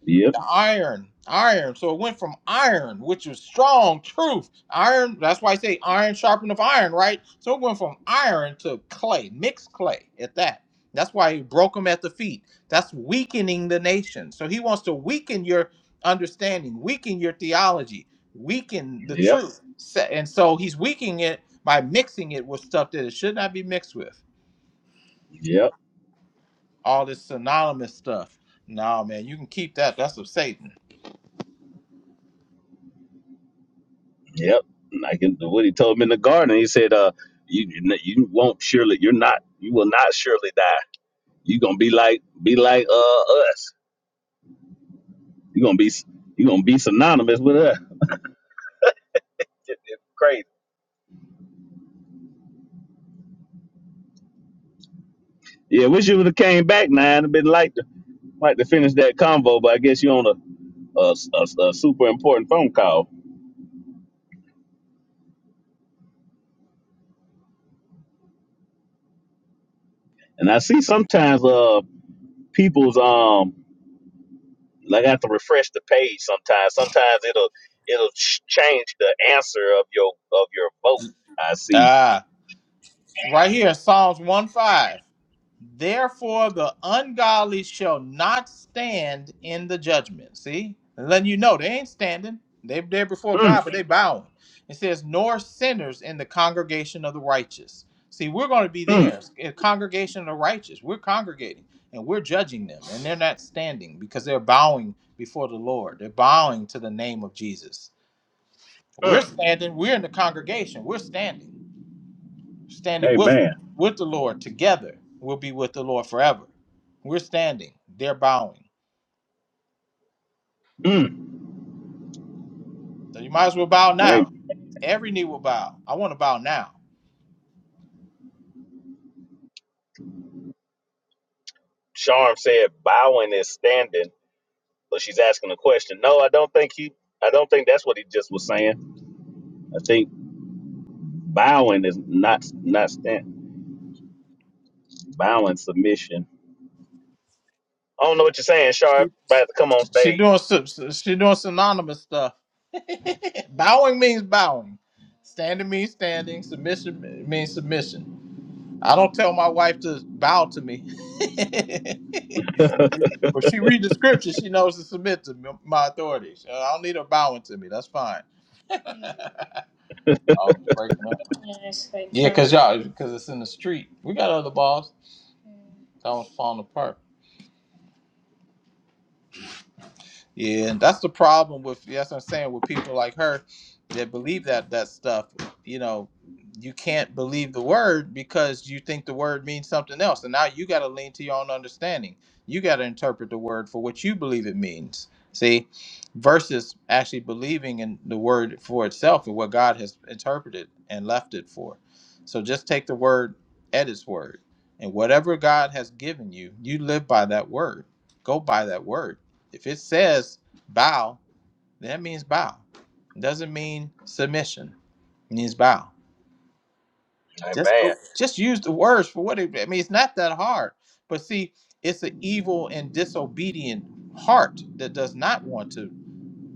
yep, the iron, iron. So it went from iron, which was strong truth. Iron, that's why I say iron sharpened of iron, right? So it went from iron to clay, mixed clay at that. That's why he broke them at the feet. That's weakening the nation. So he wants to weaken your understanding, weaken your theology, weaken the yep, truth. Sa- And so he's weakening it by mixing it with stuff that it should not be mixed with. yep, All this synonymous stuff. No, man, you can keep that. That's of Satan. yep. And I can. What he told me in the garden, he said, "Uh, you you won't surely. You're not. You will not surely die. You're gonna be like be like uh us. You're gonna be you're gonna be synonymous with us. Crazy. Yeah, wish you would have came back, man. It'd been like that. like to finish that convo, but I guess you're on a, a, a- a super important phone call. And I see sometimes uh people's um like I have to refresh the page sometimes. Sometimes it'll it'll ch- change the answer of your of your vote. I see. Ah. Right here, Psalms 1 5. Therefore, the ungodly shall not stand in the judgment. See, letting you know they ain't standing. They, they're before Mm, God, but they bowing. It says, nor sinners in the congregation of the righteous. See, we're going to be mm, there, a congregation of the righteous. We're congregating and we're judging them, and they're not standing because they're bowing before the Lord. They're bowing to the name of Jesus. We're mm. standing. We're in the congregation. We're standing standing with Amen. with the Lord together, we'll be with the Lord forever. We're standing, they're bowing. Mm. So you might as well bow Hey, now. Every knee will bow. I want to bow now. Charm said bowing is standing, but she's asking a question. No, I don't think he. I don't think that's what he just was saying. I think bowing is not not stand bowing submission. I don't know what you're saying, Sharp. She, About to come on she stage. doing sy- she doing synonymous stuff. (laughs) bowing means bowing. Standing means standing. Submission means submission. I don't tell my wife to bow to me. (laughs) (laughs) but she read the scripture, she knows to submit to m- my authority. So I don't need her bowing to me. That's fine. I was breaking up. Yeah, cause y'all, cause it's in the street. We got other balls that was falling apart. Yeah, and that's the problem with yeah, that's what I'm saying with people like her that believe that that stuff. You know, you can't believe the word because you think the word means something else, and now you got to lean to your own understanding. You got to interpret the word for what you believe it means. See, versus actually believing in the word for itself and what God has interpreted and left it for. So just take the word at its word, and whatever God has given you, you live by that word. Go by that word if it says bow, that means bow. It doesn't mean submission. It means bow. Just Amen. go. Just use the words for what it. I mean, it's not that hard. But see, it's an evil and disobedient heart that does not want to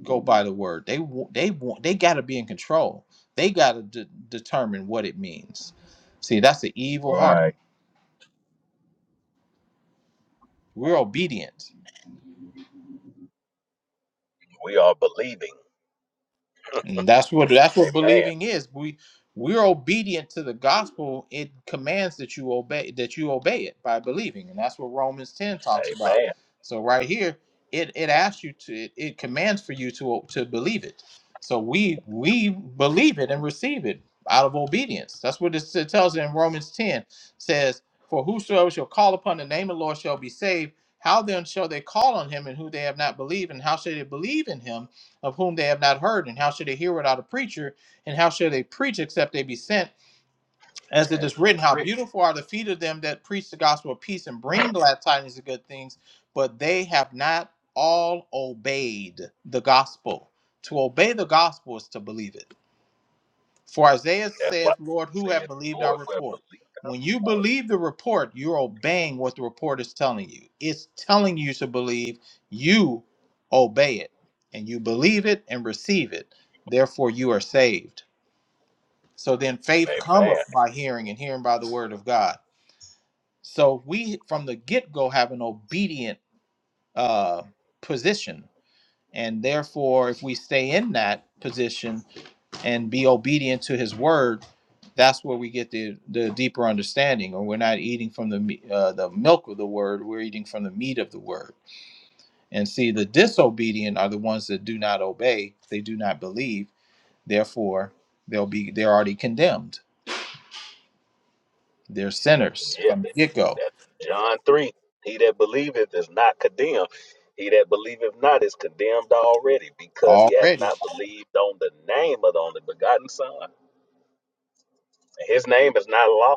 go by the word. They wa- they want. They got to be in control. They got to de- determine what it means. See, that's an evil heart. Right. We're obedient. We are believing. And that's what that's what Amen. believing is. We we're obedient to the gospel. It commands that you obey that you obey it by believing. And that's what Romans 10 talks about. Amen. So right here, it it asks you to it, it commands for you to to believe it. So we we believe it and receive it out of obedience. That's what it, it tells in Romans 10 It says, For whosoever shall call upon the name of the Lord shall be saved. How then shall they call on him in who they have not believed? And how shall they believe in him? of whom they have not heard? And how should they hear without a preacher? And how shall they preach except they be sent? As it As is it written, is How written. beautiful are the feet of them that preach the gospel of peace and bring glad tidings of good things, but they have not all obeyed the gospel. To obey the gospel is to believe it. For Isaiah That's saith, what Lord, who saith have the believed our Lord. We have report? believed our When you believe the report, you're obeying what the report is telling you. It's telling you to believe, you obey it, and you believe it and receive it. Therefore, you are saved. So then faith report. Amen. cometh by hearing, and hearing by the word of God. So we, from the get go, have an obedient uh, position. And therefore, if we stay in that position, and be obedient to his word that's where we get the the deeper understanding or we're not eating from the uh, the milk of the word we're eating from the meat of the word and see the disobedient are the ones that do not obey they do not believe therefore they'll be they're already condemned they're sinners Yeah. from the get-go That John 3. He that believeth is not condemned. He that believeth not is condemned already because he hath already not believed on the name of the only begotten Son. His name is not law.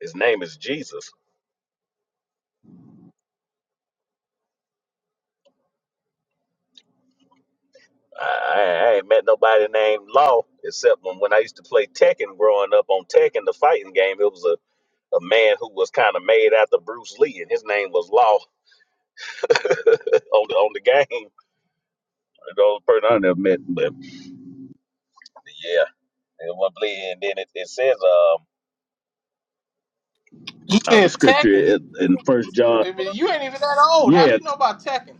His name is Jesus. I, I ain't met nobody named Law except when, when I used to play Tekken growing up on Tekken, the fighting game. It was a, a man who was kind of made after Bruce Lee, and his name was Law (laughs) on the on the game. The only person I never met, but yeah. And I believe- and then it, it says um, You uh, the said scripture Tekken. in First I John. mean, you ain't even that old. How do Yeah, you know about Tekken?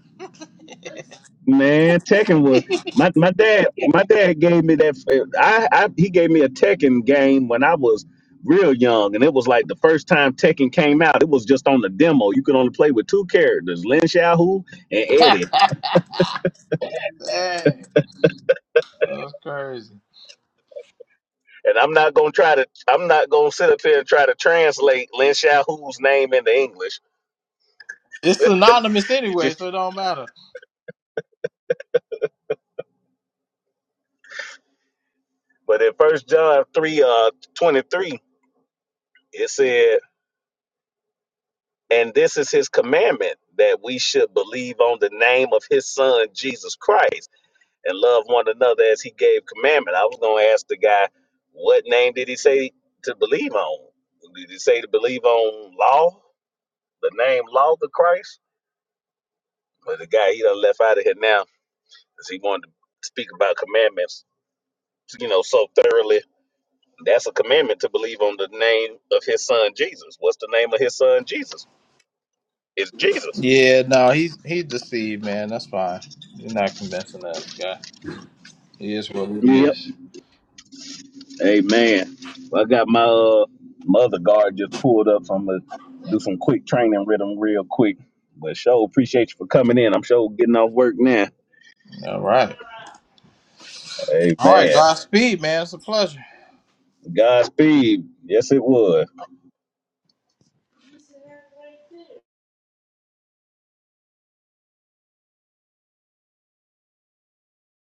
Man, Tekken was my my dad. My dad gave me that. I, I he gave me a Tekken game when I was real young, and it was like the first time Tekken came out. It was just on the demo. You could only play with two characters, Lin Xiaohu and (laughs) Eddie. Dang, that's crazy. And I'm not gonna try to. I'm not gonna sit up here and try to translate Lin Xiaohu's name into English. It's synonymous You anyway, just. so it don't matter. But in First John three uh twenty three, it said, "And this is His commandment." That we should believe on the name of his son Jesus Christ and love one another as he gave commandment. I was gonna ask the guy, what name did he say to believe on? Did he say to believe on law, the name law of Christ? But the guy he done left out of here now because he wanted to speak about commandments, you know, so thoroughly. That's a commandment to believe on the name of his son Jesus. What's the name of his son Jesus? It's Jesus. Yeah, no, he's he's deceived, man. That's fine. You're not convincing that guy. He is what it Yep. is. Amen. Well, I got my uh, mother guard just pulled up, so I'm gonna do some quick training with him real quick. But sure, appreciate you for coming in. I'm sure getting off work now. All right. All right, Amen. Godspeed, man. It's a pleasure. Godspeed. Yes, it was.